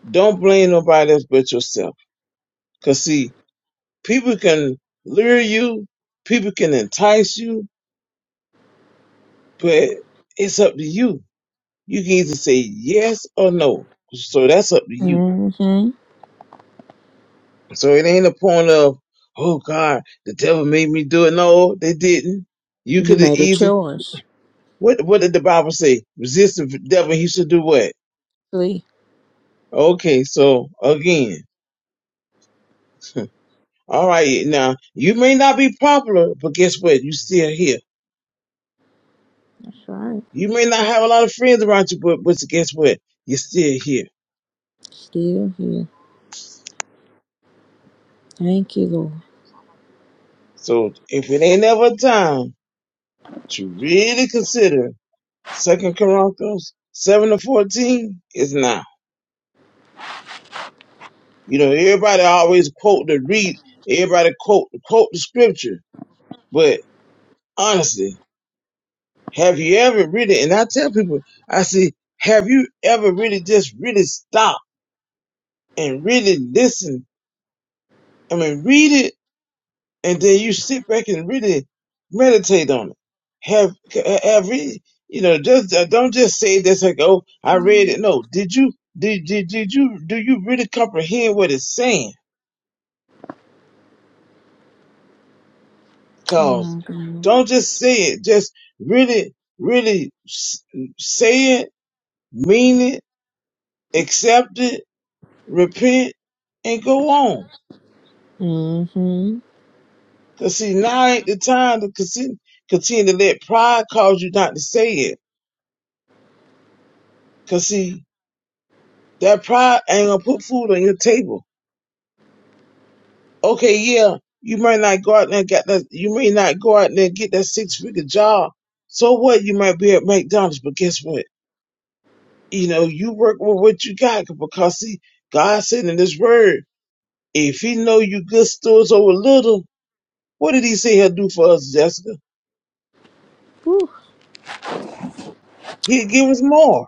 Don't blame nobody else but yourself. Cause see, people can lure you, people can entice you, but it's up to you. You can either say yes or no. So that's up to you
Mm-hmm.
So it ain't a point of, oh God, the devil made me do it. No, they didn't. You
You
could have
made a
easily.
choice.
What What did the Bible say? Resist the devil. He should do what?
Lee.
Okay, so again, all right. Now you may not be popular, but guess what? You still here.
That's right.
You may not have a lot of friends around you, but but guess what? You're still here.
Still here. Thank you, Lord.
So if it ain't ever a time to really consider Second Corinthians seven to fourteen, it's not. You know, everybody always quote the read, everybody quote quote the scripture. But honestly, have you ever really? And I tell people, I say, have you ever really just really stop and really listen? I mean, read it, and then you sit back and really meditate on it. Have have you? You know, just uh, don't just say this like, oh, I read it. No, did you? Did, did did you? Do you really comprehend what it's saying? Cause
My God.
don't just say it. Just really, really s- say it, mean it, accept it, repent, and go on.
Mm-hmm.
Cause see, now ain't the time to continue, continue to let pride cause you not to say it. Cause see, that pride ain't gonna put food on your table. Okay, yeah, you might not go out there and get that, you may not go out there and get that six figure job. So what? You might be at McDonald's, but guess what? you know, you work with what you got because see, God said in His Word, if He know you good stewards over little, what did He say He'll do for us, Jessica?
Whew.
He'll give us more.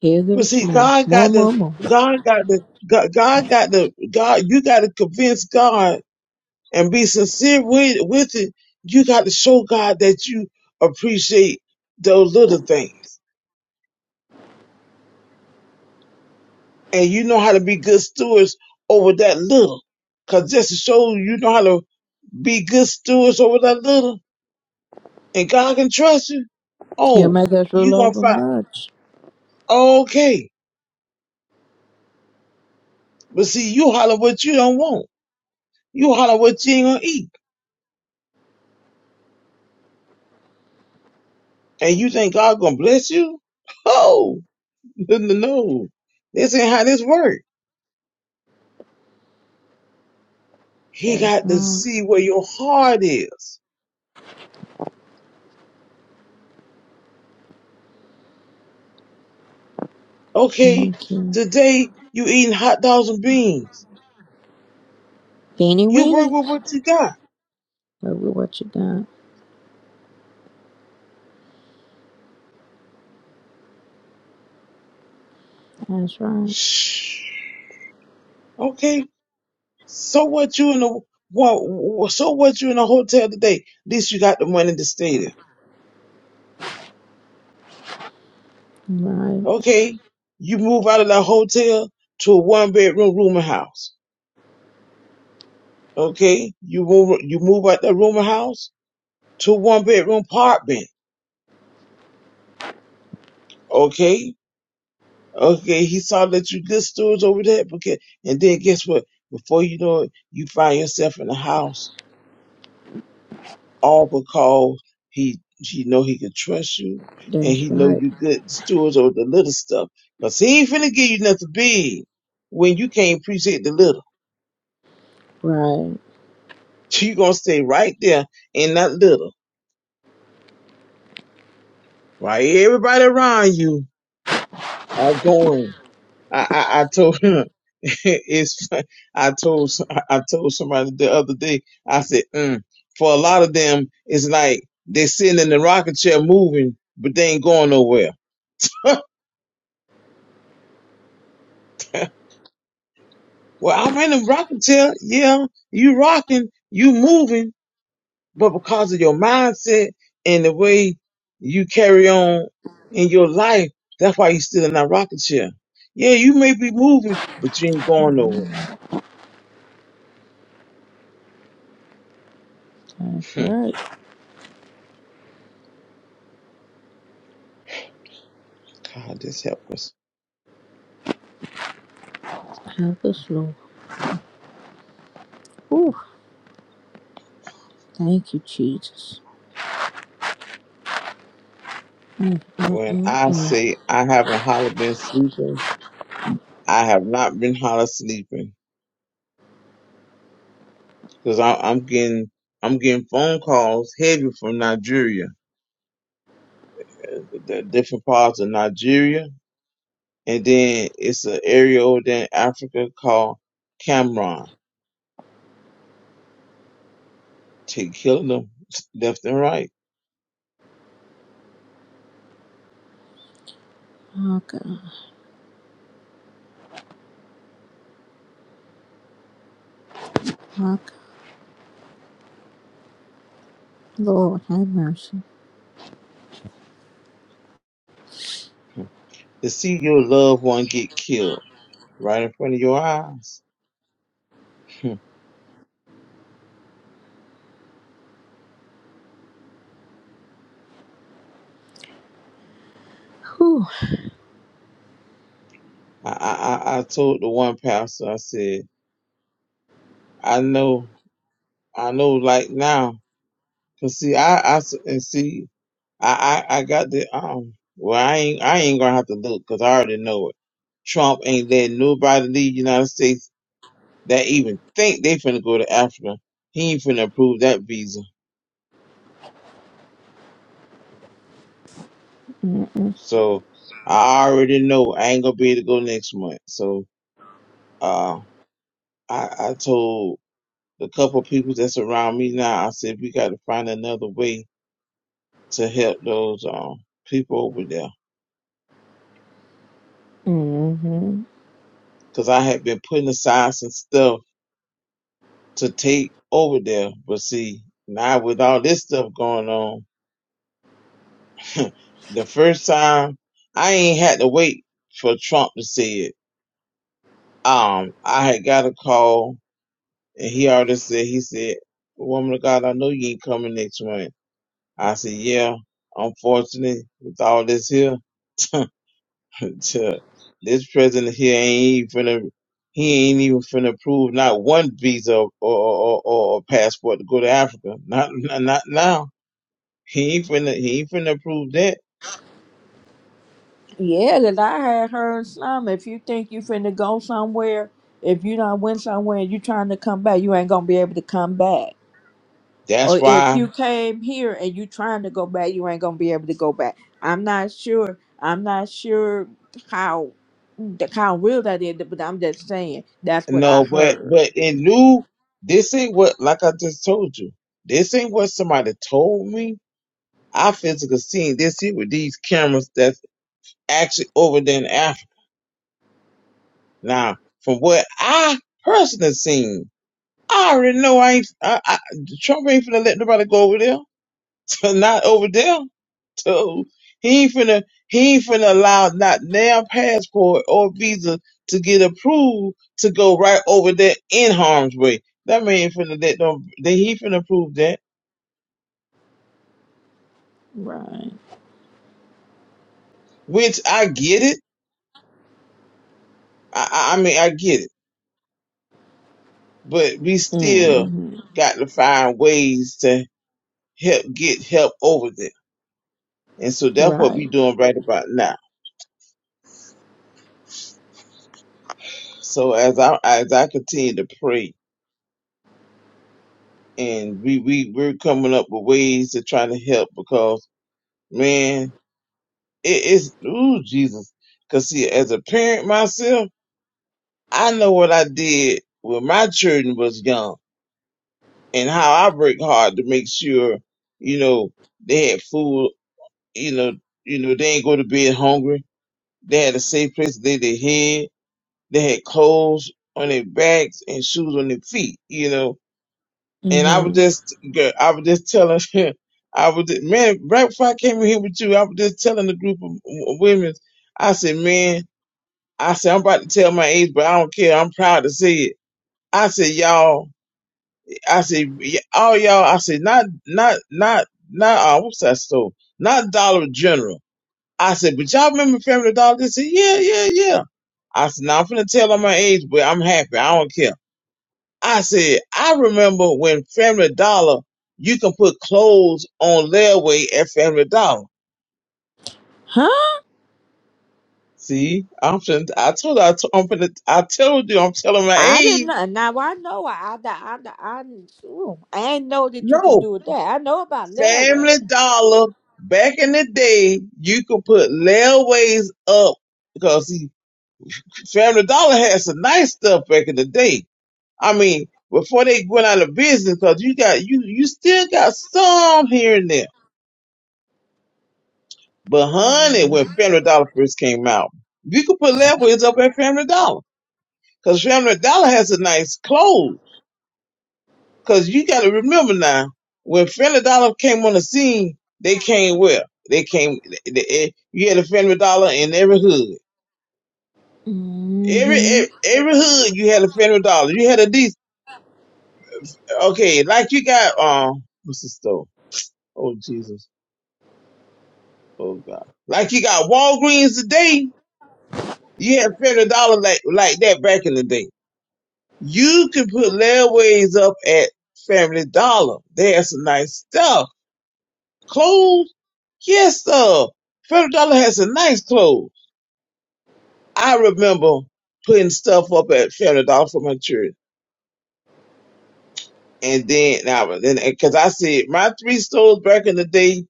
Here
But
there's
see,
more.
God
More,
got the,
more, more.
God got the, God, God got the, God. You got to convince God and be sincere with with it. You got to show God that you appreciate those little things, and you know how to be good stewards over that little. Cause just to show you know how to Be good stewards over that little, and God can trust you.
He'll
Oh,
make us
you
rule
gonna
over
find
much.
okay. But see, you holler what you don't want. You holler what you ain't gonna eat, and you think God gonna bless you? Oh, no, no, no. this ain't how this work. He
That's
got to
right.
see where your heart is. Okay,
Thank you.
today you eating hot dogs and beans.
Beanie
You work
Winnie.
with what you got.
Look at what you got. That's right.
Shh. Okay, So what you in the what? so what you in a hotel today? At least you got the money to stay there.
Right.
Okay? You move out of that hotel to a one bedroom rooming house. Okay? You move you move out that rooming house to a one bedroom apartment. Okay? Okay, he saw that you good stores over there because and then guess what? Before you know it, you find yourself in a house all because he he know he can trust you and
That's
he know
right.
you good stewards over the little stuff. Cause he ain't finna give you nothing big when you can't appreciate the little.
Right.
You gonna stay right there in that little. Right? Everybody around you are going. I I, I told him it's I told I told somebody the other day, I said, mm. for a lot of them, it's like they're sitting in the rocket chair moving, but they ain't going nowhere. Well, I'm in a rocking chair. Yeah, you rocking, you moving, but because of your mindset and the way you carry on in your life, that's why you're still in that rocking chair. Yeah, you may be moving, but you ain't going nowhere.
That's
Hmm.
right.
God, just help us.
Have the floor. Ooh. Thank you, Jesus. Mm, mm,
When
mm,
I
mm.
say I haven't hardly been sleeping, I have not been hardly sleeping because I'm getting I'm getting phone calls heavy from Nigeria, uh, the the different parts of Nigeria And then it's an area over there in Africa called Cameroon. They killing them left and right.
Oh, God. Oh, God. Lord, have mercy.
Hmm. To see your loved one get killed right in front of your eyes. I,
Whew.
I, I I told the one pastor, I said, I know I know, like now, 'cause cause see, I, I s- and see, I, I, I got the um. Well, I ain't, I ain't gonna have to look 'cause I already know it. Trump ain't letting nobody leave the United States that even think they finna go to Africa. He ain't finna approve that visa. So I already know I ain't gonna be able to go next month. So uh, I, I told the couple people that's around me now. I said we got to find another way to help those um people over there
Mm-hmm.
because I had been putting aside some stuff to take over there. But see, now with all this stuff going on, the first time I ain't had to wait for Trump to say it. Um, I had got a call and he already said, he said, woman of God, I know you ain't coming next month. I said, yeah, unfortunately with all this here. to this president here ain't even finna he ain't even finna approve not one visa or or, or, or passport to go to Africa. Not, not not now. He ain't finna he ain't finna approve that.
Yeah, that I had heard some. If you think you finna go somewhere, if you don't went somewhere and you trying to come back, you ain't gonna be able to come back.
That's
Or if
why
you came here and you trying to go back, you ain't gonna be able to go back. I'm not sure. I'm not sure how how real that is, but I'm just saying that's what I
no, but
heard.
but in new this ain't what like I just told you. This ain't what somebody told me. I physically seen this here with these cameras that's actually over there in Africa. Now, from what I personally seen, I already know I ain't. I, I, Trump ain't finna let nobody go over there. So not over there. So he ain't finna. He ain't finna allow not now passport or visa to get approved to go right over there in harm's way. That man ain't finna let them. That he finna approve that.
Right.
Which I get it. I, I I mean I get it. But we still
hmm
got to find ways to help get help over there. And so that's what
Right.
we doing right about now. So as I as I continue to pray, and we we we're coming up with ways to try to help because man, it is ooh Jesus. Cause see, as a parent myself, I know what I did when my children was young, and how I worked hard to make sure you know they had food, you know, you know they ain't go to bed hungry. They had a safe place to lay their head. They had clothes on their backs and shoes on their feet. You know, and I was
hmm
just, girl, I was just telling, I was, just- man, right before I came in here with you, I was just telling the group of w- women, I said, man, I said, I'm about to tell my age, but I don't care. I'm proud to say it. I said, y'all, I said, y- all y'all, I said, not, not, not, not, uh, what's that store? Not Dollar General. I said, but y'all remember Family Dollar? They said, yeah, yeah, yeah. I said, now I'm finna tell them my age, but I'm happy. I don't care. I said, I remember when Family Dollar, you can put clothes on layaway at Family Dollar.
Huh?
See, I'm fin- I told you, I, t- I'm finna, I told you, I'm telling my
I didn't
age.
know. Now I know. I I I, I, I, ooh, I ain't know that you could
No,
do it. That I know about layaway.
Family Dollar, back in the day, you could put layaways up because see, Family Dollar had some nice stuff back in the day. I mean, before they went out of business, cause you got, you, you still got some here and there But honey, when Family Dollar first came out, you could put leftovers up at Family Dollar because Family Dollar has a nice clothes. Because you got to remember now, when Family Dollar came on the scene, they came where they came. They, eh, you had a Family Dollar in every hood. Every,
Mm-hmm.
every every hood you had a Family Dollar. You had a decent. Okay, like you got um what's the store? Oh Jesus, oh God! Like you got Walgreens today. You had Family Dollar like like that back in the day. You can put layaways up at Family Dollar. They have some nice stuff. Clothes? Yes, sir. Family Dollar has some nice clothes. I remember putting stuff up at Family Dollar for my church. And then, now, then, cause I said my three stores back in the day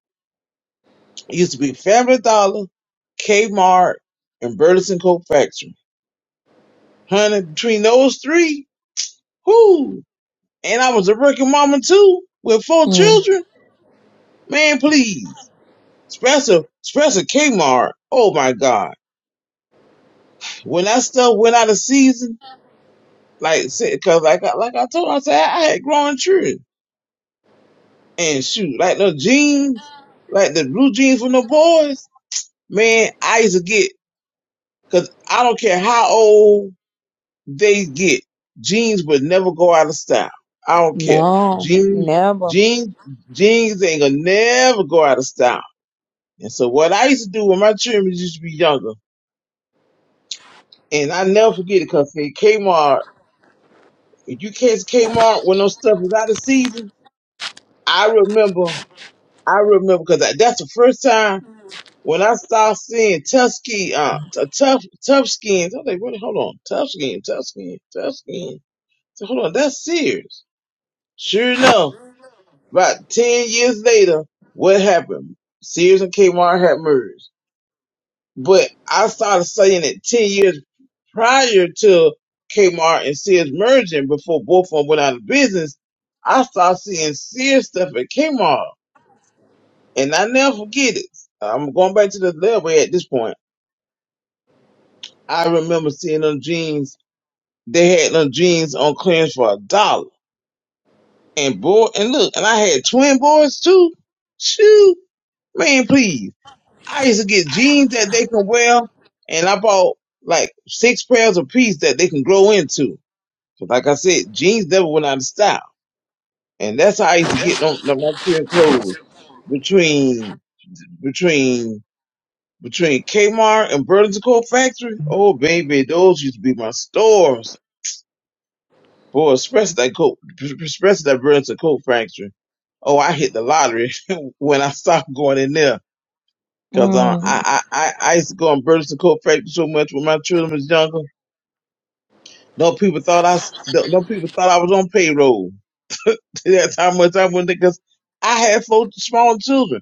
used to be Family Dollar, Kmart, and Burleson Coat Factory. Honey, between those three, whoo. And I was a working mama too, with four
Mm.
children. Man, please. Spencer, Spencer Kmart. Oh my God! When that stuff went out of season, like because like I- like I told, her, I said I had growing children, and shoot, like the jeans, like the blue jeans from the boys. Man, I used to get because I don't care how old they get, jeans would never go out of style. I don't care.
No,
Jeans,
never.
jeans, jeans ain't gonna never go out of style. And so what I used to do when my children used to be younger, and I never forget it because Kmart If you catch Kmart when those stuff is out of season, I remember, I remember because that's the first time when I started seeing tough skin, uh, t- tough, tough skins. I was like, wait, hold on, tough skin, tough skin, tough skin. So hold on, that's serious. Sure enough, about 10 years later, what happened? Sears and Kmart had merged. But I started saying it 10 years prior to Kmart and Sears merging before both of them went out of business. I started seeing Sears stuff at Kmart and I never forget it. I'm going back to the level at this point. I remember seeing them jeans. They had them jeans on clearance for a dollar. And boy, and look, and I had twin boys too. Shoot, man, please. I used to get jeans that they can wear, and I bought like six pairs a piece that they can grow into. But like I said, jeans never went out of style, and that's how I used to get on, on my trend clothes between between between Kmart and Burlington Coat Factory. Oh baby, those used to be my stores. Boy, especially that coat, especially that Burlington Coat Factory. Oh, I hit the lottery when I stopped going in there. Cause um,
Mm.
I, I, I, I used to go on British and co factory so much when my children was younger. No people thought I, s- no no people thought I was on payroll. That's how much I went because I had four small children.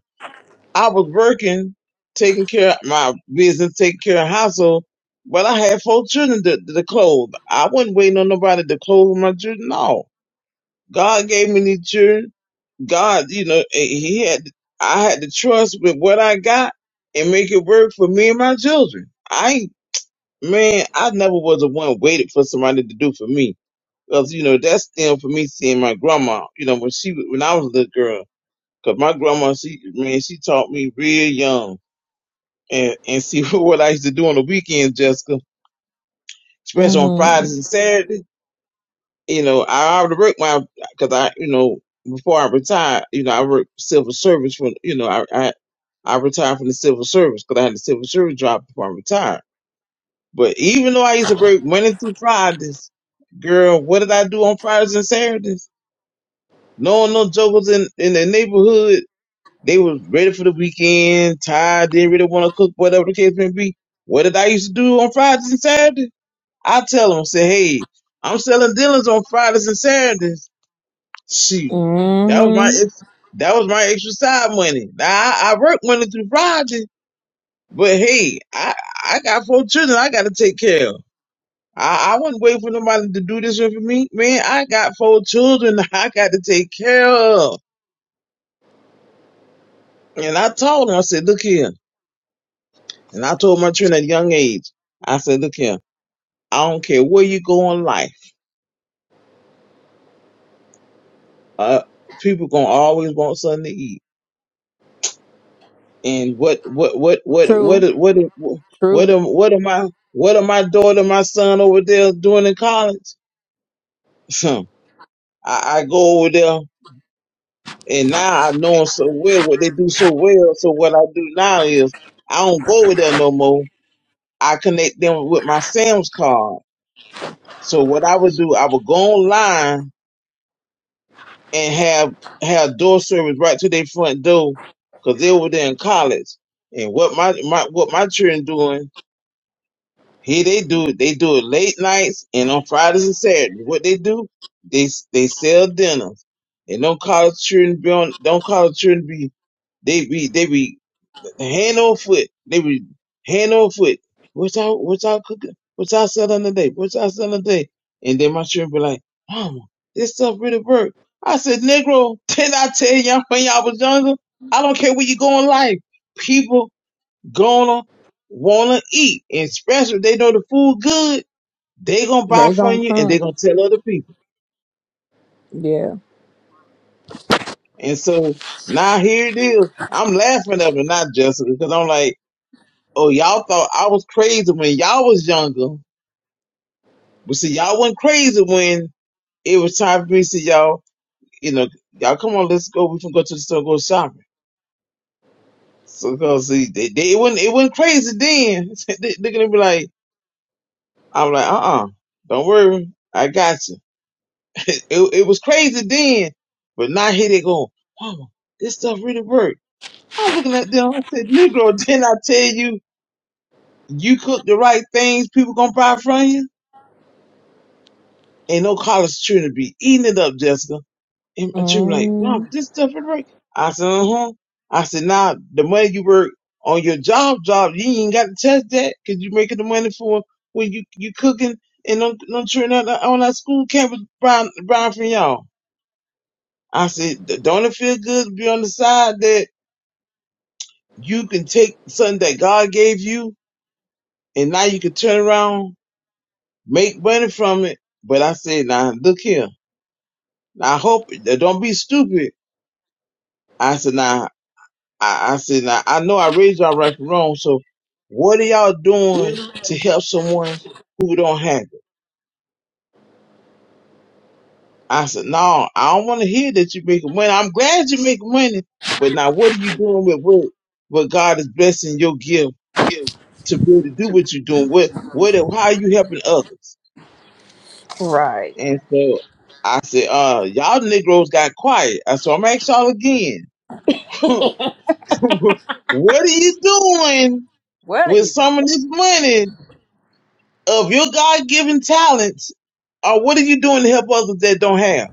I was working, taking care of my business, taking care of household, but I had four children to, to clothe. I wasn't waiting on nobody to clothe my children. No, God gave me these children. God, you know, eh, He had, I had to trust with what I got and make it work for me and my children. I ain't Man, I never was the one waited for somebody to do for me. Cause you know, that's still for me seeing my grandma, you know, when she, was- when I was a little girl. Cause my grandma, she, man, she taught me real young. And, and see what I used to do on the weekends, Jessica, especially on Fridays
Mm-hmm.
and Saturdays. You know, I already worked my, cause I, you know, before I retired, you know, I worked civil service for, you know, I, I, I retired from the civil service cause I had the civil service job before I retired. But even though I used to work Monday through Fridays, girl, what did I do on Fridays and Saturdays? Knowing no jokers in, in the neighborhood, they was ready for the weekend, tired, didn't really want to cook, whatever the case may be. What did I used to do on Fridays and Saturdays? I tell them, say, hey, I'm selling dealers on Fridays and Saturdays. Shoot, that was my
hmm
ex- that was my extra side money. Now I, I work Monday through Friday, but hey, I I got four children I got to take care of. I, I wouldn't wait for nobody to do this with me. Man, I got four children I got to take care of. And I told her, I said, look here. And I told my children at a young age, I said, look here, I don't care where you go in life. Uh, people gonna always want something to eat. And what, what, what, what, what,
True.
what, what, what
True.
am, what am I, what am my daughter, my son over there doing in college? I, I go over there. And now I know them so well, what they do so well. So what I do now is I don't go over there no more. I connect them with my Sam's card. So what I would do, I would go online and have have door service right to their front door because they over there in college. And what my, my what my children doing here, they do it. They do it late nights and on Fridays and Saturdays. What they do, they they sell dinners. And don't college children be on. Don't college children be. They be. They be. hand or foot. They were hand or foot. What's our what's our cooking? What's our selling today? What's our selling today? And then my children be like, Mama, this stuff really work. I said, Negro, did I tell y'all when y'all was younger? I don't care where you go in life. People gonna wanna eat. And especially if they know the food good, they gonna buy
They
from
gonna
you and they
come.
gonna tell other people.
Yeah.
And so now here it is. I'm laughing at it, not Jessica, because I'm like, oh, y'all thought I was crazy when y'all was younger But see, y'all went crazy when it was time for me to see y'all. You know, y'all come on, let's go. We can go to the store, go shopping. So, cause see, they, they, it wasn't it wasn't crazy then. they, they're gonna be like, I'm like, uh, uh don't worry, I got you. it, it was crazy then, but now here they go, mama, this stuff really worked. I'm looking at them. I said, Negro, didn't I tell you you cook the right things, people gonna buy from you? Ain't no college children be eating it up, Jessica. And Jim like, wow,
Mm.
this stuff is right. I said, uh huh. I said, "Now the money you work on your job, job, you ain't got to test that because you making the money for when you you cooking and don't don't turn out on that school campus, Brian, Brian from y'all. I said, "D- don't it feel good to be on the side that you can take something that God gave you and now you can turn around, make money from it. But I said, "Now look here. Now I hope don't be stupid. I said, "Now." I, I said, now, I know I raised y'all right from wrong, so what are y'all doing to help someone who don't have it? I said, no, I don't want to hear that you're making money. I'm glad you're making money, but now what are you doing with what, what God is blessing your gift to be able to do what you're doing? What, what, how are you helping others?
Right.
And so I said, uh, y'all Negroes got quiet. I said, I'm going to ask y'all again. what are you doing
What do
with
you do?
some of this money of your God given talents, or what are you doing to help others that don't have?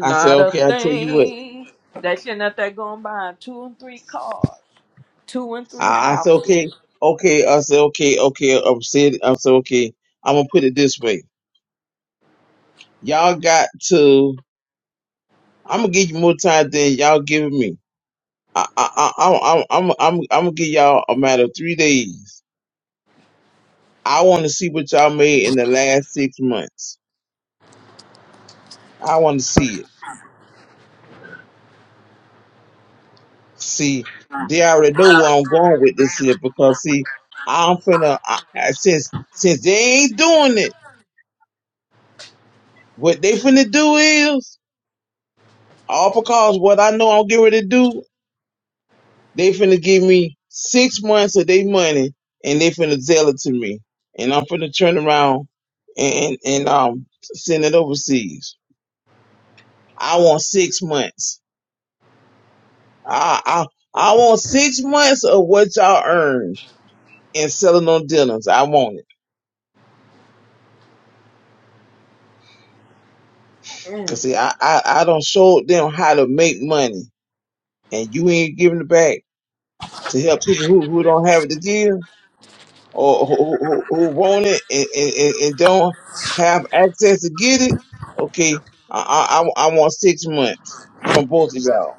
I said,
a
okay, I'll tell you what.
thing. That shit not that going buy two and three cars, two and three
I, I said,
houses.
okay, okay. I said, okay, okay. I said, I said, okay, I'm going to put it this way. Y'all got to, I'm going to give you more time than y'all giving me. I, I, I, I, I'm, I'm, I'm, I'm going to give y'all a matter of three days. I want to see what y'all made in the last six months. I want to see it. See, they already know where I'm going with this here because see, I'm finna I, I, since since they ain't doing it, what they finna do is all because what I know I'm getting ready to do, they finna give me six months of their money and they finna sell it to me, and I'm finna turn around and and um send it overseas. I want six months. I I I want six months of what y'all earned and selling on dinners. I want it. Cause see, I, I, I don't show them how to make money, and you ain't giving it back to help people who, who don't have it to give or who, who, who want it and, and, and and don't have access to get it. Okay, I, I, I I want six months from both of y'all.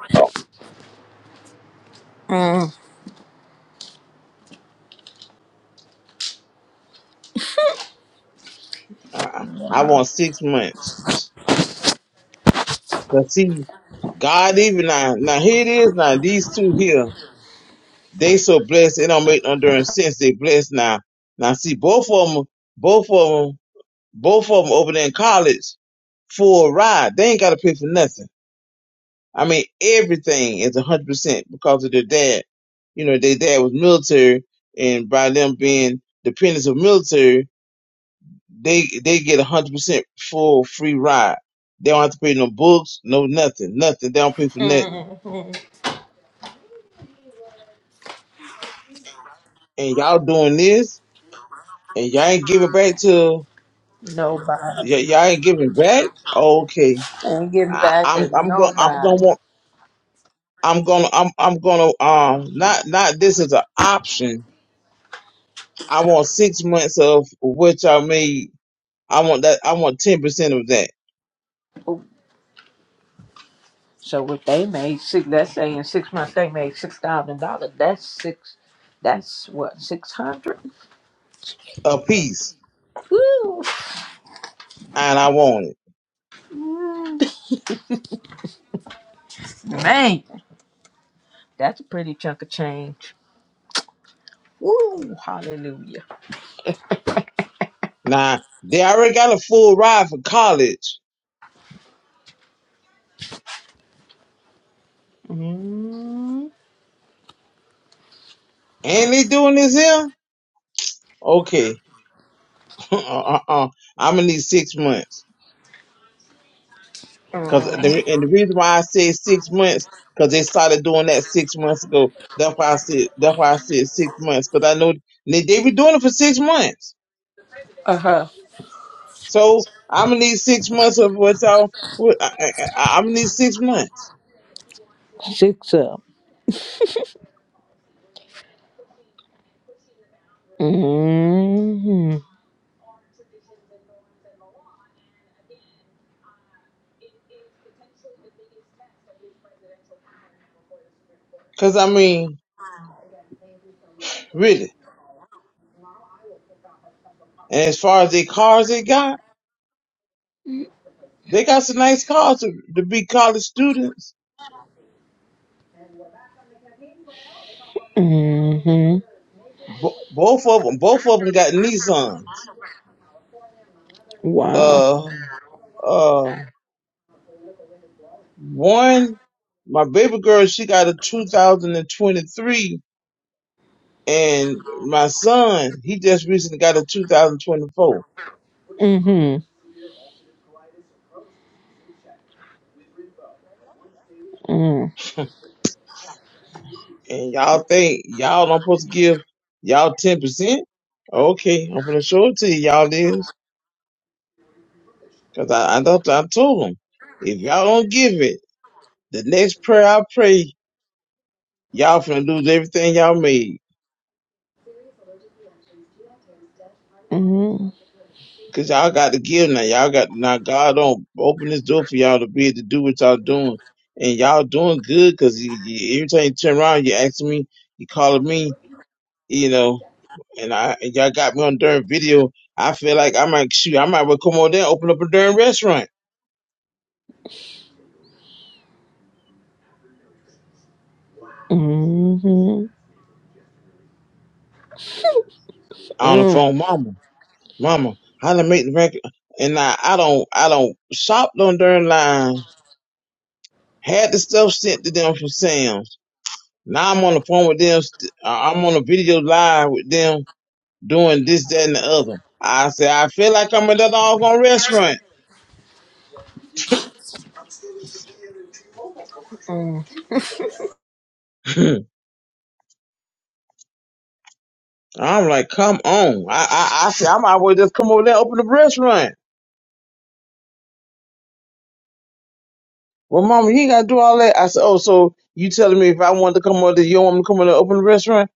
Mm.
I, I I want six months. Cause see, God even now, now here it is now. These two here, they so blessed. It don't make no darn sense. They blessed now. Now see, both of them, both of 'em Both of them over there in college for a ride. They ain't got to pay for nothing. I mean, everything is 100% because of their dad. You know, their dad was military, and by them being dependents of military, they they get 100% full free ride. They don't have to pay no books, no nothing, nothing. They don't pay for nothing. And y'all doing this, and y'all ain't giving back to
Nobody.
y- y'all ain't giving back. Okay,
Ain't getting
I,
back
I'm
to
I'm gonna I'm gonna want.
nobody.
I'm gonna I'm I'm gonna um not not this is an option. I want six months of which I made. I want that I want ten percent of that
So if they made six, let's say in six months they made six thousand dollars. That's six. That's what six hundred.
a piece
Woo,
and I want it.
man, that's a pretty chunk of change. Woo, hallelujah.
Now they already got a full ride for college. and they doing this here? Okay. uh uh uh. I'm gonna need six months. Cause the and the reason why I said six months, cause they started doing that six months ago. That's why I said that's why I said six months. Cause I know they, they be doing it for six months.
Uh huh.
So I'm gonna need six months of what y'all. What, I, I, I'm gonna need six months.
Six up. Mhm.
Cause I mean, really. And as far as their cars they got, they got some nice cars to, to be college students.
Mhm.
Bo- both of them, both of them got Nissans.
Wow.
Uh, uh, one, my baby girl, she got a 2023 And my son, he just recently got a 2024.
Mhm. Mhm.
And y'all think y'all don't supposed to give y'all 10%? Okay, I'm gonna show it to you, y'all is. Cause I, I, thought- I told him, if y'all don't give it, the next prayer I pray, y'all finna lose everything y'all made.
Mhm.
Cause y'all got to give now. Y'all got, now God don't open this door for y'all to be able to do what y'all doing. And y'all doing good cause you, you, every time you turn around, you asking me, you calling me, you know, and I and y'all got me on during video. I feel like I might shoot. I might well come on there, and open up a during restaurant
Mhm.
on the
Mm.
phone, mama, mama. How to make the record? And I, I don't, I don't shopped on during line. Had the stuff sent to them from Sam's. Now I'm on the phone with them. st- uh, I'm on a video live with them doing this, that, and the other. I say I feel like I'm in that doggone restaurant.
Mm.
I'm like, come on. I, I, I say I might well just come over there, and open up a restaurant. Well, Mama, he got to do all that. I said, Oh, so you telling me if I wanted to come over, there, you don't want me to come over there and open the restaurant?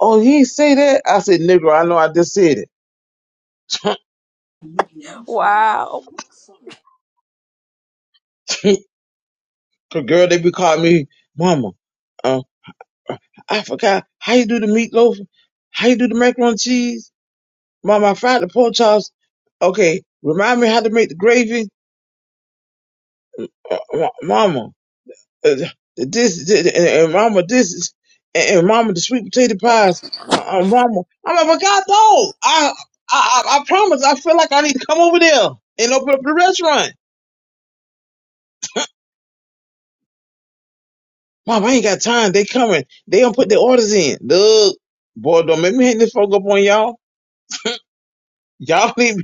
Oh, he ain't say that. I said, Nigga, I know I just said it.
Wow.
'Cause girl, they be calling me Mama. Uh, I forgot how you do the meatloaf, how you do the macaroni and cheese. Mama, I fried the pork chops. Okay, remind me how to make the gravy, uh, uh, Mama. uh, this, this and, and mama this is and, and mama the sweet potato pies uh, uh, mama I'm like but God no I, I I I promise I feel like I need to come over there and open up the restaurant Mom, I ain't got time they coming they don't put their orders in look boy don't make me hang this folk up on y'all y'all need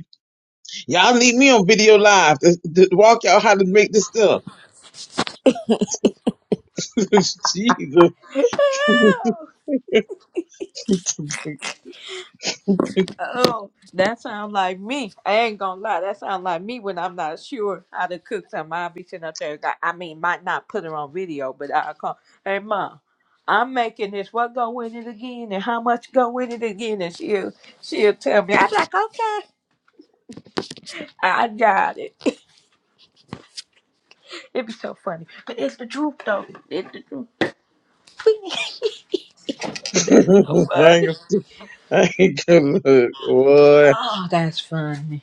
y'all need me on video live to, to walk y'all how to make this stuff Jesus I ain't,
Oh, that sounds like me. I ain't gonna lie. That sounds like me when I'm not sure how to cook something. I'll be sitting up there. I I mean, might not put it on video, but I'll call. Hey, mom, I'm making this. What go in it again, and how much go in it again? And she'll she'll tell me. I'm like, okay, I got it. It'd be so funny, but it's the truth though. It's the truth. and that's so funny.
I ain't gonna look boy.
Oh, that's funny.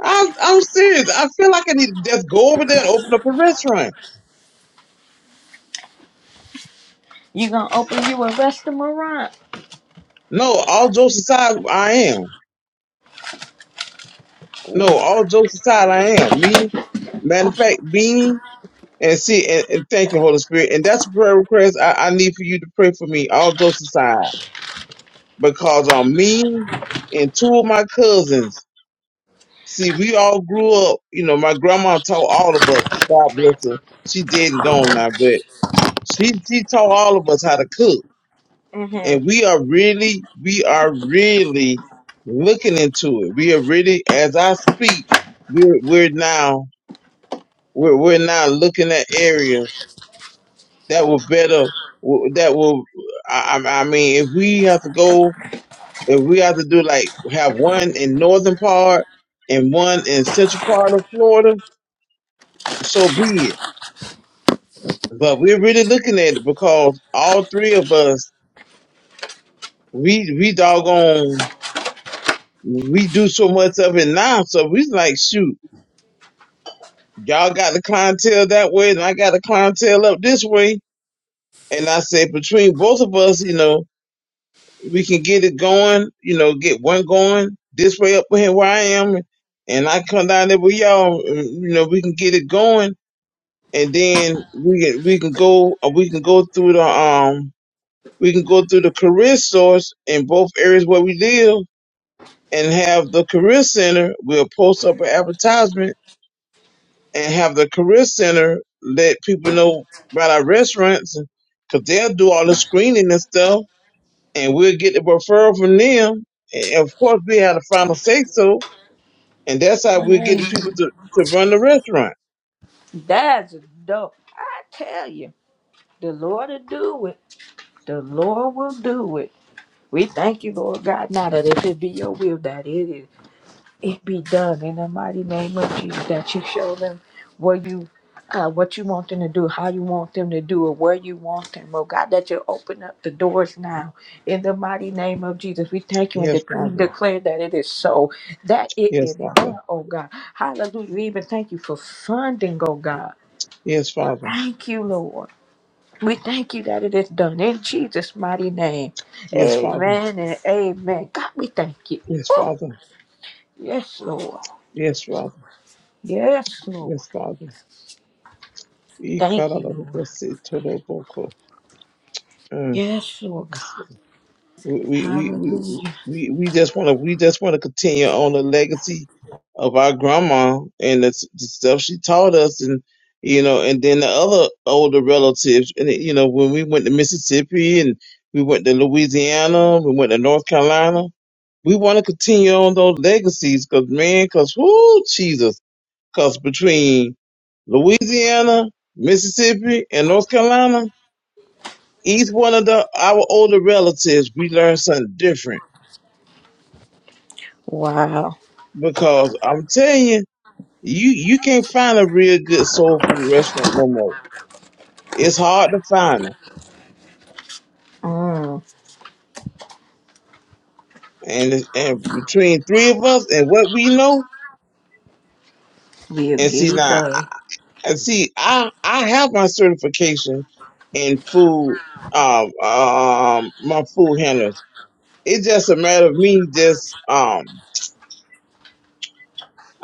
I'm I'm serious. I feel like I need to just go over there and open up a restaurant.
You gonna open you a restaurant?
No, all jokes aside, I am. No, all jokes aside, I am. Me, matter of fact, Bean, and see, and, and thank you, Holy Spirit. And that's a prayer request I, I need for you to pray for me, all jokes aside, because on me and two of my cousins, see, we all grew up, you know, my grandma taught all of us, God bless her. She dead and gone now, but she, she taught all of us how to cook. and we are really, we are really looking into it. We are really, as I speak, we're we're now we're we're now looking at areas that will better that will. I, I I mean, if we have to go, if we have to do like have one in northern part and one in central part of Florida, so be it. But we're really looking at it because all three of us, we we doggone we do so much of it now. So we like, shoot. y'all got the clientele that way, and I got the clientele up this way. And I said, between both of us, you know, we can get it going, you know, get one going this way up here where I am. And I come down there with y'all, and, you know, we can get it going. And then we can, we can go, or we can go through the, um, we can go through the career source in both areas where we live and have the career center. We'll post up an advertisement and have the career center let people know about our restaurants because they'll do all the screening and stuff and we'll get the referral from them and of course we have the final say so and that's how we get the
Mm-hmm.
people to, to run the restaurant
That's dope. I tell you, the Lord will do it. The Lord will do it. We thank you, Lord God, now that if it be your will, that it is, it be done in the mighty name of Jesus. That you show them what you, uh, what you want them to do, how you want them to do it, where you want them. Oh God, that you open up the doors now in the mighty name of Jesus. We thank you and
yes
decree and
father
declare that it is so, that it
yes
is
father
done. Oh God, Hallelujah. We even thank you for funding. Oh God,
yes father
thank you, Lord. We thank you that it is done in Jesus' mighty name.
yes father
Amen and amen. God, we thank you.
yes
Oh,
father
yes, Lord.
yes father yes father
Yes, Lord.
yes father yes father yes
Thank
father
you, Lord.
yes father
Yes, Lord
yes
God.
father we we we
Hallelujah.
we we just want to we just want to continue on the legacy of our grandma and the, s- the stuff she taught us and you know and then the other older relatives and you know when we went to mississippi and we went to louisiana we went to north carolina we want to continue on those legacies because man because whoo jesus because between louisiana mississippi and north carolina each one of the our older relatives we learned something different
Wow.
because I'm telling you, you you can't find a real good soul food restaurant no more. It's hard to find them,
Mm,
and it's- and between three of us and what we know,
we'll
and
get
see
it
now,
done.
and see, I I have my certification in food, um, um, my food handlers. It's just a matter of me just um.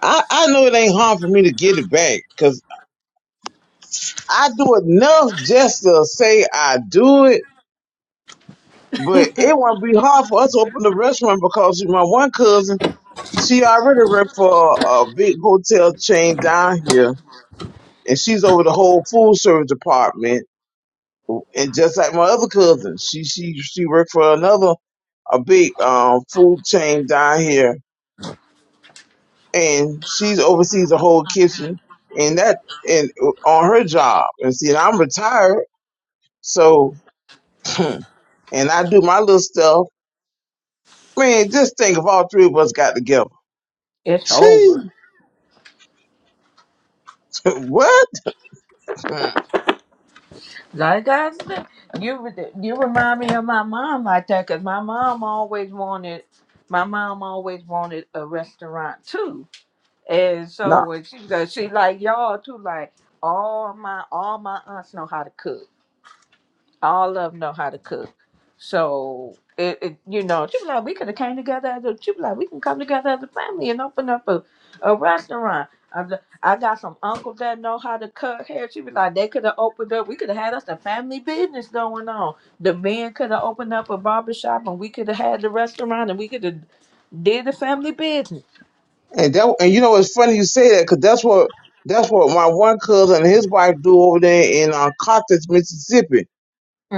I, I know it ain't hard for me to get it back because I do enough just to say I do it But it won't be hard for us to open the restaurant because my one cousin, she already worked for a a big hotel chain down here, and she's over the whole food service department. And just like my other cousin, she she she worked for another a big um food chain down here, and she's oversees the whole kitchen and that and uh, on her job. And see, and I'm retired, so and I do my little stuff. Man, just think if all three of us got together.
It's over.
what? Hmm.
Like I said, you, re- you remind me of my mom like that because my mom always wanted, my mom always wanted a restaurant too And so
No.
when she does, she like y'all too. Like all my all my aunts know how to cook. All of them know how to cook. So it, it you know, she was like, we could have came together as a. She was like, we can come together as a family and open up a, a restaurant. I, was like, I got some uncles that know how to cut hair. She was like, they could have opened up. We could have had us a family business going on. The men could have opened up a barber shop, and we could have had the restaurant, and we could have did the family business.
And that and you know it's funny you say that because that's what that's what my one cousin and his wife do over there in uh, Carthage, Mississippi.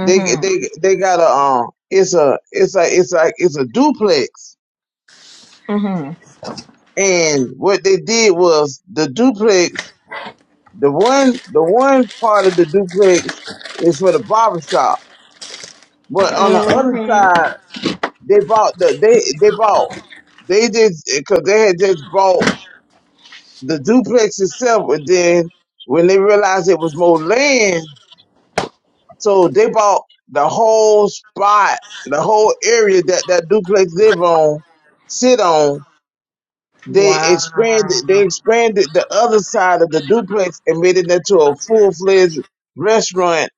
They they they got a um it's a it's a it's like it's a duplex.
Mhm.
And what they did was the duplex, the one the one part of the duplex is for the barber shop, but on the other
Mhm.
side they bought the they they bought they just because they had just bought. the duplex itself, but then when they realized it was more land, so they bought the whole spot, the whole area that that duplex live on, sit on. They
Wow.
expanded. They expanded the other side of the duplex and made it into a full fledged restaurant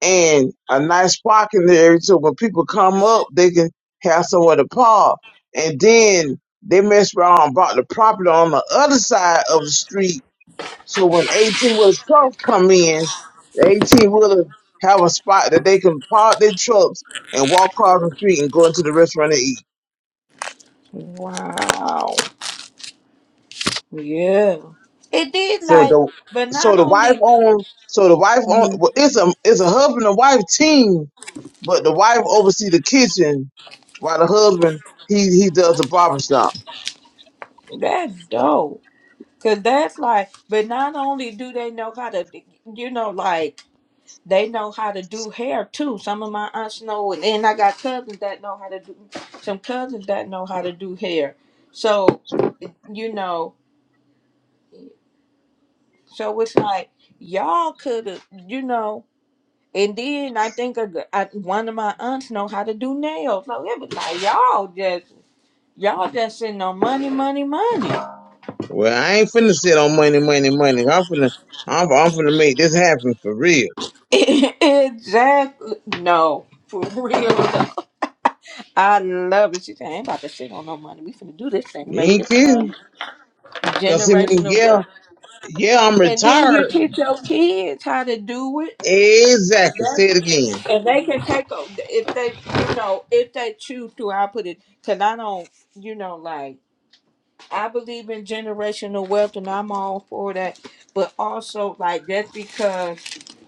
and a nice parking area. So when people come up, they can have somewhere to park. And then they messed around and bought the property on the other side of the street so when 18 wheeler trucks come in, the 18 wheeler have a spot that they can park their trucks and walk across the street and go into the restaurant and eat.
Wow. Yeah. It did
So
like,
the
but
so
not
the wife
only
own so the wife own
hmm
well, it's a it's a husband and wife team, but the wife oversee the kitchen while the husband he he does the barber shop.
that's dope. Cause that's like, but not only do they know how to, you know, like they know how to do hair too. Some of my aunts know, and then I got cousins that know how to do. Some cousins that know how to do hair. So, you know, so it's like y'all could have, you know. And then I think a gr- I- one of my aunts know how to do nails. So it was like y'all just y'all just sitting on money, money, money.
Well, I ain't finna sit on money, money, money. I'm finna I'm, I'm finna make this happen for real.
exactly. No, for real. though. I love it. She said, I ain't about to sit on no money. We finna do this thing, and
You
make
ain't
this money.
kidding. Cause I mean,
Generational
yeah,
wealth.
yeah, I'm
And then you
retired,
teach your kids how to do it.
Exactly. Say it
That's,
again.
and they can take o- if they you know, if they choose to, I put it, cause I don't, you know, like I believe in generational wealth and I'm all for that. But also, like, that's because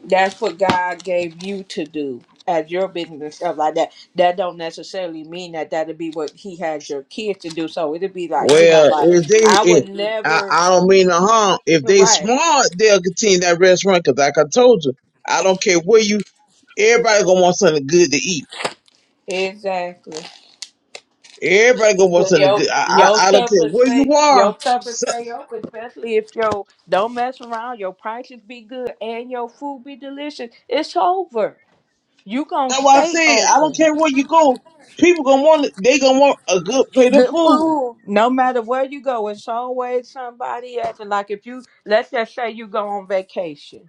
that's what God gave you to do as your business and stuff like that. That don't necessarily mean that that'll be what He had your kids to do. So it'll be like, you know,
Well,
like,
if
I
they, if,
would
I,
never,
I don't mean no harm. If they
right.
smart, they'll continue that restaurant. Cause like I told you, I don't care where you. Everybody gonna want something good to eat.
Exactly,
Everybody gonna want
but
something
your
good. I,
your
I, I don't
stuff
care
is
where you
stay
are.
your stuff is
So
stay up, especially if your don't mess around. Your prices be good and your food be delicious. It's over. You gonna
that's why I
stay
said I don't
open.
care where you go. People gonna want. it- They gonna want a good plate of
Good
food.
food. No matter where you go, it's always somebody acting like if you let's just say you go on vacation.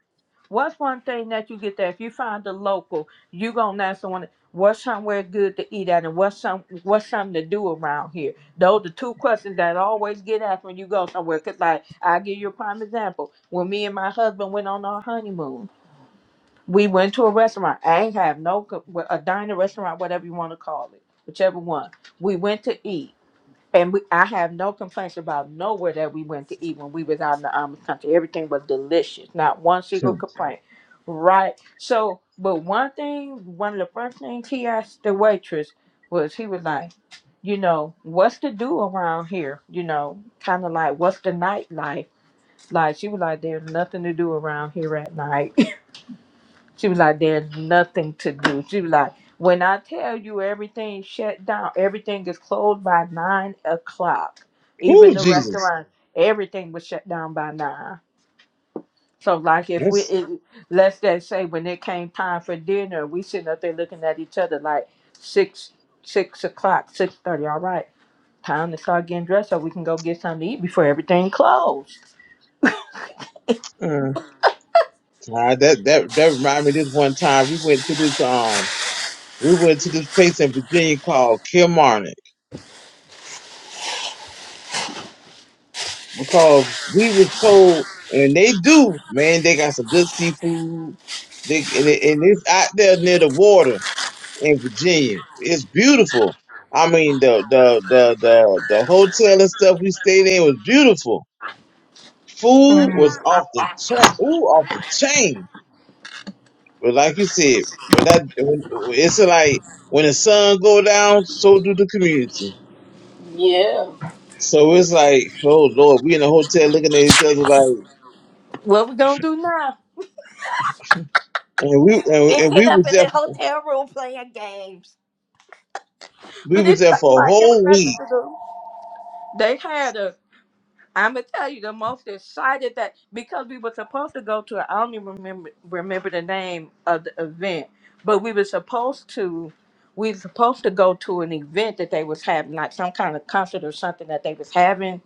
What's one thing that you get there? If you find a local, you gonna ask someone what's somewhere good to eat at and what's some what's something to do around here. Those are the two questions that I always get asked when you go somewhere. Cause like I give you a prime example. When me and my husband went on our honeymoon. We went to a restaurant. I ain't have no co- well, a diner restaurant, whatever you want to call it, whichever one. We went to eat, and we I have no complaints about nowhere that we went to eat when we was out in the Amish country. Everything was delicious. Not one single
Hmm.
complaint. Right. So, but one thing, one of the first things he asked the waitress was, he was like, you know, what's to do around here? You know, kind of like what's the nightlife? Like she was like, there's nothing to do around here at night. She was like, there's nothing to do. She was like, when I tell you everything shut down, everything is closed by nine o'clock. Even
Ooh,
the
Jesus.
restaurant, everything was shut down by nine. So like if we
Yes.
it, let's just say when it came time for dinner, we sitting up there looking at each other like six six o'clock, six thirty, all right. Time to start getting dressed so we can go get something to eat before everything closed.
Uh, God, that that that reminded me. This one time we went to this. um, we went to this place in Virginia called Kilmarnock because we was told, and they do, man, they got some good seafood. They, and, it, and it's out there near the water in Virginia. It's beautiful. I mean, the, the, the, the, the hotel and stuff we stayed in was beautiful. Food
hmm
was off the chain, ooh, off the chain. But like you said, when that, when, it's like, when the sun go down, so do the community. So it's like, oh Lord, we in the hotel looking at each other like,
What we gonna do now?
and we and, and we
Get up
was
in
there,
the hotel room playing games.
we
But
was
it's
there
not,
for a
like it was
whole
nothing
week.
to do. They had a. I'm gonna tell you the most excited that because we were supposed to go to. I don't even remember remember the name of the event, but we were supposed to. We were supposed to go to an event that they was having, like some kind of concert or something that they was having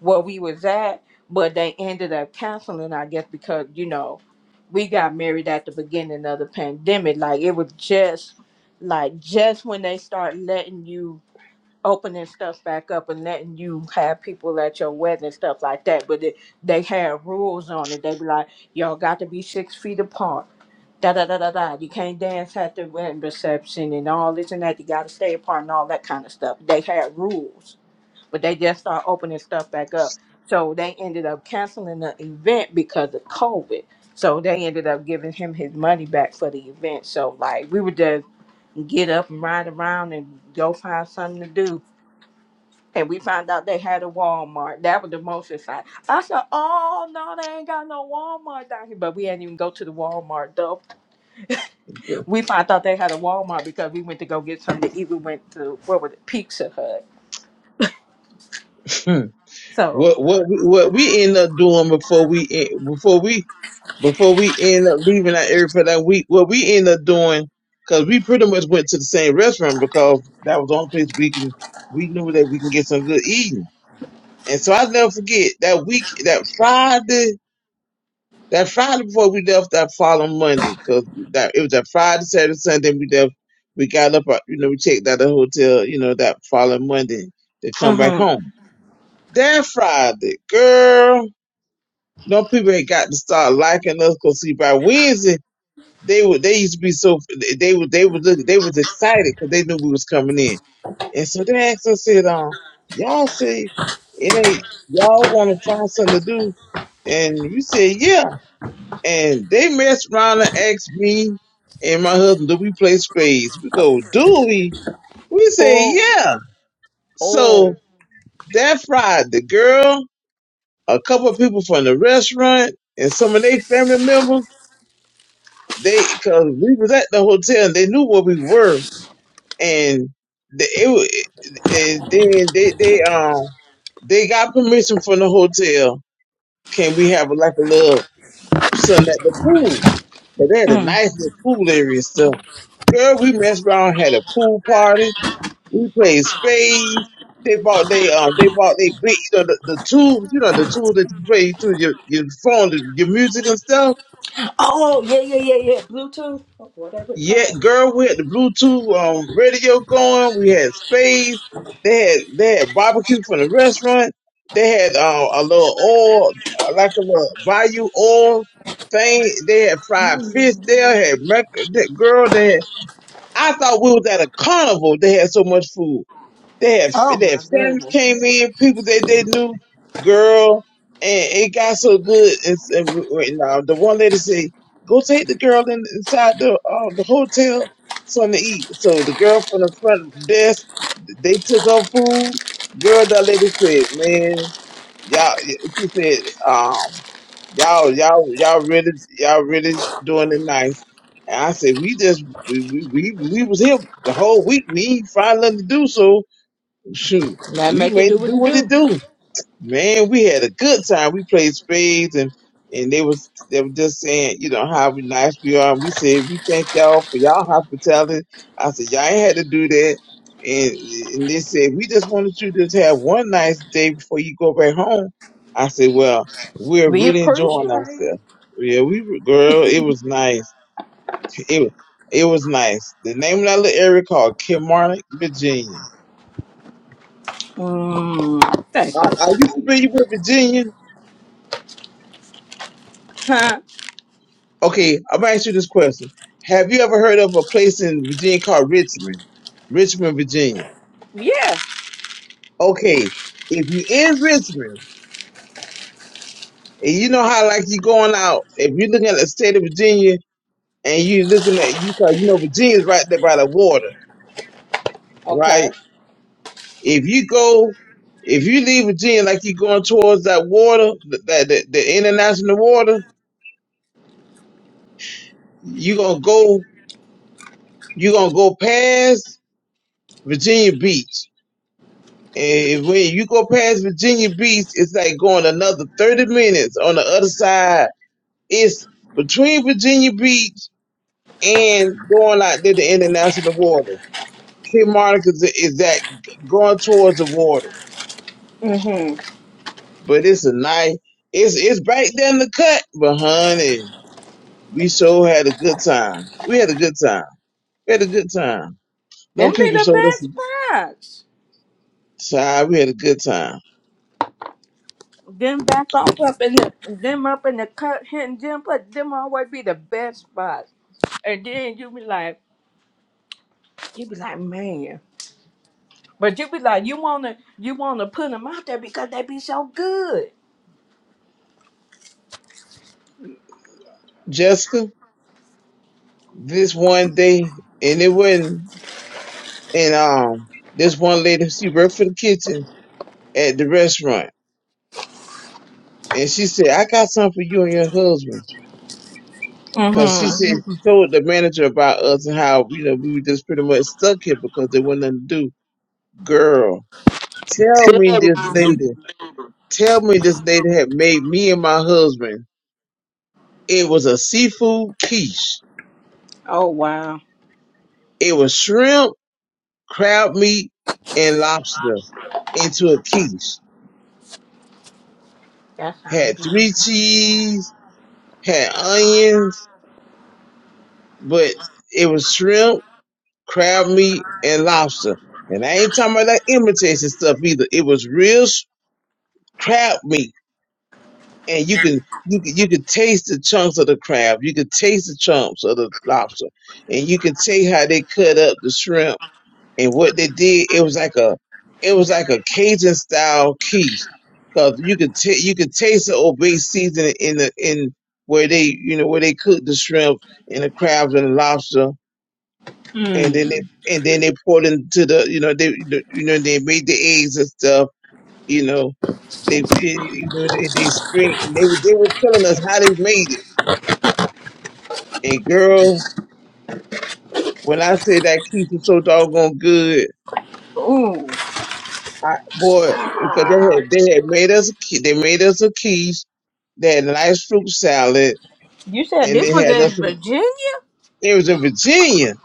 where we was at, but they ended up canceling. I guess because you know, we got married at the beginning of the pandemic. Like it was just, like just when they start letting you opening stuff back up and letting you have people at your wedding and stuff like that. But they, they have rules on it. They be like, y'all got to be six feet apart. Da da da da da. You can't dance at the wedding reception and all this and that. You got to stay apart and all that kind of stuff. They had rules, but they just start opening stuff back up. So they ended up canceling the event because of COVID. So they ended up giving him his money back for the event. So like we would just get up and ride around and go find something to do and we found out they had a Walmart. That was the most exciting. I said, "Oh no, they ain't got no Walmart down here." But we didn't even go to the Walmart though. We found out they had a Walmart because we went to go get something to eat. We went to what was it, Pizza Hut.
Hmm.
So,
What what we- what we end up doing before we en- before we before we end up leaving that area for that week? What we end up doing because we pretty much went to the same restaurant because that was the only place we can we knew that we can get some good eating. And so I will never forget that week that Friday. That Friday before we left, that following Monday, cause that it was that Friday, Saturday, Sunday. We left. We got up, uh, you know, we checked out the hotel, you know, that following Monday to come back home. That Friday, girl, no people ain't got to start liking us, cause see, by Wednesday they would they used to be so they would they was look- they was excited because they knew we was coming in. And so they asked us, said, um, y'all say it ain't, y'all want to find something to do? And we said, yeah. And they messed around and asked me and my husband, do we play spades? We go, do we? We say,
oh,
yeah. So
oh,
that Friday, the girl, a couple of people from the restaurant, and some of their family members, they, cause we was at the hotel and they knew where we were. And they, it, wa- and then they, they, um, they got permission from the hotel. Can we have like a little something at the pool? But they had a nice little pool area and stuff. Girl, we messed around, had a pool party. We played spades. They bought they um they bought they big you know the, the tubes you know the tubes that you play through your your phone your music and stuff.
oh, yeah, yeah, yeah, yeah, Bluetooth, whatever it's
Yeah,
called.
girl, we had the Bluetooth um radio going. We had spades. They had they had barbecue from the restaurant. They had um a little oil like a little bayou oil thing. They had fried fish there. Had merc- that girl. They had I thought we was at a carnival. They had so much food. They had
Oh
they had
my
fans
goodness,
came in, people that they knew, girl, and it got so good. It's, and w- w- now the one lady said, "Go take the girl in, inside the uh, the hotel something to eat." So the girl from the front desk, they took her food. Girl, that lady said, "Man, y'all," she said, um, "Y'all, y'all, y'all really, y'all really doing it nice." And I said, "We just we we we, we was here the whole week. We ain't find nothing to do, so." shoot,
that
we
make it
made
do
it
what
do
it
what it
do.
do. Man, we had a good time. We played spades and and they was they were just saying, you know, how we nice we are. We said we thank y'all for y'all hospitality. I said y'all ain't had to do that. And and they said we just wanted you to just have one nice day before you go back home. I said, well, we're
We
really
appreciate
enjoying
it.
ourselves. Yeah, we were- girl, it was nice. It was it was nice. The name of that little area called Kilmarnock, Virginia
Mm, that's so
Are, are you
sweet.
familiar with Virginia?
Huh?
Okay, I'm gonna ask you this question. Have you ever heard of a place in Virginia called Richmond? Richmond, Virginia.
Yeah.
Okay, if you're in Richmond and you know how like you going out, if you're looking at the state of Virginia and you're looking at you cause you know Virginia's right there by the water, right?
Okay.
If you go if you leave Virginia like you're going towards that water, th- that the, the international water, you gonna go you gonna go past Virginia Beach And when you go past Virginia Beach, it's like going another 30 minutes on the other side. It's between Virginia Beach and going out there to international waters. Key Monica is, is that going towards the water.
Mm-hmm.
But it's a nice, it's, it's right down the cut. But honey, we so had a good time. We had a good time. We had a good time. No
Them be
people
the
showed us a
best parts.
time. We had a good time.
Them back off up in the them up in the cut hitting them, but them always be the best spot. And then you be like, you be like, man. But you be like, you wanna you wanna put them out there because they be so good.
Jessica, this one day, and it wasn't. and um, this one lady she worked for the kitchen at the restaurant, and she said, "I got something for you and your husband," because she
Mm-hmm.
said she told the manager about us and how you know we were just pretty much stuck here because there wasn't nothing to do. Girl, tell me this lady, tell me this lady had made me and my husband. It was a seafood quiche.
Oh wow,
It was shrimp, crab meat, and lobster into a quiche.
that
Had
sounds good.
three cheese, had onions, but it was shrimp, crab meat, and lobster. And I ain't talking about that imitation stuff either. It was real s- crab meat, and you can you can, you could taste the chunks of the crab. You could taste the chunks of the lobster, and you can taste how they cut up the shrimp and what they did. It was like a it was like a Cajun style quiche, cause you could ta you could taste the obey seasoning in the in where they you know where they cook the shrimp and the crabs and the lobster and then
Mm.
they and then they poured into the you know they the, you know they made the eggs and stuff you know they they you know they, they straight and they were- they were telling us how they made it and girl when I say that quiche was so doggone good
Ooh,
I boy because they had they had made us a qui- they made us a quiche they had a nice fruit salad
you said
and they
this was
had us
in
some,
Virginia.
it was in Virginia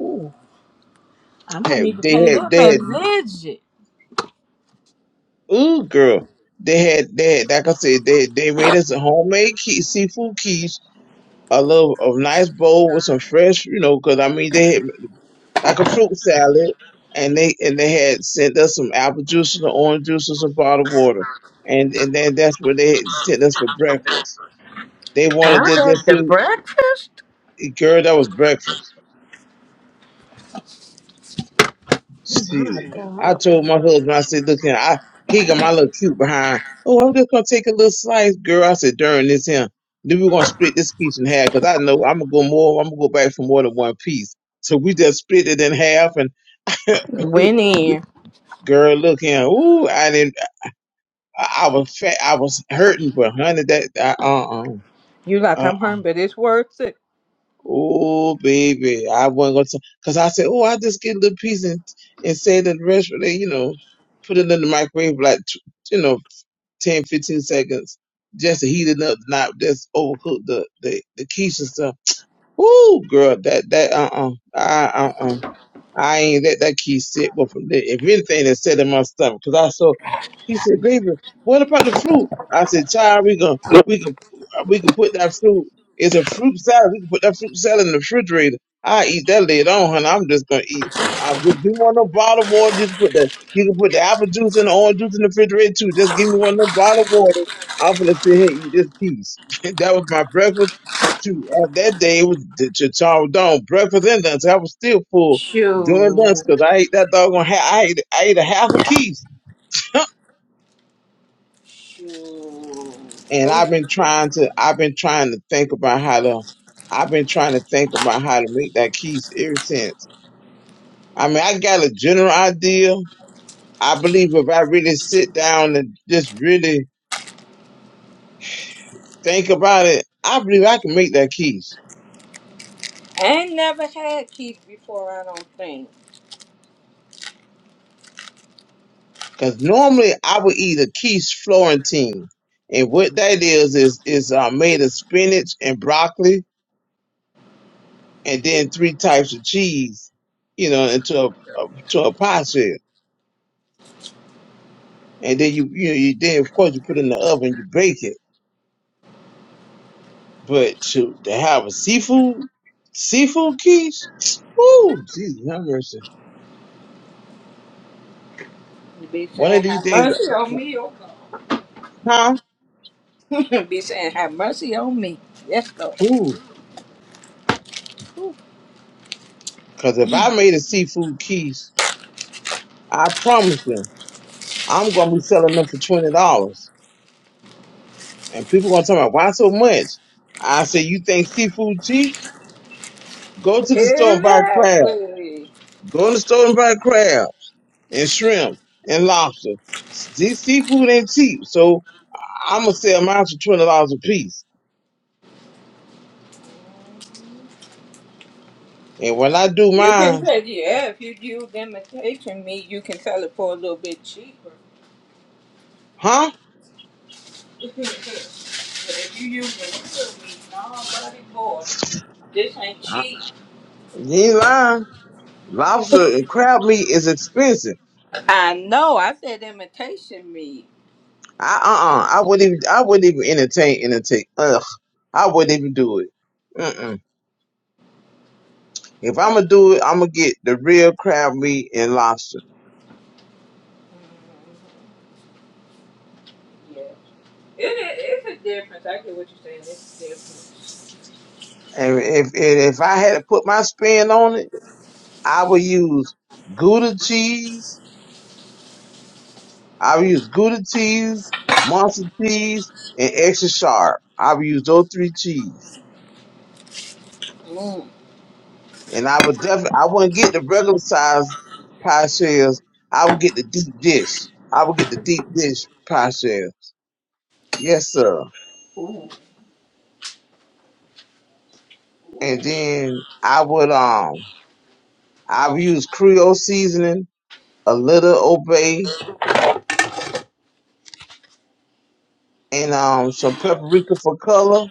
Ooh, I might need
had-
to
they
pay
had
them
they
a
had
visit.
ooh girl they had they had like I said they they made us a homemade quiche, seafood quiche a little a nice bowl with some fresh, you know, 'cause I mean they had like a fruit salad, and they and they had sent us some apple juice and orange juice and some bottled water, and and then that's what they had sent us for breakfast. They wanted that
I
just
the
to
breakfast.
girl that was breakfast. Shoot, I told my husband I said, look here, I he got my little cute behind. Oh, I'm just gonna take a little slice, girl. I said during this here. Then we're gonna split this piece in half 'cause I know I'm gonna go more. I'm gonna go back for more than one piece. So we just split it in half, and.
Went in.
Girl, look here. Ooh, I didn't. I I was fat. I was hurting, but honey, that uh
You
uh
like
uh.
I'm hungry, but it's worth it.
Oh baby, I wasn't gonna. Cause I said, oh, I just get a little piece and and save the rest for the, you know, put it in the microwave for like tw- you know 10, 15 seconds just to heat it up, not just overcook the the the quiche and stuff. Ooh, girl, that that uh, uh, uh uh I ain't let that key sit with him. If anything, it set in my stomach. Cause I saw, he said, "Baby, what about the fruit? I said, child, we gonna, we can, we can put that fruit. It's a fruit salad. We can put that fruit salad in the refrigerator. I eat that later on, honey. I'm just gonna eat. I, if you want no bottled water, just put the, you can put the apple juice and the orange juice in the refrigerator too. Just give me one no bottled water. I'm gonna sit here and eat this piece. that was my breakfast. Shoot, at that day it was the Charles Dawn breakfast and lunch. I was still full doing dust
Shoot.
because I ate that doggone. Ha- I ate I ate a half a piece,
Shoot.
and
Who
I've been trying to. I've been trying to think about how to. I've been trying to think about how to make that keys ever since. I mean, I got a general idea. I believe if I really sit down and just really think about it, I believe I can make that keys.
ain't never had kids before, I don't think.
Cause normally I would eat a keys Florentine, and what that is is is uh, made of spinach and broccoli and then three types of cheese, you know, into a a- to a pie shell. And then you you, know, you then of course you put it in the oven, you bake it. But to to have a seafood seafood quiche, ooh, Jesus have mercy.
You be
One of
saying,
these
have
days,
mercy on
I-
me, oh
huh?
God. You be saying, have mercy on me. Yes, Lord.
Ooh,
Ooh.
because if I made a seafood quiche, I promise you, I'm gonna be selling them for twenty dollars, and people gonna tell me why so much. I say, you think seafood cheap? Go to the store and buy crab.
Exactly.
Go in the store and buy crab. and shrimp and lobster. This seafood ain't cheap, so I'm gonna sell mine for twenty dollars a piece. And when I do
You can
mine,
say, yeah, if you use imitation me, you can sell it for a little bit cheaper.
huh?
but if you use imitation me, nobody buddy boy, this ain't
I-
cheap.
You ain't lying. Lobster and crab meat is expensive.
I know, I said imitation me.
I uh uh I wouldn't even I wouldn't even entertain entertain. Ugh, I wouldn't even do it. Mm-mm. If I'm gonna do it, I'm gonna get the real crab meat and lobster.
Yeah. It, it, it's a difference. I get what you're saying. It's different.
And if and if I had to put my spin on it, I would use Gouda cheese I've used Gouda cheese, monster cheese, and extra sharp. I've used those three cheese.
Mm.
And I would definitely, I wouldn't get the regular size pie shells. I would get the deep dish. I would get the deep dish pie shells. Yes, sir. And then I would, um, I would use Creole seasoning, a little obey, and, um, some paprika for color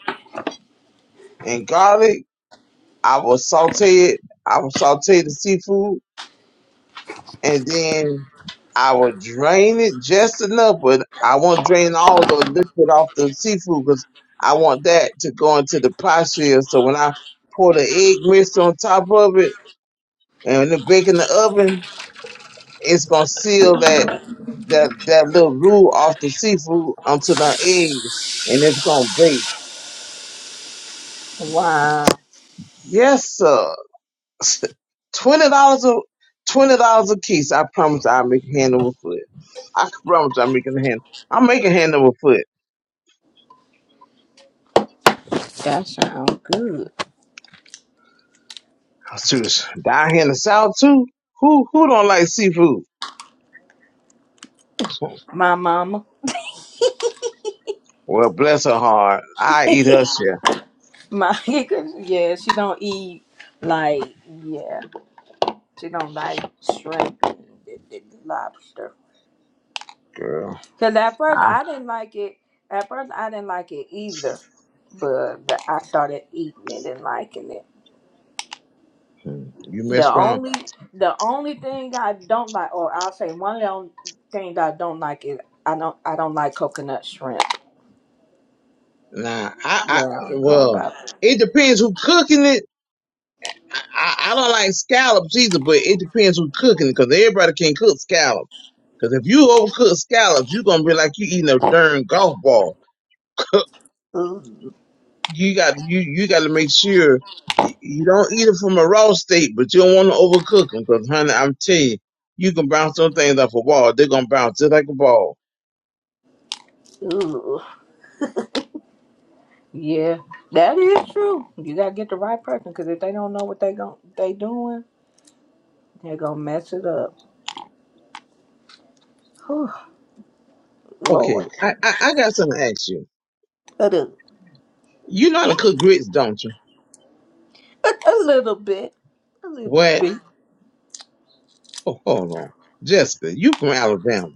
and garlic. I will saute it. I will saute the seafood and then I will drain it just enough, but I won't drain all the liquid off the seafood because I want that to go into the pasta. So when I pour the egg mixture on top of it and when it bake in the oven, it's gonna seal that that that little roux off the seafood onto the egg, and it's gonna bake.
Wow,
Yes, sir. Twenty dollars a twenty dollars a piece. I promise I'll make hand over foot. I promise I'm making a hand. I'm making hand over foot.
that sounds good.
Shoot, Down here in the South too. Who who don't like seafood?
My mama,
Well, bless her heart. I eat her shit,
my yeah, she don't eat like yeah, she don't like shrimp and the- the lobster.
girl.
Cause at first
I,
I didn't like it. At first I didn't like it either, but the- I started eating it and liking it.
hmm, you
The
miss wrong.
only the only thing I don't like, or I'll say one of the only things I don't like is I don't I don't like coconut shrimp.
Nah,
Yeah,
I, I,
all
well,
about
it depends who cooking it. I, I I don't like scallops either, but it depends who cooking it, 'cause everybody can not cook scallops. 'Cause if you overcook scallops, you gonna be like you eating a darn golf ball.
ooh,
you got you you got to make sure you, you don't eat it from a raw state, but you don't want to overcook them because, honey, I'm telling you, you can bounce some things off a wall. They're gonna bounce just like a ball.
ooh. Yeah, that is true. You gotta get the right person because if they don't know what they gon' they doing, they're gonna mess it up. Whew, Lord,
Okay, I I, I got something to ask you.
a little,
You know how to cook grits, don't you?
a a little bit, a little
What?
bit.
Oh, hold on, Jessica, you from Alabama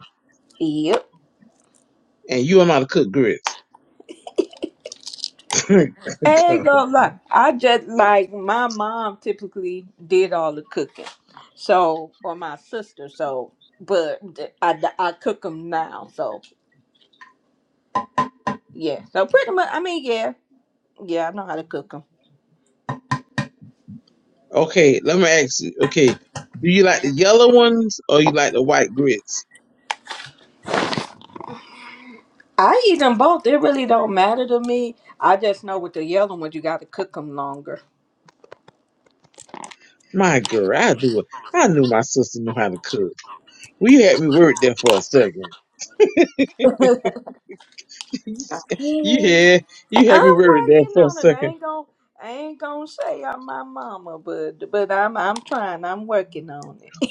Yep.
and you know how to cook grits.
ain't gonna lie. I just like my mom typically did all the cooking, so or my sister. So, but th- I I cook them now. So yeah. So pretty much, I mean, yeah, yeah. I know how to cook them.
okay, let me ask you. Okay, do you like the yellow ones or you like the white grits?
I eat them both. It really don't matter to me. I just know with the yellow ones, you got to cook them longer.
My girl, I do. I knew my sister knew how to cook. Well, You had me worried there for a second. You had
Yeah.
you had me
I'm
worried there
working
for a
on it. I
second.
ain't gonna. I ain't gonna say I'm my mama, but but I'm I'm trying. I'm working on it.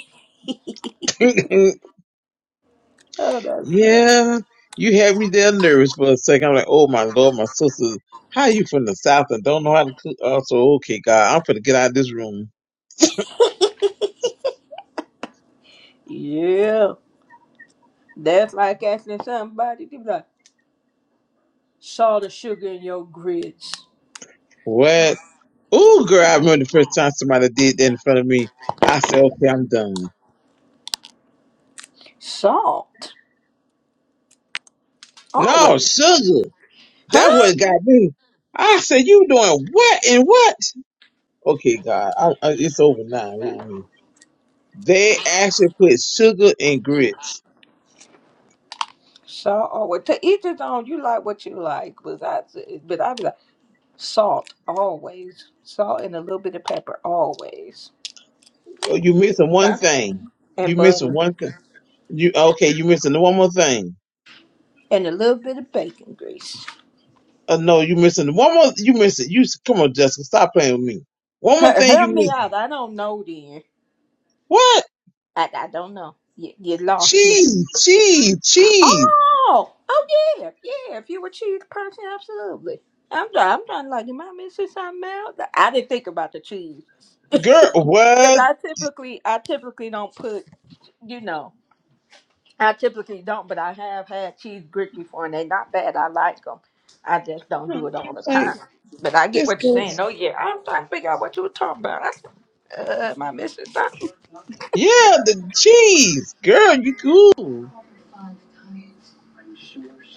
oh, that's fun.
yeah, you had me there nervous for a second. I'm like, oh my lord, my sister, how you from the south and don't know how to cook? Oh, so okay, God, I'm gonna get out of this room.
Yeah. That's like asking somebody to be like, salt or sugar in your grits.
What? Oh, girl, I remember the first time somebody did that in front of me. I said, okay, I'm done.
Salt.
No,
Always.
sugar, that
Huh?
what got me. I said, you doing what and what? Okay, God, I, I, it's over now with me. They actually put sugar in grits.
Salt always. To each his own, you like what you like. But I, but I be like, salt always. Salt and a little bit of pepper always.
Oh, You missing one
Huh?
thing.
And
You missing
butter.
one thing. You okay? You missing one more thing.
And a little bit of bacon grease.
Oh no, you missing one more. You missing. You come on, Jessica, stop playing with me. One more
H-
thing
Help
you
me
missing.
out. I don't know then.
What?
I, I don't know. You, you lost me.
Cheese, cheese, cheese.
Oh, oh yeah, yeah. If you were a cheese person, absolutely. I'm done. I'm done. Like, am I missing something out? I didn't think about the cheese
Girl,
because
what?
I typically, I typically don't put, you know, I typically don't. But I have had cheese grits before, and they're not bad. I like them. I just don't
I'm
do it all the time.
like
But I get
this
what you're
goes.
saying. Oh yeah, I'm trying to figure out what you were talking about. I said, uh, am I missing something?
Yeah, the cheese, girl. You cool.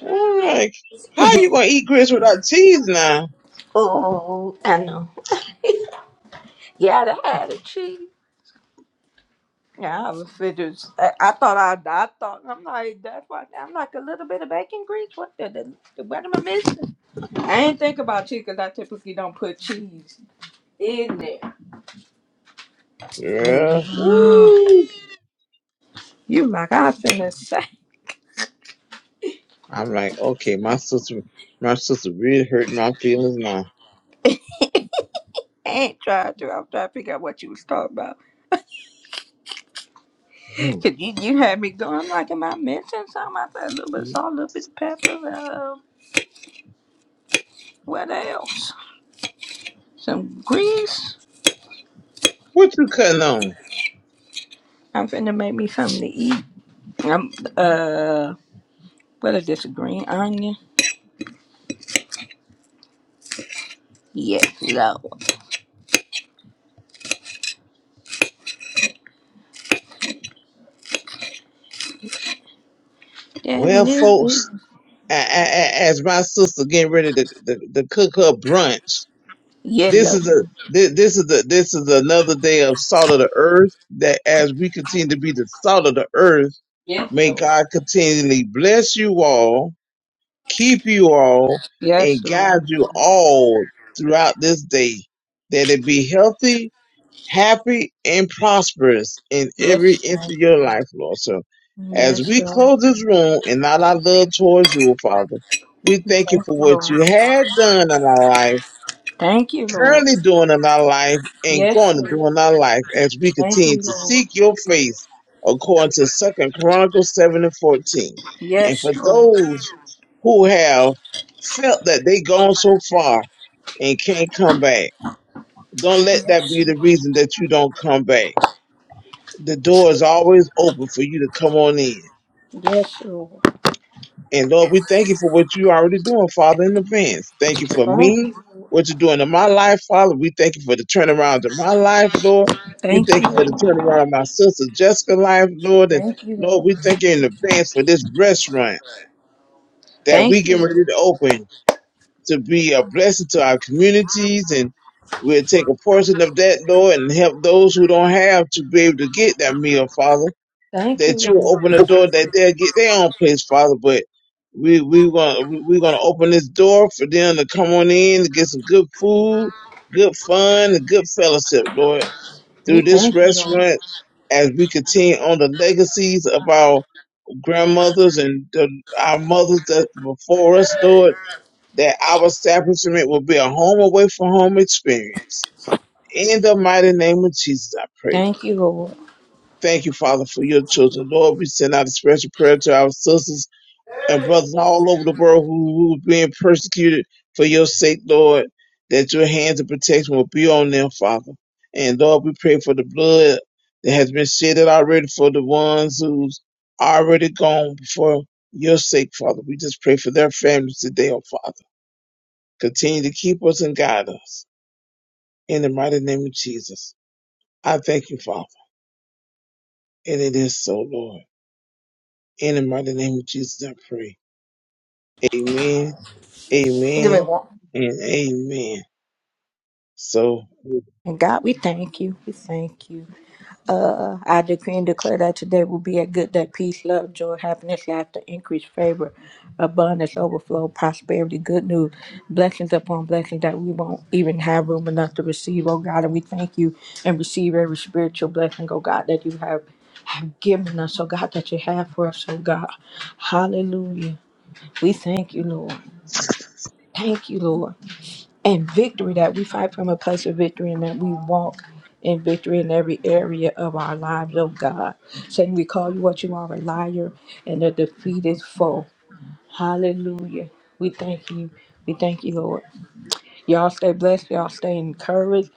All right. How you gonna eat grits without cheese now,
Oh, I know. Yeah, I done had a cheese. Yeah, I was fidgeting. I, I thought I, I thought I'm like that's why I'm like a little bit of bacon grease. What the, the what am I missing? I ain't think about cheese because I typically don't put cheese in there. But
girl?
yeah,
Woo.
you my God, finna say.
I'm like, okay, my sister, my sister really hurt my feelings now.
I ain't trying to. I'm trying to figure out what you was talking about.
Hmm.
Cause you, you had me going. I'm like, am I missing something? I said a little bit of salt, a little bit of pepper. Uh, what else? Some grease.
What you cutting on?
I'm finna make me something to eat. I'm uh, what is this? A green onion? Yes, Lord. That
Well,
little
folks,
bit.
a- a- a- as my sister getting ready to, to, to cook her brunch,
Yeah,
this
Lord.
is a this, this is a this is another day of salt of the earth. That as we continue to be the salt of the earth, may God continually bless you all, keep you all,
Yes,
and guide
Lord.
you all throughout this day. That it be healthy happy and prosperous in every
Yes,
inch
Lord.
of your life, Lord. So as
Yes,
we
Lord.
close this room and all our love towards you, Father, we thank you
Thank
for
you,
what
Lord.
you had done in our life,
Thank you, Lord.
currently doing in our life, and
Yes,
going to
Lord.
do in our life as we
Thank
continue
you,
to
Lord.
seek your face according to Second Chronicles 7 and 14. And
Yes,
for
Lord.
those who have felt that they gone so far and can't come back, don't let that be
Yes.
the reason that you don't come back the door is always open for you to come on in.
Yes, Lord.
And Lord, we thank you for what you're already doing, Father, in advance. Thank you for
Thank
me,
you, Lord.
what you're doing in my life, Father. We thank you for the turnaround in my life, Lord. We
Thank
thank
you,
you for the
Lord.
turnaround in my sister Jessica's life, Lord. And
Thank you, Lord.
Lord, we thank you in advance for this restaurant that we
Thank you,
get
Lord.
ready to open to be a blessing to our communities and We'll take a portion of that, Lord, and help those who don't have to be able to get that meal, Father.
Thank you,
that you
Lord.
open the door that they'll get their own place, Father. But we we gonna we we gonna open this door for them to come on in to get some good food, good fun, and good fellowship, Lord.
We
Through this
thank you, Lord.
restaurant, as we continue on the legacies of our grandmothers and the, our mothers that before us, Lord, that our establishment will be a home away from home experience. In the mighty name of Jesus, I pray.
Thank you, Lord.
Thank you, Father, for your children. Lord, we send out a special prayer to our sisters and brothers all over the world who, are being persecuted for your sake, Lord, that your hands of protection will be on them, Father. And Lord, we pray for the blood that has been shedded already for the ones who's already gone before your sake, Father. We just pray for their families today, oh Father. Continue to keep us and guide us. In the mighty name of Jesus. I thank you, Father. And it is so, Lord. In the mighty name of Jesus, I pray. Amen,
Give me
amen,
one.
and amen. So
And God, we thank you. We thank you. Uh, I decree and declare that today will be a good day. Peace, love, joy, happiness, laughter, increase, favor, abundance, overflow, prosperity, good news, blessings upon blessings that we won't even have room enough to receive, oh God. And we thank you and receive every spiritual blessing, oh God, that you have, have given us, oh God, that you have for us, oh God. Hallelujah. We thank you, Lord. Thank you, Lord and victory that we fight from a place of victory and that we walk in victory in every area of our lives, oh God. Satan, we call you what you are a liar and a defeated foe. Hallelujah. We thank you. We thank you, Lord. Y'all stay blessed. Y'all stay encouraged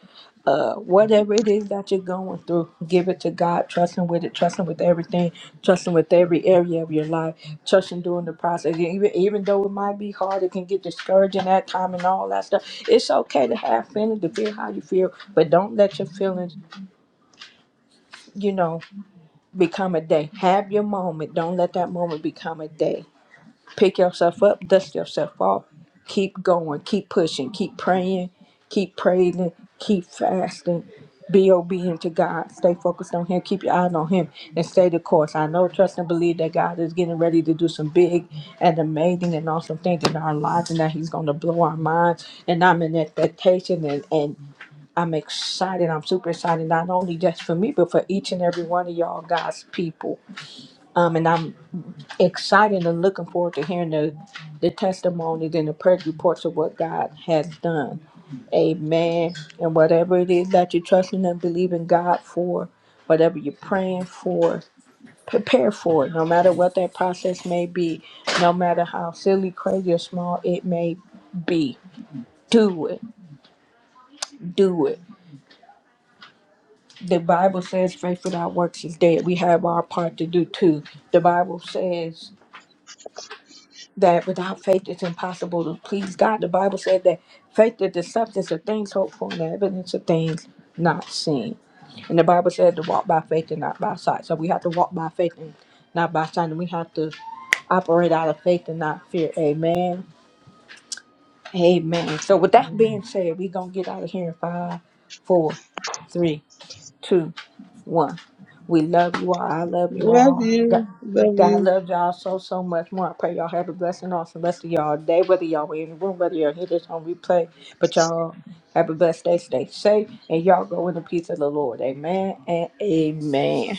uh, whatever it is that you're going through, give it to God. Trust Him with it. Trust Him with everything. Trust Him with every area of your life. Trust Him during the process. Even even though it might be hard, it can get discouraging at time and all that stuff. It's okay to have feelings, to feel how you feel, but don't let your feelings, you know, become a day. Have your moment. Don't let that moment become a day Pick yourself up, dust yourself off, keep going, keep pushing, keep praying, keep praising, keep fasting. Be obedient to God. Stay focused on Him. Keep your eyes on Him and stay the course. I know, trust, and believe that God is getting ready to do some big and amazing and awesome things in our lives and that He's going to blow our minds. And I'm in expectation and, and I'm excited. I'm super excited, not only just for me, but for each and every one of y'all, God's people. Um, and I'm exciting and looking forward to hearing the, the testimonies and the prayer reports of what God has done. Amen. And whatever it is that you're trusting and believing God for, whatever you're praying for, prepare for it, no matter what that process may be, no matter how silly, crazy, or small it may be. Do it. Do it. The Bible says faith without works is dead. We have our part to do too. The Bible says that without faith it's impossible to please God. The Bible said that faith is the substance of things hoped for and the evidence of things not seen. And the Bible said to walk by faith and not by sight. So we have to walk by faith and not by sight. And we have to operate out of faith and not fear. Amen. Amen. So with that being said, we're gonna get out of here in five, four, three, two, one. We love you all. I love you
love
all.
you, love
God
you.
love y'all so so much more. I pray y'all have a blessed and awesome rest of y'all day, whether y'all in the room, whether y'all hear this on replay. But y'all have a blessed day, stay safe, and y'all go in the peace of the Lord. Amen and amen.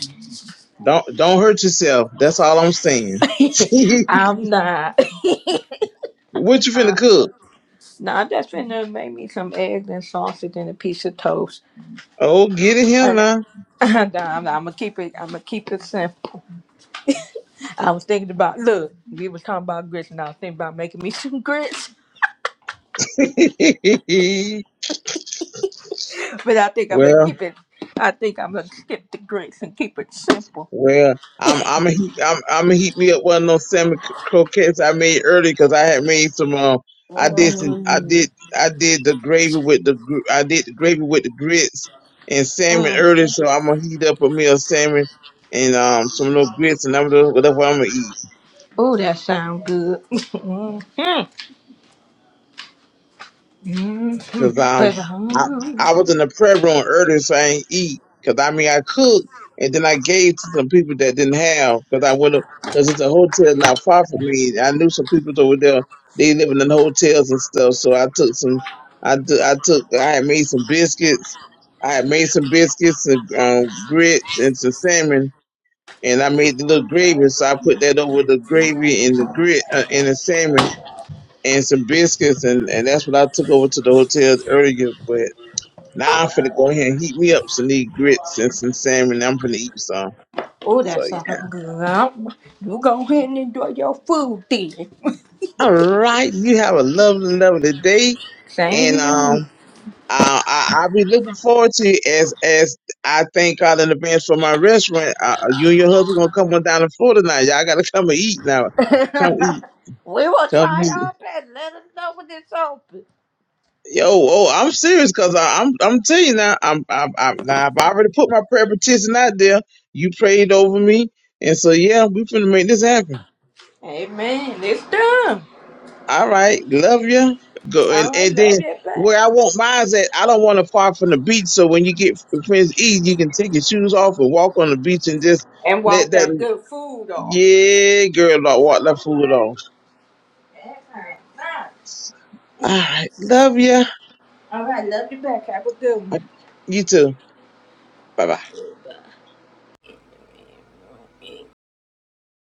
Don't don't hurt yourself. That's all I'm saying.
I'm not.
what you finna
Uh,
cook?
now I'm just finna make me some eggs and sausage and a piece of toast.
Oh, get in here
And
now.
I'm, I'm gonna keep it. I'm gonna keep it simple. I was thinking about look. We was talking about grits, and I was thinking about making me some grits. But I think I'm gonna
well,
keep it. I think I'm gonna skip the grace and keep it simple.
Well, I'm I'm a heat, I'm I'm gonna heat me up one of those salmon c- croquettes I made earlier because I had made some. Um, I did some. I did I did the gravy with the gr- I did the gravy with the grits and salmon earlier, so I'm gonna heat up a meal of salmon and um some little grits and I'm gonna that's what I'm gonna eat.
Oh, that sound good. mm-hmm.
because um,
But
I
um,
I was in the prayer room earlier, so I ain't eat. Because I mean, I cooked and then I gave to some people that didn't have. Because I went because it's a hotel not far from me. I knew some people over there. They living in hotels and stuff. So I took some. I took. I took. I had made some biscuits. I had made some biscuits and um, grits and some salmon. And I made the little gravy, so I put that over the gravy and the grit uh, and the salmon and some biscuits, and, and that's what I took over to the hotel earlier. But now I'm finna go ahead and heat me up some these grits and some salmon. I'm finna eat some.
oh,
So
that
yeah.
sound good. Um, You go ahead and enjoy your food then.
All right, you have a lovely, lovely day, and
Same here.
um, I, I I'll be looking forward to it as as I thank God in advance for my restaurant. Uh, you and your husband gonna come on down to Florida now. Y'all gotta come and eat now. Come eat.
we will
Come
try
eat.
our best. Let us know when it's open.
Yo, oh, I'm serious because I'm I'm telling you now. I'm I'm, I'm now I've already put my prayer petition out there. You prayed over me, and so yeah, we finna make this happen.
Amen. It's done.
All right, love you. Go and,
All right,
and then
love you back.
where I want mine's at, I don't want to far from the beach. So when you get friends east, you can take your shoes off and walk on the beach and just
And
let
walk that
that
good food off.
yeah girl like walk that food off.
That sounds nice.
All right, love you.
All right, love you back. Have a good one.
You too. Bye bye.